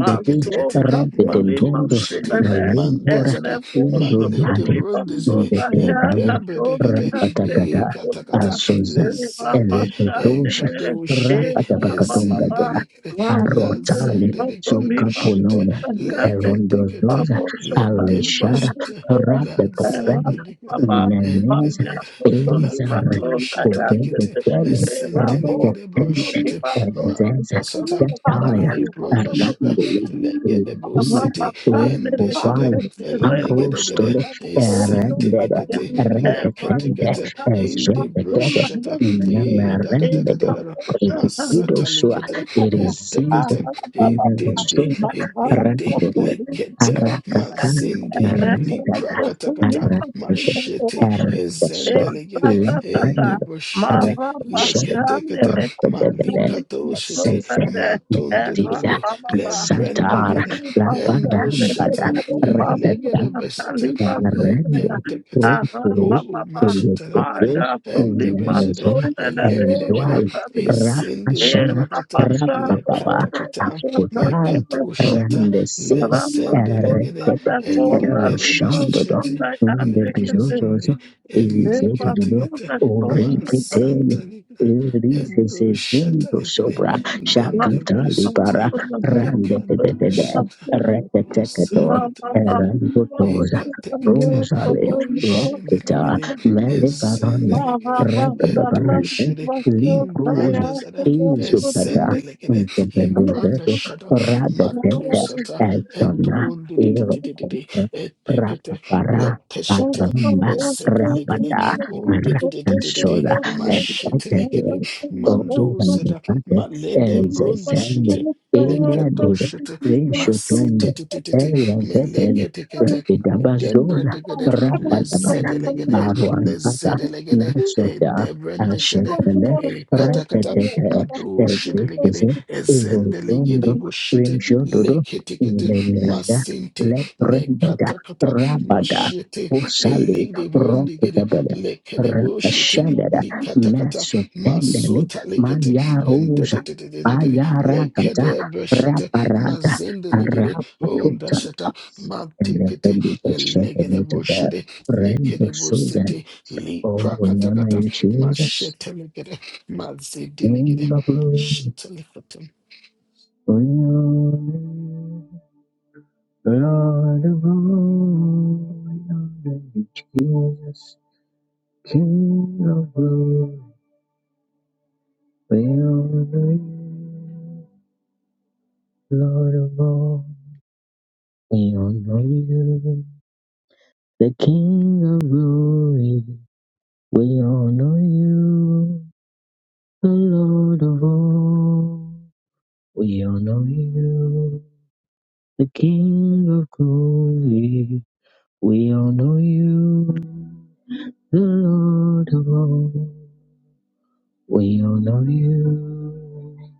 [SPEAKER 4] Manso
[SPEAKER 3] Mato
[SPEAKER 4] Capolima
[SPEAKER 1] Repetendo
[SPEAKER 3] Shete
[SPEAKER 1] la
[SPEAKER 4] Sudane
[SPEAKER 1] lingua
[SPEAKER 4] and
[SPEAKER 3] Mandazada
[SPEAKER 1] tindo
[SPEAKER 4] Nevoso
[SPEAKER 3] Malede
[SPEAKER 1] vade
[SPEAKER 4] Tulipa
[SPEAKER 3] Brundezede
[SPEAKER 4] Sondaya
[SPEAKER 1] independale
[SPEAKER 3] Edembre
[SPEAKER 4] Tatoni
[SPEAKER 3] Degede
[SPEAKER 1] rapatakata
[SPEAKER 4] Hantekipolia
[SPEAKER 3] Ekatakata
[SPEAKER 1] asoza
[SPEAKER 4] Eva
[SPEAKER 3] Lezende
[SPEAKER 4] Pasha
[SPEAKER 1] eletotosh
[SPEAKER 4] Tene
[SPEAKER 3] Ekado Shere
[SPEAKER 4] Eva
[SPEAKER 1] rapatabakatonga
[SPEAKER 4] Baba
[SPEAKER 3] Ezende
[SPEAKER 1] teka
[SPEAKER 3] Legede.
[SPEAKER 1] arotale
[SPEAKER 3] Lazende lekere broshete,
[SPEAKER 1] sukaponoma
[SPEAKER 3] lekete kete,
[SPEAKER 1] erondozoza
[SPEAKER 3] lende
[SPEAKER 1] aleshara
[SPEAKER 3] beshete, lazende
[SPEAKER 1] rapetobendo
[SPEAKER 3] lekere, ende
[SPEAKER 1] neneza
[SPEAKER 3] de,
[SPEAKER 1] ezara
[SPEAKER 3] lakato shete lekete,
[SPEAKER 1] kupepetele
[SPEAKER 3] esente lekere
[SPEAKER 1] repetende
[SPEAKER 3] broshete,
[SPEAKER 1] ezenza
[SPEAKER 3] manda sata,
[SPEAKER 1] kataya
[SPEAKER 3] malebronde shete,
[SPEAKER 1] arambula
[SPEAKER 4] Ever
[SPEAKER 3] lekere
[SPEAKER 1] Hilda
[SPEAKER 3] bosete,
[SPEAKER 1] went
[SPEAKER 3] ende
[SPEAKER 1] for
[SPEAKER 3] shete,
[SPEAKER 1] while
[SPEAKER 3] elegede
[SPEAKER 1] Agosto
[SPEAKER 3] gede,
[SPEAKER 1] rendered
[SPEAKER 3] esente lekete, lekete
[SPEAKER 1] redetende
[SPEAKER 3] kete, ende
[SPEAKER 1] ejetetet
[SPEAKER 3] broshete, e da da da da
[SPEAKER 1] namarembedo
[SPEAKER 3] da, da,
[SPEAKER 1] prepido
[SPEAKER 3] masata
[SPEAKER 1] sua
[SPEAKER 3] lekete,
[SPEAKER 4] Mara,
[SPEAKER 1] irisins
[SPEAKER 3] Tekete,
[SPEAKER 1] negosus
[SPEAKER 3] Edende, Edende,
[SPEAKER 1] rendele
[SPEAKER 3] Lekete,
[SPEAKER 1] arakaka
[SPEAKER 3] Mazende,
[SPEAKER 1] rendada
[SPEAKER 3] Liprakatakata,
[SPEAKER 1] arrede
[SPEAKER 3] Machete,
[SPEAKER 1] erdeso
[SPEAKER 3] Ezende, Legere, Ende
[SPEAKER 1] leprende
[SPEAKER 3] Boshete,
[SPEAKER 1] repetshede
[SPEAKER 3] Leketekete,
[SPEAKER 1] repedebede
[SPEAKER 3] Malikato Shete,
[SPEAKER 1] sese
[SPEAKER 3] Matondo,
[SPEAKER 1] mendiza santa
[SPEAKER 3] Lebrendekete,
[SPEAKER 1] Lapar,
[SPEAKER 3] Endo
[SPEAKER 1] pada
[SPEAKER 3] Shata,
[SPEAKER 1] Laparambada,
[SPEAKER 3] Elegere Besete,
[SPEAKER 1] Rende
[SPEAKER 3] Lekentekete,
[SPEAKER 1] Rosere
[SPEAKER 3] O Machete,
[SPEAKER 1] Eleteke
[SPEAKER 3] Legere, Ende
[SPEAKER 4] Toliba,
[SPEAKER 3] Besete,
[SPEAKER 1] Enemezoa
[SPEAKER 4] Sota, Nadeo,
[SPEAKER 3] Elegere,
[SPEAKER 1] Ezoal
[SPEAKER 4] Sata,
[SPEAKER 3] Ezende,
[SPEAKER 4] Ela
[SPEAKER 1] Rapashana
[SPEAKER 3] liprakata
[SPEAKER 4] passando, do
[SPEAKER 1] Rapababa
[SPEAKER 3] lekatakata
[SPEAKER 4] sua tanto
[SPEAKER 1] Akutal
[SPEAKER 3] lekatushata
[SPEAKER 1] Rende Sede
[SPEAKER 3] lezende
[SPEAKER 4] rapasto
[SPEAKER 3] legede
[SPEAKER 1] Eretete
[SPEAKER 4] na conta
[SPEAKER 3] eligede
[SPEAKER 4] de
[SPEAKER 1] Eroshandodo
[SPEAKER 4] nosso
[SPEAKER 3] bashete
[SPEAKER 1] Nende
[SPEAKER 4] ante que te
[SPEAKER 3] lekezende
[SPEAKER 1] Bizozozo
[SPEAKER 4] leva
[SPEAKER 1] Ezedodo
[SPEAKER 3] eliketekete
[SPEAKER 4] toda coisa quando
[SPEAKER 3] masata
[SPEAKER 1] Orenketele
[SPEAKER 3] legede
[SPEAKER 1] Elise
[SPEAKER 3] endoshata
[SPEAKER 1] Zendo
[SPEAKER 3] legede
[SPEAKER 1] Sobra
[SPEAKER 3] lende
[SPEAKER 1] Shakata
[SPEAKER 3] bashete
[SPEAKER 1] Libara
[SPEAKER 4] toda
[SPEAKER 1] Rende
[SPEAKER 3] lekando shata
[SPEAKER 1] Rete Teketo
[SPEAKER 3] masakategete Ekatekate,
[SPEAKER 1] Rosalie, Rokita,
[SPEAKER 3] oshendelegede,
[SPEAKER 1] Melifaranda,
[SPEAKER 3] ezendelegede,
[SPEAKER 1] Rebabarante,
[SPEAKER 3] etoshede,
[SPEAKER 1] Libros,
[SPEAKER 3] imbranda zada,
[SPEAKER 1] Izupada,
[SPEAKER 3] ezendelegede, imbranda
[SPEAKER 1] Debedevedo,
[SPEAKER 3] shada,
[SPEAKER 1] Radateta,
[SPEAKER 3] matosata,
[SPEAKER 1] Eltona,
[SPEAKER 4] Thank you.
[SPEAKER 3] etondidididididi,
[SPEAKER 1] Irokopra,
[SPEAKER 3] etekete,
[SPEAKER 1] Rapapara,
[SPEAKER 4] Thank
[SPEAKER 3] leteshete,
[SPEAKER 1] Pagramba,
[SPEAKER 3] ezedelegede,
[SPEAKER 1] Rabada,
[SPEAKER 3] ondidididididi,
[SPEAKER 1] Rakasola,
[SPEAKER 3] mashetelegede,
[SPEAKER 1] Eltede,
[SPEAKER 3] mandozada,
[SPEAKER 1] Oguvanipate, Elzesende,
[SPEAKER 3] maledembrondishete,
[SPEAKER 1] Elia de
[SPEAKER 3] leketoshete,
[SPEAKER 1] Vishutundo,
[SPEAKER 3] masitititititi,
[SPEAKER 1] Elia
[SPEAKER 3] melekete
[SPEAKER 1] Berbeda Rabidabazona,
[SPEAKER 3] Dembrandigede,
[SPEAKER 1] Rabadabaya,
[SPEAKER 3] lezedelegede,
[SPEAKER 1] Maruantata,
[SPEAKER 3] lezedelegede, eh,
[SPEAKER 1] Nasoda,
[SPEAKER 3] debrandishede,
[SPEAKER 1] Ashetele,
[SPEAKER 3] eh, katakata,
[SPEAKER 1] Rekatete,
[SPEAKER 3] madoshedelegede,
[SPEAKER 1] Ezekize,
[SPEAKER 3] ezendelegede
[SPEAKER 1] Evodondo,
[SPEAKER 3] bushite,
[SPEAKER 4] you.
[SPEAKER 1] Rimshododo,
[SPEAKER 3] leketikete,
[SPEAKER 1] Melanda,
[SPEAKER 3] masinte,
[SPEAKER 1] Leprendada,
[SPEAKER 3] lekatakata,
[SPEAKER 1] Rabada,
[SPEAKER 3] mashete,
[SPEAKER 1] Osali,
[SPEAKER 3] elegdebrandigede,
[SPEAKER 1] Rokutabele,
[SPEAKER 3] lekedebushite,
[SPEAKER 1] Rabashandada,
[SPEAKER 3] likatakata,
[SPEAKER 1] Masotendele,
[SPEAKER 3] masota lekete,
[SPEAKER 1] Mayarosa,
[SPEAKER 3] endededededede,
[SPEAKER 1] Ayarakata,
[SPEAKER 3] lekedebreshete,
[SPEAKER 1] Raparada,
[SPEAKER 3] mazendelegede,
[SPEAKER 1] Arapatuta,
[SPEAKER 3] ondasheta,
[SPEAKER 1] Record shot later that
[SPEAKER 3] Legedeboshede,
[SPEAKER 1] Randy Susan.
[SPEAKER 3] Lekedebosete,
[SPEAKER 1] Oh, we honor
[SPEAKER 3] Liprakatakata,
[SPEAKER 1] you, Jesus.
[SPEAKER 3] Mashetelegede, Mazedelegede,
[SPEAKER 1] Wonderful.
[SPEAKER 3] Shetelikata.
[SPEAKER 1] We honor you, Lord of all. We honor you, Jesus. King of glory. We honor you, Lord of all. We honor you, the King of glory. We honor you, the Lord of all. We all know you, the King of glory. We all know you, the Lord of all. We all know you,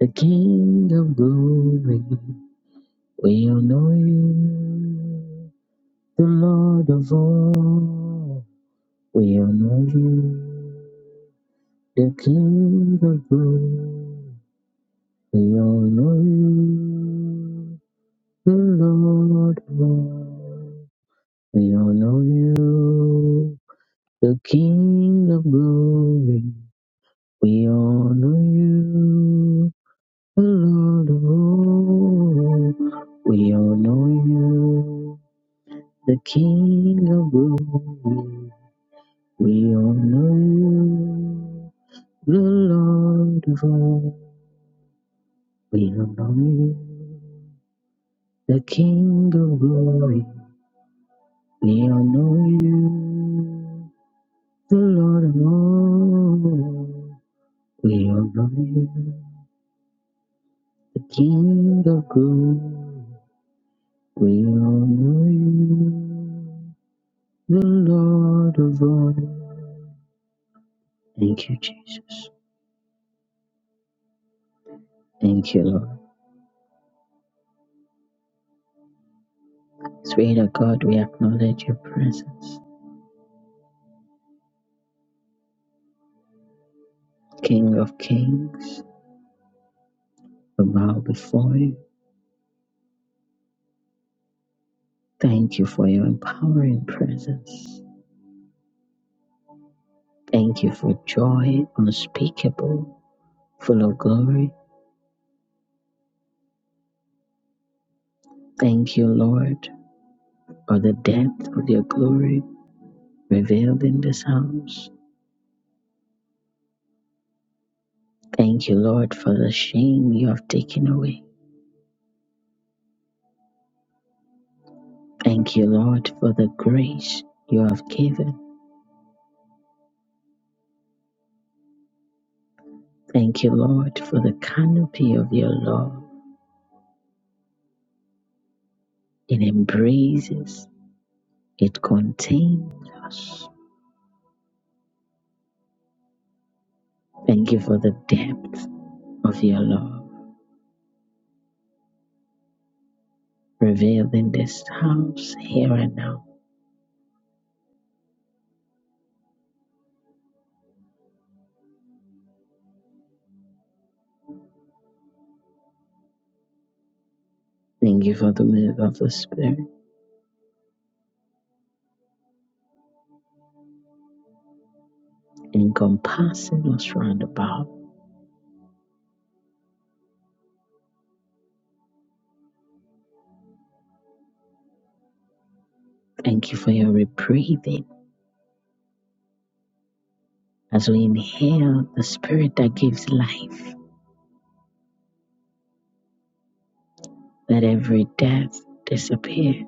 [SPEAKER 1] the King of glory. We all know you, the Lord of all. We all know you, the King of glory. We all know you, the Lord of all. We all know you, the King of glory. We all know you, the Lord of all. We all know you, the King of glory. We all know you, the Lord of all. We all know you, the King of glory. We all know you, the Lord of all. We all know you, the King of glory. We all know you, the Lord of all. Thank you, Jesus. Thank you, Lord. Spirit of God, we acknowledge your presence. King of kings, we bow before you. Thank you for your empowering presence. Thank you for joy unspeakable, full of glory. Thank you, Lord, for the depth of your glory revealed in this house. Thank you, Lord, for the shame you have taken away. Thank you, Lord, for the grace you have given. Thank you, Lord, for the canopy of your love. It embraces, it contains us. Thank you for the depth of your love revealed in this house here and now. Thank you for the move of the Spirit encompassing us round about. Thank you for your rebreathing as we inhale the Spirit that gives life. Let every death disappear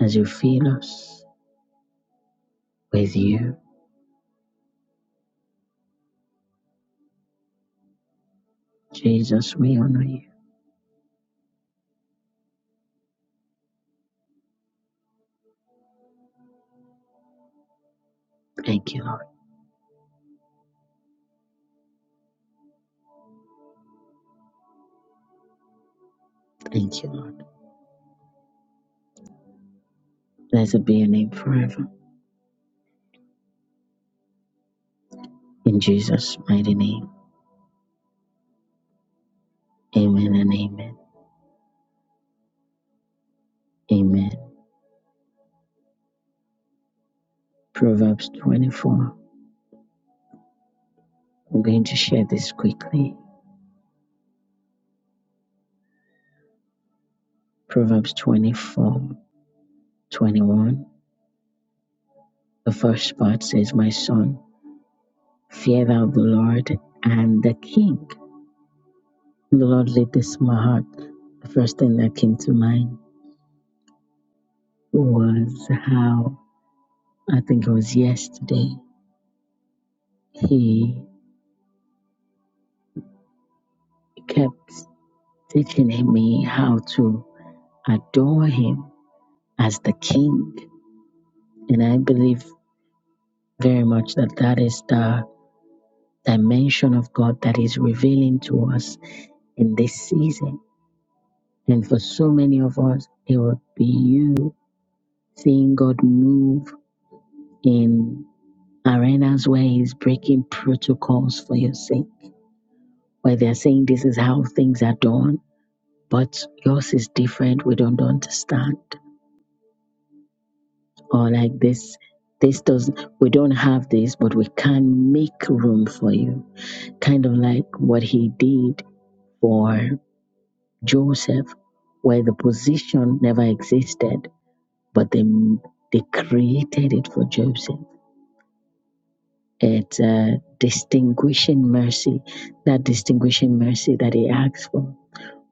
[SPEAKER 1] as you feed us with you. Jesus, we honor you. Thank you, Lord. Thank you, Lord. Blessed be your name forever. In Jesus' mighty name. Amen and amen. Amen. Proverbs 24. I'm going to share this quickly. Proverbs 24:21. The first part says, My son, fear thou the Lord and the king. The Lord laid this in my heart. The first thing that came to mind was how I think it was yesterday. He kept teaching me how to adore him as the king. And I believe very much that that is the dimension of God that is revealing to us in this season. And for so many of us, it would be you seeing God move in arenas where he's breaking protocols for your sake, where they're saying this is how things are done but yours is different. We don't understand. Or like this, this doesn't, we don't have this, but we can make room for you. Kind of like what he did for Joseph, where the position never existed, but they, they created it for Joseph. It's a distinguishing mercy, that distinguishing mercy that he asked for.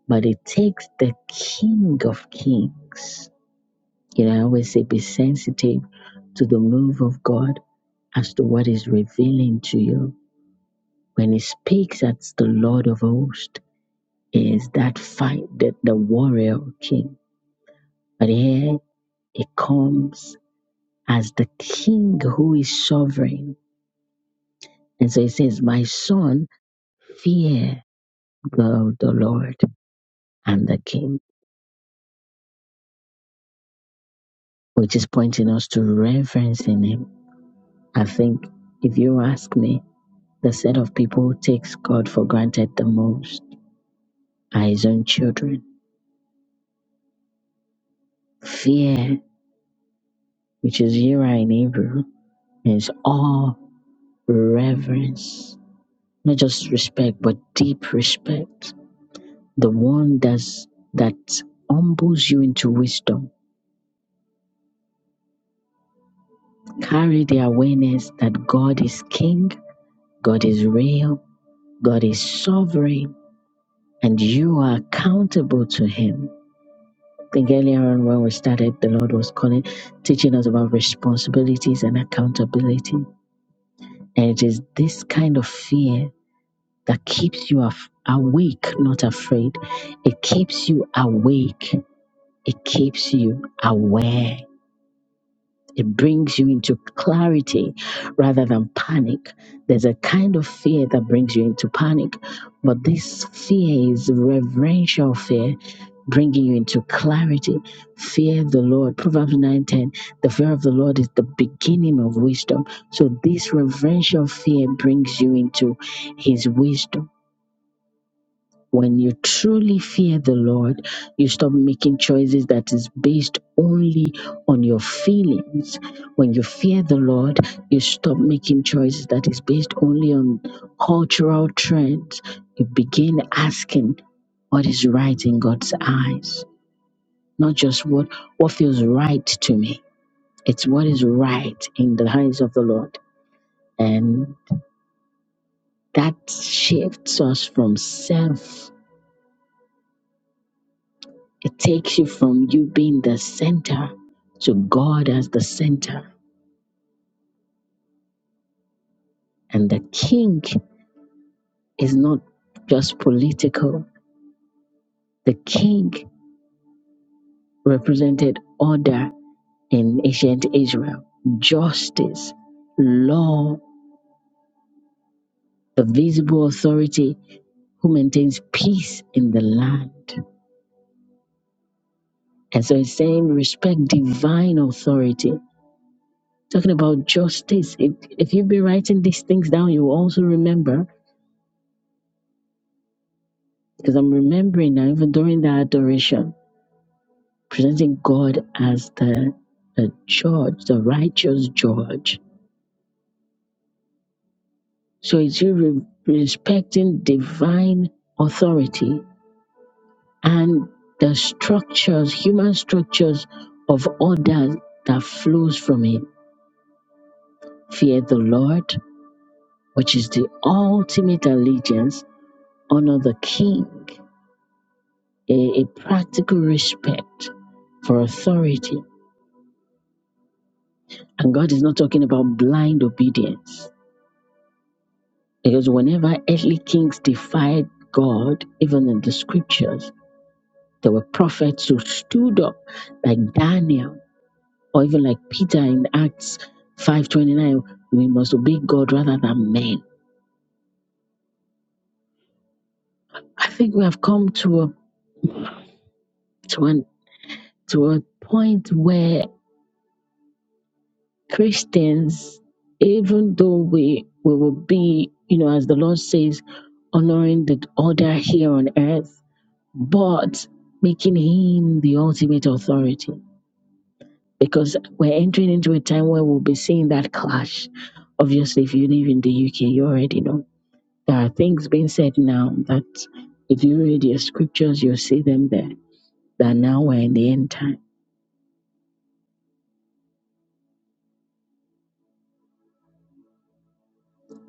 [SPEAKER 1] But it takes the King of Kings You know, I always say be sensitive to the move of God as to what is revealing to you. When he speaks, that's the Lord of hosts, is that fight that the warrior king. But here he comes as the king who is sovereign. And so he says, My son, fear the, the Lord and the king, which is pointing us to reverencing him. I think if you ask me, the set of people who takes God for granted the most eyes on children. Fear, which is Yira in Hebrew, means awe, reverence, not just respect, but deep respect. The one that's, that humbles you into wisdom. Carry the awareness that God is king, God is real, God is sovereign, and you are accountable to Him. I think earlier on when we started, the Lord was calling, teaching us about responsibilities and accountability. And it is this kind of fear that keeps you af- awake, not afraid. It keeps you awake. It keeps you aware. It brings you into clarity rather than panic. There's a kind of fear that brings you into panic, but this fear is reverential fear, bringing you into clarity. Fear the Lord. Proverbs 9:10. The fear of the Lord is the beginning of wisdom. So this reverential fear brings you into his wisdom when you truly fear the Lord, you stop making choices that is based only on your feelings. When you fear the Lord, you stop making choices that is based only on cultural trends. You begin asking what is right in God's eyes, not just what what feels right to me. It's what is right in the eyes of the Lord. And that shifts us from self It takes you from you being the center to God as the center. And the king is not just political, the king represented order in ancient Israel, justice, law, the visible authority who maintains peace in the land. And so it's saying respect divine authority. Talking about justice. If, if you've been writing these things down, you will also remember Because I'm remembering now, even during the adoration, presenting God as the, the judge, the righteous judge. So it's you re- respecting divine authority and the structures, human structures of order that flows from it. Fear the Lord, which is the ultimate allegiance, honor the king, a a practical respect for authority And God is not talking about blind obedience. Because whenever earthly kings defied God, even in the scriptures, there were prophets who stood up, like Daniel, or even like Peter in Acts 5:29. We must obey God rather than men. I think we have come to a to an to a point where Christians, even though we we will be, you know, as the Lord says, honoring the order here on earth but making him the ultimate authority. Because we're entering into a time where we'll be seeing that clash. Obviously, if you live in the UK, you already know. There are things being said now that if you read your scriptures, you'll see them there. That now we're in the end time.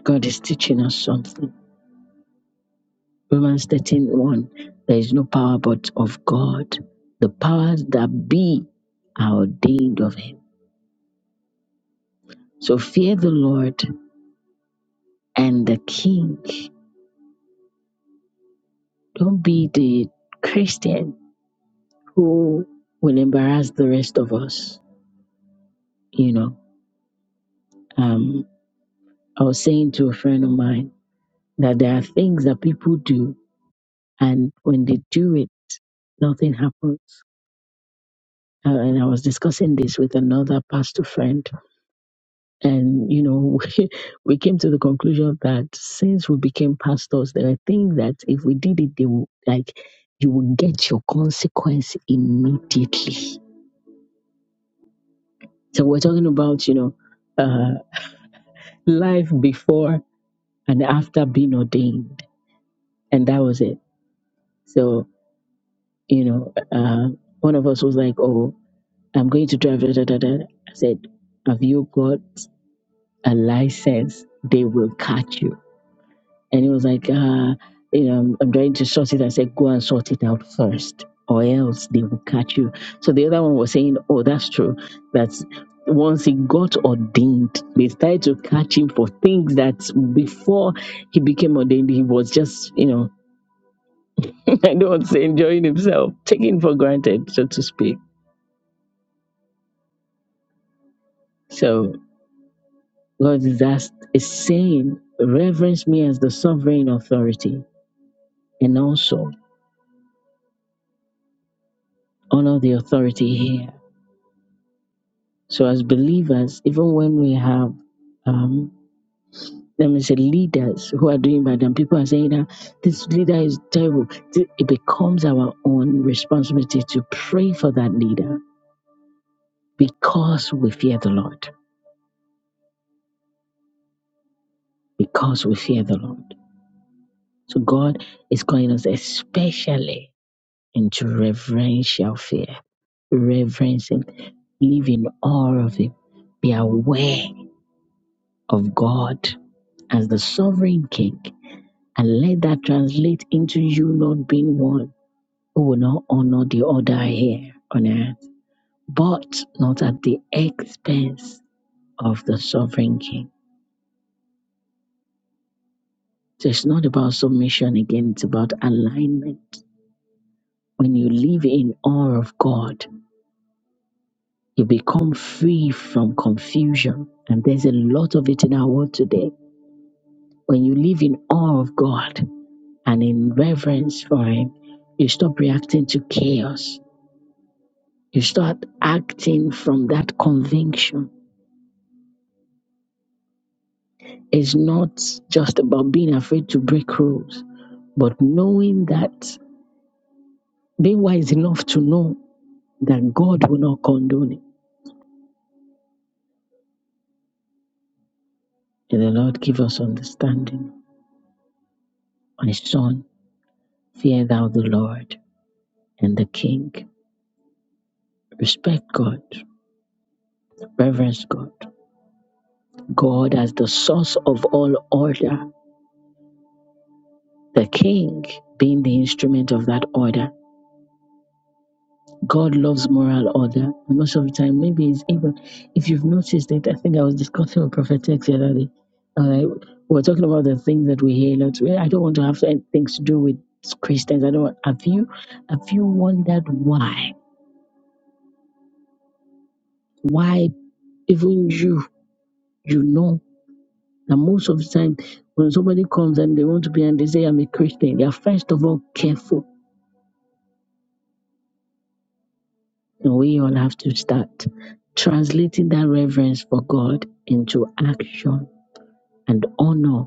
[SPEAKER 1] God is teaching us something. Romans 13 one. There is no power but of God. The powers that be are ordained of Him. So fear the Lord and the King Don't be the Christian who will embarrass the rest of us. You know, um, I was saying to a friend of mine that there are things that people do, and when they do it, nothing happens. Uh, and I was discussing this with another pastor friend, and you know, we, we came to the conclusion that since we became pastors, there are things that if we did it, they would like you will get your consequence immediately. So we're talking about, you know. uh, life before and after being ordained. And that was it. So, you know, uh, one of us was like, oh, I'm going to drive. Da, da, da, da. I said, have you got a license? They will catch you And he was like, uh, you know, I'm, I'm trying to sort it. I said, go and sort it out first, or else they will catch you. So the other one was saying, oh, that's true. That's once he got ordained, they started to catch him for things that before he became ordained, he was just, you know, I don't want to say enjoying himself, taking for granted, so to speak. So God is, asked, is saying, reverence me as the sovereign authority and also honor the authority here So, as believers, even when we have, um, let me say, leaders who are doing bad, and people are saying that this leader is terrible, th- it becomes our own responsibility to pray for that leader because we fear the Lord. Because we fear the Lord. So, God is calling us especially into reverential fear, reverence Him, live in awe of Him, be aware of God as the sovereign King and let that translate into you not being one who will not honor the other here on earth, but not at the expense of the sovereign king. So it's not about submission again, it's about alignment. When you live in awe of God, you become free from confusion. And there's a lot of it in our world today. When you live in awe of God and in reverence for Him, you stop reacting to chaos You start acting from that conviction. It's not just about being afraid to break rules, but knowing that, being wise enough to know that God will not condone it. And the Lord give us understanding. My son, fear thou the Lord and the King. Respect God, reverence God. God as the source of all order, the King being the instrument of that order. God loves moral order. And most of the time, maybe it's even if you've noticed it. I think I was discussing with Prophet X the other day. Uh, we are talking about the things that we hear a lot. Well, I don't want to have any- things to do with Christians. I don't. Want, have you have you wondered why? Why even you you know that most of the time when somebody comes and they want to be and they say I'm a Christian, they are first of all careful. And we all have to start translating that reverence for God into action and honor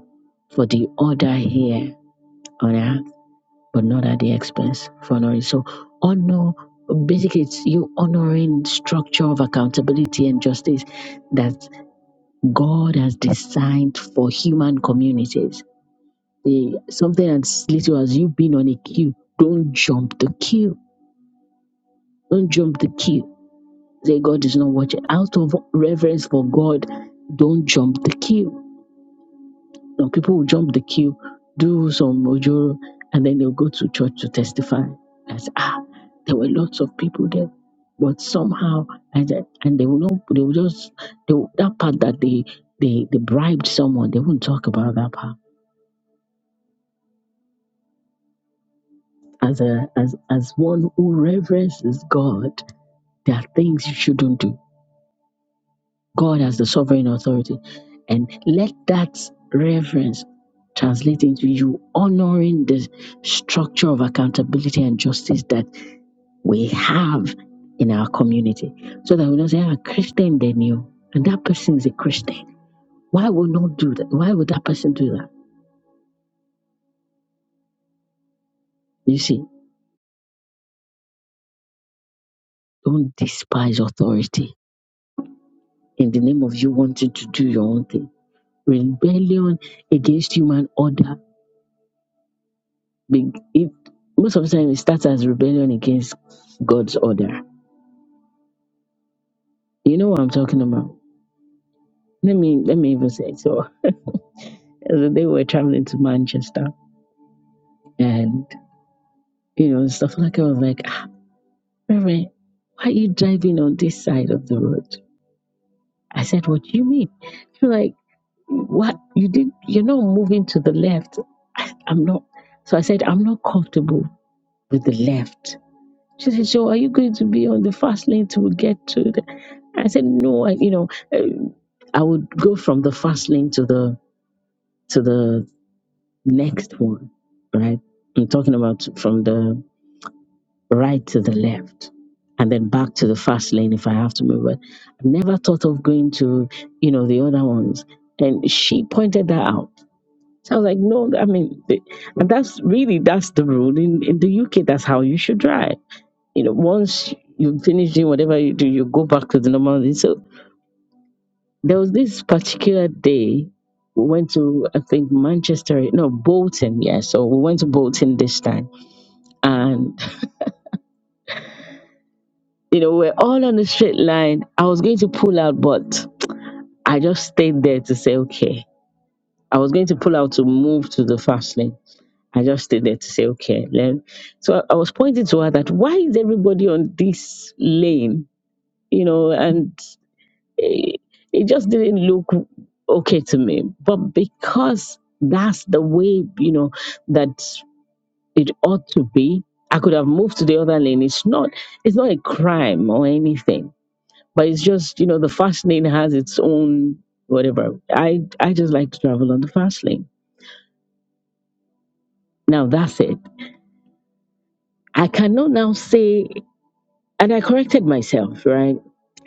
[SPEAKER 1] for the order here on earth, but not at the expense of honoring. So honor basically it's you honoring structure of accountability and justice that God has designed for human communities. The, something as little as you being on a queue, don't jump the queue. Don't jump the queue. Say God is not watching. Out of reverence for God, don't jump the queue Some people will jump the queue, do some mojoro, and then they'll go to church to testify. As ah, there were lots of people there, but somehow, and that- and they will not, they will just they will, that part that they they they bribed someone. They won't talk about that part. As a as as one who reverences God, there are things you shouldn't do God has the sovereign authority. And let that reverence translate into you honoring the structure of accountability and justice that we have in our community. So that we don't say, ah, Christian, they knew. And that person is a Christian. Why would not do that? Why would that person do that? You see, don't despise authority in the name of you wanting to do your own thing. Rebellion against human order Be- It most of the time it starts as rebellion against God's order. You know what I'm talking about? Let me let me even say it. so. The day we were traveling to Manchester, and you know stuff like I was like, ah, Reverend, why are you driving on this side of the road? I said, What do you mean? She was like, What you did? You're not moving to the left. I, I'm not. So I said, I'm not comfortable with the left. She said, So are you going to be on the fast lane to get to the I said, No, I you know, uh, I would go from the fast lane to the to the next one, right? I'm talking about from the right to the left and then back to the fast lane if I have to move. But I've never thought of going to, you know, the other ones. And she pointed that out. So I was like, no, I mean, th- and that's really, that's the rule in, in the UK. That's how you should drive you know, once you finish doing whatever you do, you go back to the normal thing. So there was this particular day we went to, I think, Manchester, no, Bolton, yeah. So we went to Bolton this time. And, you know, we're all on the straight line. I was going to pull out, but I just stayed there to say, okay. I was going to pull out to move to the fast lane. I just stayed there to say, okay. Then, so I I was pointing to her that why is everybody on this lane? You know, and it, it just didn't look okay to me. But because that's the way, you know, that it ought to be, I could have moved to the other lane. It's not it's not a crime or anything. But it's just, you know, the fast lane has its own whatever. I I just like to travel on the fast lane. Now that's it. I cannot now say And I corrected myself, right?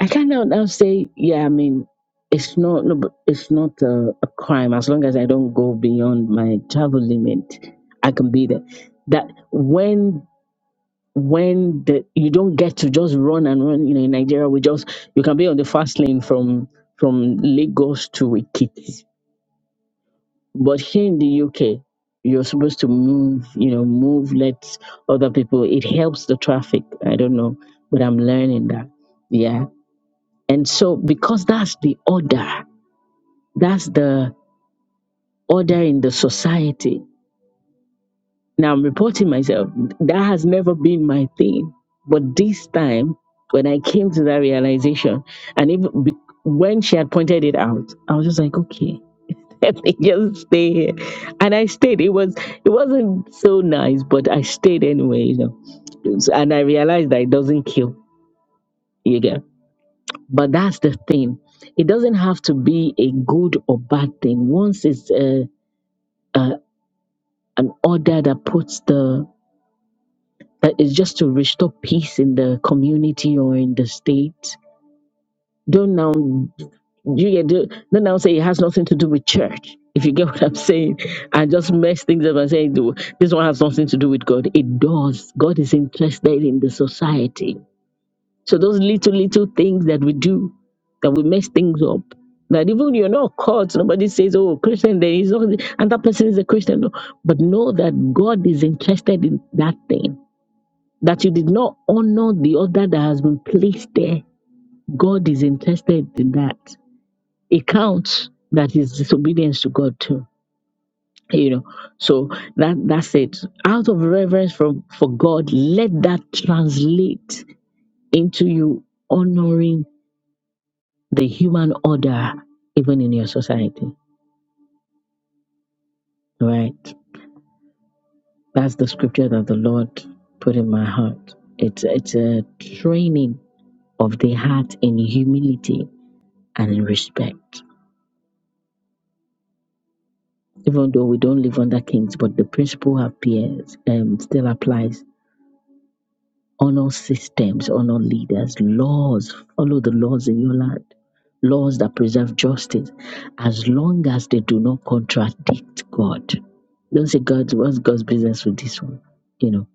[SPEAKER 1] I kind of now say, yeah, I mean, it's not, no, but it's not a, a crime as long as I don't go beyond my travel limit. I can be there. That when when the you don't get to just run and run, you know, in Nigeria we just you can be on the fast lane from from Lagos to Ikiti, but here in the UK you're supposed to move, you know, move, let other people. It helps the traffic. I don't know, but I'm learning that. Yeah and so, because that's the order, that's the order in the society. Now, I'm reporting myself. That has never been my thing. But this time, when I came to that realization, and even be- when she had pointed it out, I was just like, okay, let me just stay here. And I stayed. It was it wasn't so nice, but I stayed anyway, you know. And I realized that it doesn't kill. You get. But that's the thing. It doesn't have to be a good or bad thing. Once it's uh uh an order that puts the, that is just to restore peace in the community or in the state, don't now, you get, don't don't now say it has nothing to do with church. If you get what I'm saying, and just mess things up and say, "Do- this one has nothing to do with God. It does. God is interested in the society So those little, little things that we do, that we mess things up, that even you're not caught, nobody says, oh, Christian, there is only, and that person is a Christian. No. But know that God is interested in that thing, that you did not honor the other that has been placed there. God is interested in that. It counts that is disobedience to God too. You know, so that that's it. Out of reverence for, for God, let that translate into you honoring the human order, even in your society. Right? That's the scripture that the Lord put in my heart. It's it's a training of the heart in humility and in respect. Even though we don't live under kings, but the principle appears and still applies honor systems, honor leaders, laws, follow the laws in your land, laws that preserve justice, as long as they do not contradict God. Don't say, God, what's God's business with this one? You know,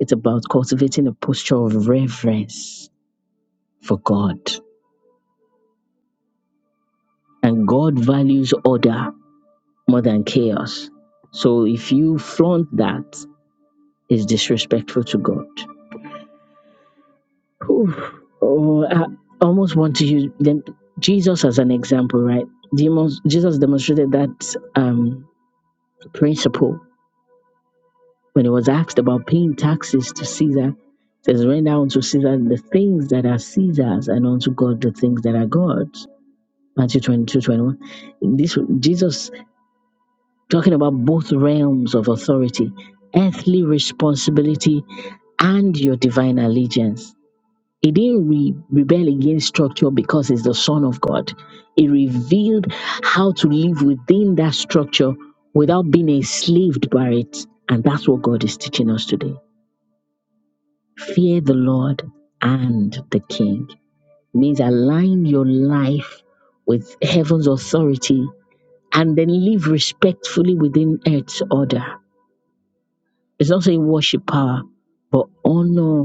[SPEAKER 1] it's about cultivating a posture of reverence for God. And God values order more than chaos. So if you flaunt that, it's disrespectful to God. Oof. Oh, I almost want to use them, Jesus as an example, right? Demons, Jesus demonstrated that um, principle when he was asked about paying taxes to Caesar. It says, render unto Caesar the things that are Caesar's and unto God the things that are God's. Matthew 22 21. This, Jesus talking about both realms of authority, earthly responsibility and your divine allegiance He didn't re- rebel against structure because he's the Son of God. He revealed how to live within that structure without being enslaved by it. And that's what God is teaching us today. Fear the Lord and the King means align your life with heaven's authority and then live respectfully within earth's order. It's not saying worship power, but honor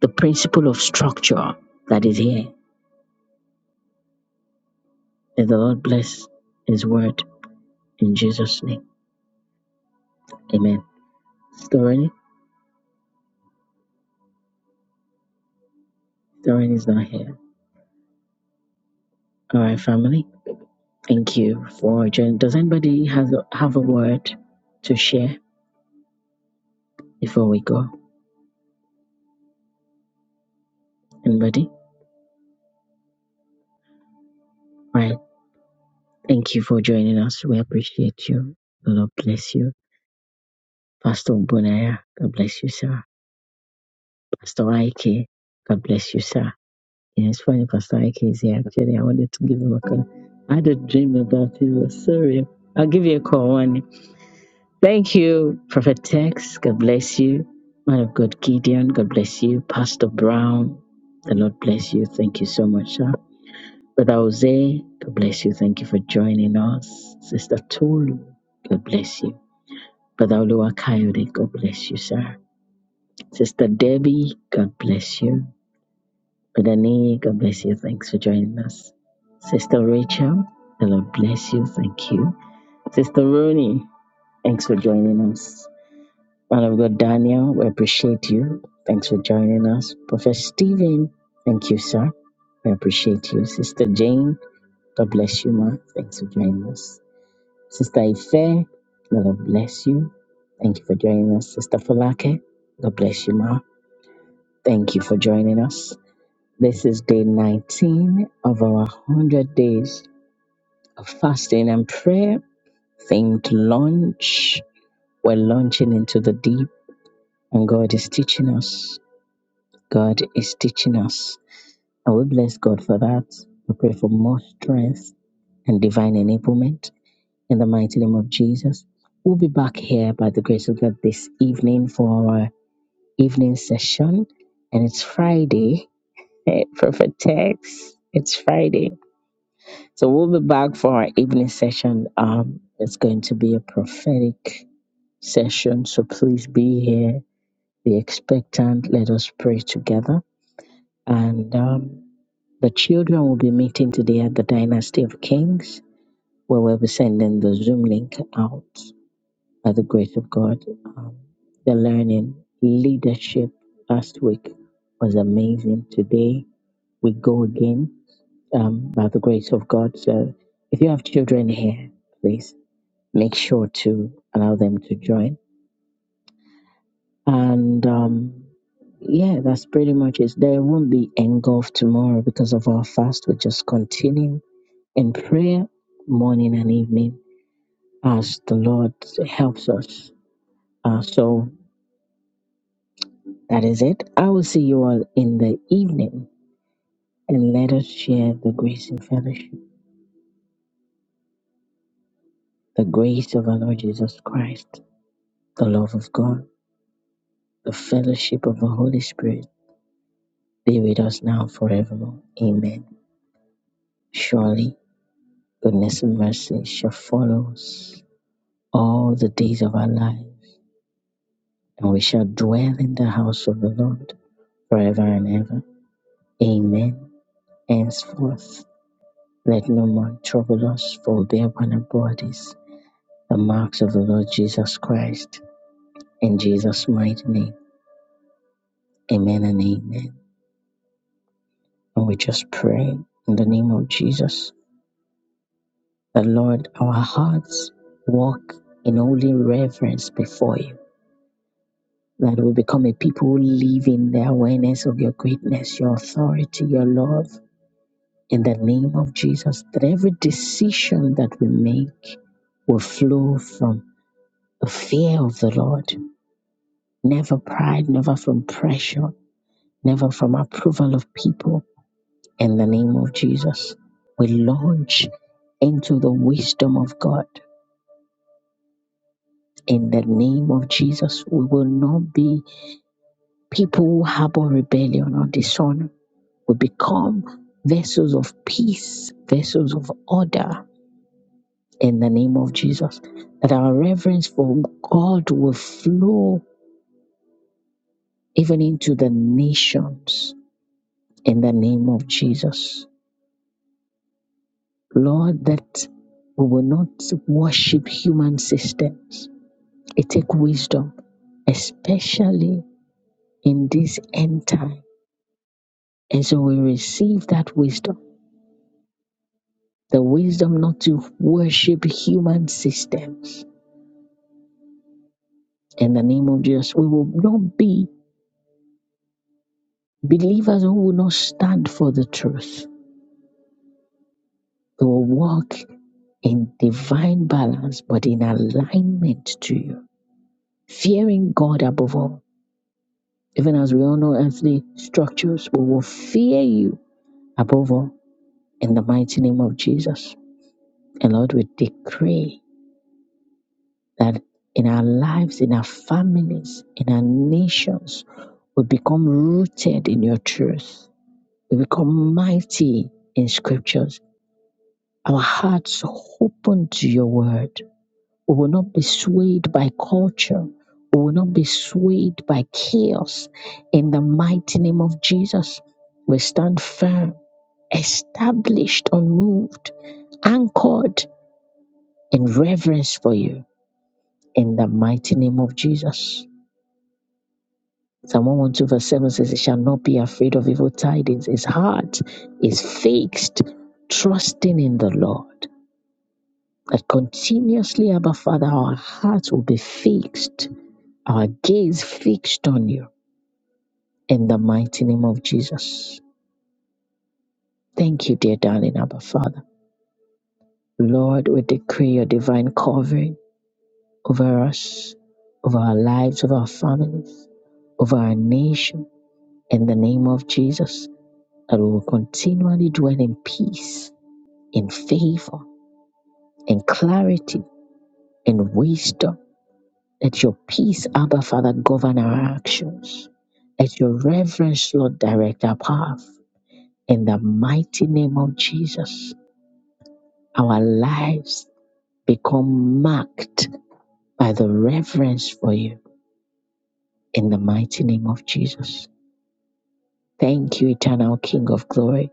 [SPEAKER 1] the principle of structure that is here May the Lord bless His word in Jesus' name. Amen. Storin, Storin is not here. All right, family. Thank you for joining. Does anybody has have a word to share before we go? Anybody? All right. Thank you for joining us. We appreciate you. The Lord bless you. Pastor Bonaya, God bless you, sir. Pastor Ike, God bless you, sir. Yeah, it's funny, Pastor Ike is here. Actually, I wanted to give him a call. I had a dream about him. Sorry. I'll give you a call one. day. Thank you, Prophet Tex. God bless you. Man of God, Gideon. God bless you. Pastor Brown. The Lord bless you. Thank you so much, sir. Brother Jose. God bless you. Thank you for joining us. Sister Tolu. God bless you. Brother Olua Coyote. God bless you, sir. Sister Debbie. God bless you. Brother Nee. God bless you. Thanks for joining us. Sister Rachel. The Lord bless you. Thank you. Sister Rooney. Thanks for joining us. Man of God, Daniel, we appreciate you. Thanks for joining us. Professor Stephen, thank you, sir. We appreciate you. Sister Jane, God bless you, ma. Thanks for joining us. Sister Ife, God bless you. Thank you for joining us. Sister Falake, God bless you, ma. Thank you for joining us. This is day 19 of our 100 days of fasting and prayer themed launch. We're launching into the deep, and God is teaching us. God is teaching us. And we bless God for that. We pray for more strength and divine enablement in the mighty name of Jesus. We'll be back here by the grace of God this evening for our evening session. And it's Friday. Hey, perfect text. It's Friday. So we'll be back for our evening session. Um, it's going to be a prophetic session. So please be here, be expectant. Let us pray together. And um, The children will be meeting today at the Dynasty of Kings, where we'll be sending the Zoom link out by the grace of God. Um, the learning leadership last week was amazing. Today we go again um, by the grace of God. So if you have children here, please make sure to allow them to join. And um, yeah, that's pretty much it. There won't be engulfed tomorrow because of our fast. We just continue in prayer morning and evening as the Lord helps us. Uh, so that is it. I will see you all in the evening and let us share the grace and fellowship. The grace of our Lord Jesus Christ, the love of God, the fellowship of the Holy Spirit be with us now and forevermore. Amen. Surely goodness and mercy shall follow us all the days of our life, and we shall dwell in the house of the Lord forever and ever. Amen Henceforth, let no man trouble us, for we bear upon our bodies the marks of the Lord Jesus Christ. In Jesus' mighty name, amen and amen. And we just pray in the name of Jesus that, Lord, our hearts walk in holy reverence before you, that we become a people who live in the awareness of your greatness, your authority, your love. In the name of Jesus, that every decision that we make will flow from a fear of the Lord, never pride, never from pressure, never from approval of people. In the name of Jesus, we launch into the wisdom of God. In the name of Jesus, we will not be people who harbor rebellion or dishonor. We become vessels of peace, vessels of order. In the name of Jesus, that our reverence for God will flow even into the nations in the name of Jesus. Lord, that we will not worship human systems. It takes wisdom, especially in this end time. And so we receive that wisdom, the wisdom not to worship human systems. In the name of Jesus, we will not be believers who will not stand for the truth. We will walk in divine balance, but in alignment to you, fearing God above all even as we all know earthly structures, we will fear you above all in the mighty name of Jesus. And Lord, we decree that in our lives, in our families, in our nations, we become rooted in your truth. We become mighty in scriptures. Our hearts open to your word. We will not be swayed by culture. We will not be swayed by chaos. In the mighty name of Jesus, we stand firm established, unmoved, anchored in reverence for you in the mighty name of Jesus. Psalm 112 verse 7 says, It shall not be afraid of evil tidings. His heart is fixed, trusting in the Lord. That continuously, Abba Father, our hearts will be fixed, our gaze fixed on you in the mighty name of Jesus. Thank you, dear darling Abba Father. Lord, we decree your divine covering over us, over our lives, over our families, over our nation, in the name of Jesus, that we will continually dwell in peace, in favor, in clarity, in wisdom. Let your peace, Abba Father, govern our actions. Let your reverence, Lord, direct our path. In the mighty name of Jesus, our lives become marked by the reverence for you. In the mighty name of Jesus. Thank you, eternal King of glory,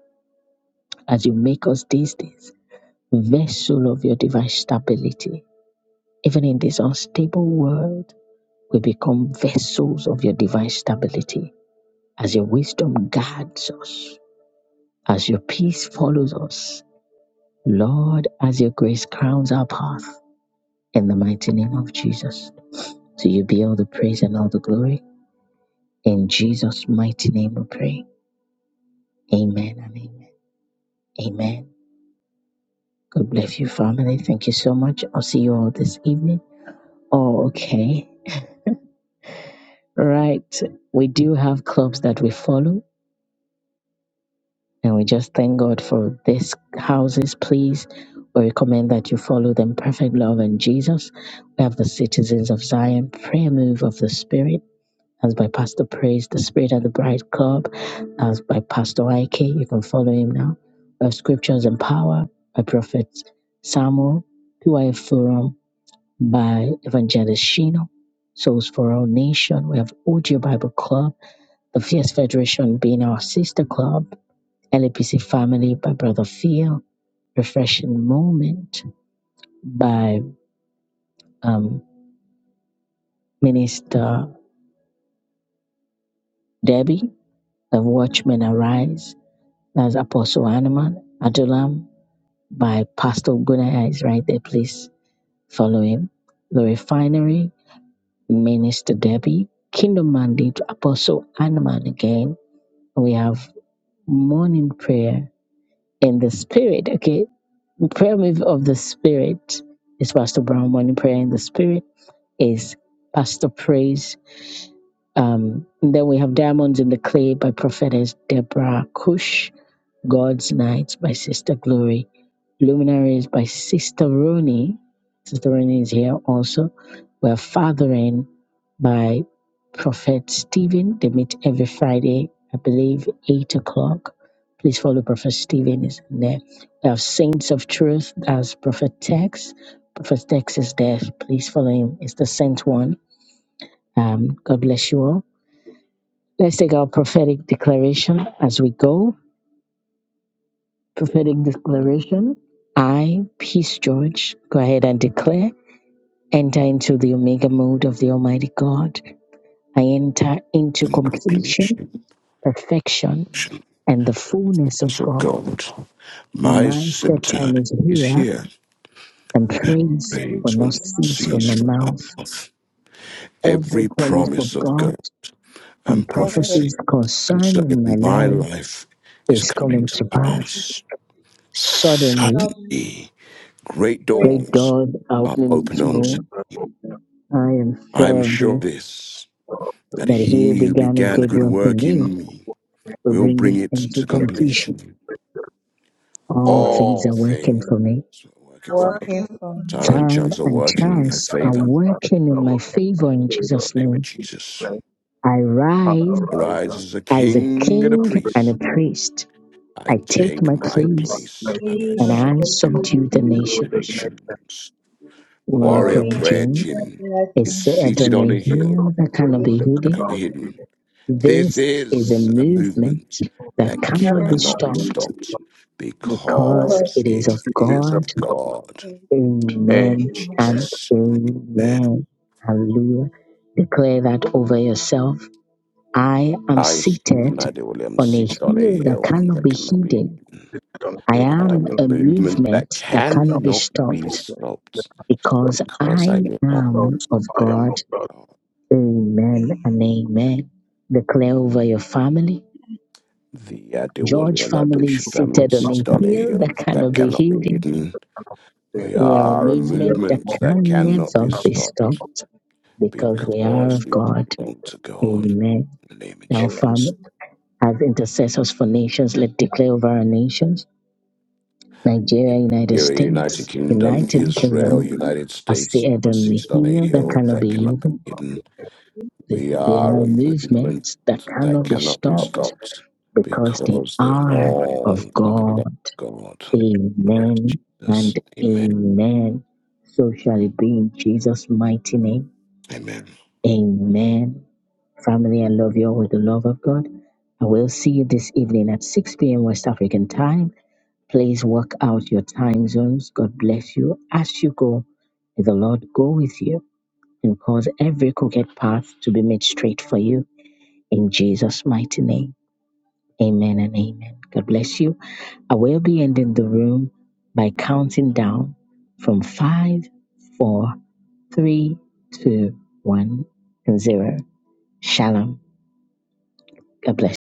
[SPEAKER 1] as you make us these days vessel of your divine stability. Even in this unstable world, we become vessels of your divine stability as your wisdom guards us, as your peace follows us. Lord, as your grace crowns our path, in the mighty name of Jesus. To you be all the praise and all the glory. In Jesus' mighty name we pray. Amen and amen. Amen. God bless you, family. Thank you so much. I'll see you all this evening. Oh, okay. Right. We do have clubs that we follow, and we just thank God for these houses. Please, we recommend that you follow them. Perfect Love and Jesus. We have the Citizens of Zion Prayer Move of the Spirit. As by Pastor Praise, the Spirit and the Bride Club. As by Pastor IK, you can follow him now. We have Scriptures and Power by Prophet Samuel, PY Forum, by Evangelist Shino. Souls for Our Nation. We have OG Bible Club, the Fierce Federation being our sister club, LAPC Family by Brother Phil, Refreshing Moment by um, Minister Debbie, The Watchmen Arise, that's Apostle Animan, Adulam by Pastor Gunaya is right there. Please follow him. The Refinery, Minister Debbie, Kingdom Mandate, Apostle Animan again. We have morning prayer in the spirit. Okay, prayer move of the spirit is Pastor Brown. Morning prayer in the spirit is Pastor Praise. Um, and then we have Diamonds in the Clay by Prophetess Deborah Cush. God's Night by Sister Glory. Luminaries by Sister Rooney. Sister Rooney is here also. We're Fathering by Prophet Stephen. They meet every Friday, I believe, 8 o'clock. Please follow Prophet Stephen, is there. We have Saints of Truth, that's Prophet Tex. Prophet Tex is there. Please follow him. It's the sent one. Um, God bless you all. Let's take our prophetic declaration as we go. Prophetic declaration. I, Peace George, go ahead and declare. Enter into the Omega mode of the Almighty God. I enter into
[SPEAKER 5] and
[SPEAKER 1] completion,
[SPEAKER 5] completion
[SPEAKER 1] perfection, and the fullness of
[SPEAKER 5] of
[SPEAKER 1] God.
[SPEAKER 5] God. My
[SPEAKER 1] My set
[SPEAKER 5] scepter
[SPEAKER 1] time is
[SPEAKER 5] is
[SPEAKER 1] here,
[SPEAKER 5] here.
[SPEAKER 1] and
[SPEAKER 6] and
[SPEAKER 1] praise
[SPEAKER 6] praise
[SPEAKER 1] will
[SPEAKER 5] Praise will
[SPEAKER 1] not
[SPEAKER 5] not
[SPEAKER 6] the
[SPEAKER 1] cease from
[SPEAKER 5] cease
[SPEAKER 1] my
[SPEAKER 6] masterpiece
[SPEAKER 5] from my
[SPEAKER 1] mouth.
[SPEAKER 5] mouth.
[SPEAKER 1] Every
[SPEAKER 5] Every
[SPEAKER 1] promise
[SPEAKER 5] promise
[SPEAKER 1] of
[SPEAKER 5] of
[SPEAKER 1] God
[SPEAKER 5] God
[SPEAKER 1] and
[SPEAKER 5] and
[SPEAKER 6] perfect
[SPEAKER 5] prophecy
[SPEAKER 1] prophecies
[SPEAKER 5] concerning
[SPEAKER 1] concerning my
[SPEAKER 5] my
[SPEAKER 1] life
[SPEAKER 5] life is
[SPEAKER 1] is
[SPEAKER 5] coming
[SPEAKER 1] coming
[SPEAKER 5] to
[SPEAKER 1] to
[SPEAKER 6] is from
[SPEAKER 1] pass.
[SPEAKER 6] the
[SPEAKER 5] pass.
[SPEAKER 1] Suddenly,
[SPEAKER 6] stubborn
[SPEAKER 5] Suddenly, great
[SPEAKER 1] great
[SPEAKER 6] breaking,
[SPEAKER 5] doors
[SPEAKER 1] doors are
[SPEAKER 5] are
[SPEAKER 1] opening
[SPEAKER 5] opened
[SPEAKER 1] to
[SPEAKER 5] unto
[SPEAKER 1] me. I am
[SPEAKER 5] me. I am
[SPEAKER 1] sure of
[SPEAKER 5] sure of
[SPEAKER 1] this,
[SPEAKER 5] this that
[SPEAKER 1] that he who
[SPEAKER 5] he who
[SPEAKER 1] began a
[SPEAKER 5] began a
[SPEAKER 1] good
[SPEAKER 5] good
[SPEAKER 1] work in
[SPEAKER 5] work
[SPEAKER 1] me
[SPEAKER 5] in me
[SPEAKER 1] will
[SPEAKER 5] will
[SPEAKER 1] bring
[SPEAKER 5] bring
[SPEAKER 1] it
[SPEAKER 5] it
[SPEAKER 1] into
[SPEAKER 5] to
[SPEAKER 1] completion.
[SPEAKER 5] completion
[SPEAKER 1] All
[SPEAKER 7] all
[SPEAKER 1] things
[SPEAKER 5] All
[SPEAKER 1] are working
[SPEAKER 5] things
[SPEAKER 1] for me.
[SPEAKER 5] are working for me.
[SPEAKER 6] working from
[SPEAKER 5] Time and
[SPEAKER 1] Time
[SPEAKER 5] chance are
[SPEAKER 1] and
[SPEAKER 5] working in my
[SPEAKER 1] chance are
[SPEAKER 5] favor. In
[SPEAKER 1] working in my favor in Jesus'
[SPEAKER 5] the name of
[SPEAKER 1] name.
[SPEAKER 5] Jesus.
[SPEAKER 1] I
[SPEAKER 7] our
[SPEAKER 1] rise
[SPEAKER 7] lives
[SPEAKER 5] Arise as a
[SPEAKER 1] as a
[SPEAKER 5] king and a
[SPEAKER 1] king and a
[SPEAKER 5] priest.
[SPEAKER 1] priest.
[SPEAKER 5] I
[SPEAKER 1] I take
[SPEAKER 5] take
[SPEAKER 1] my
[SPEAKER 5] my
[SPEAKER 1] place
[SPEAKER 5] place
[SPEAKER 7] may
[SPEAKER 5] and I
[SPEAKER 1] and
[SPEAKER 6] nations
[SPEAKER 7] come
[SPEAKER 1] I
[SPEAKER 6] for
[SPEAKER 5] subdue
[SPEAKER 6] beauty
[SPEAKER 1] subdue
[SPEAKER 7] to
[SPEAKER 1] the
[SPEAKER 6] and
[SPEAKER 7] you
[SPEAKER 5] the
[SPEAKER 7] the
[SPEAKER 1] nations.
[SPEAKER 7] next
[SPEAKER 5] nations.
[SPEAKER 1] Warrior
[SPEAKER 7] word
[SPEAKER 5] Warrior
[SPEAKER 1] Prayer
[SPEAKER 6] warrior,
[SPEAKER 7] praise
[SPEAKER 5] Prayer
[SPEAKER 6] and
[SPEAKER 1] Jean
[SPEAKER 6] that
[SPEAKER 5] Jim
[SPEAKER 6] light
[SPEAKER 5] is
[SPEAKER 1] is
[SPEAKER 6] from
[SPEAKER 1] said
[SPEAKER 5] seated
[SPEAKER 1] on a
[SPEAKER 5] on a
[SPEAKER 7] Spirit
[SPEAKER 5] hill
[SPEAKER 7] of
[SPEAKER 1] hill that cannot
[SPEAKER 6] the
[SPEAKER 7] you, the
[SPEAKER 1] be
[SPEAKER 7] that
[SPEAKER 5] that
[SPEAKER 1] hidden.
[SPEAKER 5] can be
[SPEAKER 7] cannot be given
[SPEAKER 5] hidden. This
[SPEAKER 1] This
[SPEAKER 7] to
[SPEAKER 1] is a
[SPEAKER 5] is a
[SPEAKER 1] movement
[SPEAKER 5] movement
[SPEAKER 7] you,
[SPEAKER 5] that
[SPEAKER 1] that
[SPEAKER 7] that
[SPEAKER 1] cannot be
[SPEAKER 5] cannot
[SPEAKER 7] cannot
[SPEAKER 5] be
[SPEAKER 6] darkness
[SPEAKER 1] stopped
[SPEAKER 5] stopped
[SPEAKER 1] because
[SPEAKER 6] because
[SPEAKER 5] because
[SPEAKER 1] it is
[SPEAKER 5] it
[SPEAKER 1] of
[SPEAKER 7] be given
[SPEAKER 5] is
[SPEAKER 7] to
[SPEAKER 1] God
[SPEAKER 5] of
[SPEAKER 7] God.
[SPEAKER 5] God.
[SPEAKER 6] of
[SPEAKER 1] Amen
[SPEAKER 7] Amen.
[SPEAKER 6] humanity.
[SPEAKER 1] and
[SPEAKER 5] Jesus.
[SPEAKER 1] amen. Hallelujah. Declare that over yourself. I am
[SPEAKER 5] I, Stephen
[SPEAKER 1] seated
[SPEAKER 5] Ideal, am
[SPEAKER 1] on a
[SPEAKER 5] seated on a
[SPEAKER 1] hill that
[SPEAKER 5] hill
[SPEAKER 1] cannot
[SPEAKER 5] that
[SPEAKER 1] be
[SPEAKER 5] cannot be.
[SPEAKER 1] hidden.
[SPEAKER 7] It cannot
[SPEAKER 1] I
[SPEAKER 7] be
[SPEAKER 5] I
[SPEAKER 7] that
[SPEAKER 1] am
[SPEAKER 5] am a
[SPEAKER 7] cannot
[SPEAKER 1] a
[SPEAKER 7] be
[SPEAKER 5] movement that
[SPEAKER 1] movement that
[SPEAKER 7] by
[SPEAKER 1] cannot
[SPEAKER 7] your
[SPEAKER 1] be
[SPEAKER 5] cannot be
[SPEAKER 1] stopped
[SPEAKER 7] movement.
[SPEAKER 5] stopped
[SPEAKER 7] Next of
[SPEAKER 1] because
[SPEAKER 5] because
[SPEAKER 1] I
[SPEAKER 5] I
[SPEAKER 1] am
[SPEAKER 5] belong.
[SPEAKER 7] us
[SPEAKER 1] of
[SPEAKER 7] by your
[SPEAKER 1] God.
[SPEAKER 7] movement,
[SPEAKER 1] Amen and amen. Declare over your family.
[SPEAKER 5] The Adewale
[SPEAKER 1] George family
[SPEAKER 5] Adosha
[SPEAKER 1] is
[SPEAKER 5] family
[SPEAKER 1] seated
[SPEAKER 5] is
[SPEAKER 1] on
[SPEAKER 7] by
[SPEAKER 1] a
[SPEAKER 5] seated on a
[SPEAKER 1] hill
[SPEAKER 5] hill
[SPEAKER 1] that
[SPEAKER 5] that
[SPEAKER 1] cannot be
[SPEAKER 5] cannot
[SPEAKER 7] your
[SPEAKER 5] be
[SPEAKER 1] hidden.
[SPEAKER 5] hidden.
[SPEAKER 7] things,
[SPEAKER 5] We
[SPEAKER 1] We are a
[SPEAKER 5] are a
[SPEAKER 7] your
[SPEAKER 1] movement that
[SPEAKER 5] movement that
[SPEAKER 7] movement.
[SPEAKER 1] can
[SPEAKER 5] cannot
[SPEAKER 1] never
[SPEAKER 5] be
[SPEAKER 1] be
[SPEAKER 5] stopped
[SPEAKER 1] stopped because we are
[SPEAKER 5] because
[SPEAKER 1] of
[SPEAKER 5] we
[SPEAKER 1] God.
[SPEAKER 5] belong to God.
[SPEAKER 1] Amen.
[SPEAKER 5] In the name of
[SPEAKER 1] Now,
[SPEAKER 7] Amen.
[SPEAKER 5] Jesus.
[SPEAKER 1] Father, as intercessors for nations, let's declare over our nations Nigeria, United
[SPEAKER 5] Here, United
[SPEAKER 1] States,
[SPEAKER 5] Kingdom,
[SPEAKER 1] United
[SPEAKER 5] Israel,
[SPEAKER 1] Kingdom,
[SPEAKER 5] United
[SPEAKER 1] as
[SPEAKER 5] States
[SPEAKER 1] the
[SPEAKER 5] are
[SPEAKER 1] Adonai,
[SPEAKER 5] seated on a
[SPEAKER 1] heal that
[SPEAKER 5] hill
[SPEAKER 1] cannot
[SPEAKER 5] that
[SPEAKER 1] be
[SPEAKER 5] cannot be
[SPEAKER 1] healed.
[SPEAKER 5] hidden
[SPEAKER 1] They
[SPEAKER 5] We
[SPEAKER 1] they
[SPEAKER 5] are a
[SPEAKER 1] are
[SPEAKER 5] movement
[SPEAKER 1] movements that
[SPEAKER 5] that
[SPEAKER 1] cannot be
[SPEAKER 5] cannot be
[SPEAKER 1] stopped
[SPEAKER 5] stopped
[SPEAKER 1] because they
[SPEAKER 5] because they
[SPEAKER 1] are
[SPEAKER 5] all
[SPEAKER 1] of
[SPEAKER 5] belong to
[SPEAKER 1] God.
[SPEAKER 5] God,
[SPEAKER 1] Amen
[SPEAKER 5] Christ Jesus.
[SPEAKER 1] and
[SPEAKER 5] Amen.
[SPEAKER 1] amen. So shall it be in Jesus' mighty name.
[SPEAKER 5] Amen.
[SPEAKER 1] Amen Family, I love you all with the love of God. I will see you this evening at 6 p.m. West African time. Please work out your time zones. God bless you. As you go, may the Lord go with you and cause every crooked path to be made straight for you in Jesus' mighty name. Amen and amen. God bless you. I will be ending the room by counting down from five, four, three, two, one, and 0. Shalom. God bless.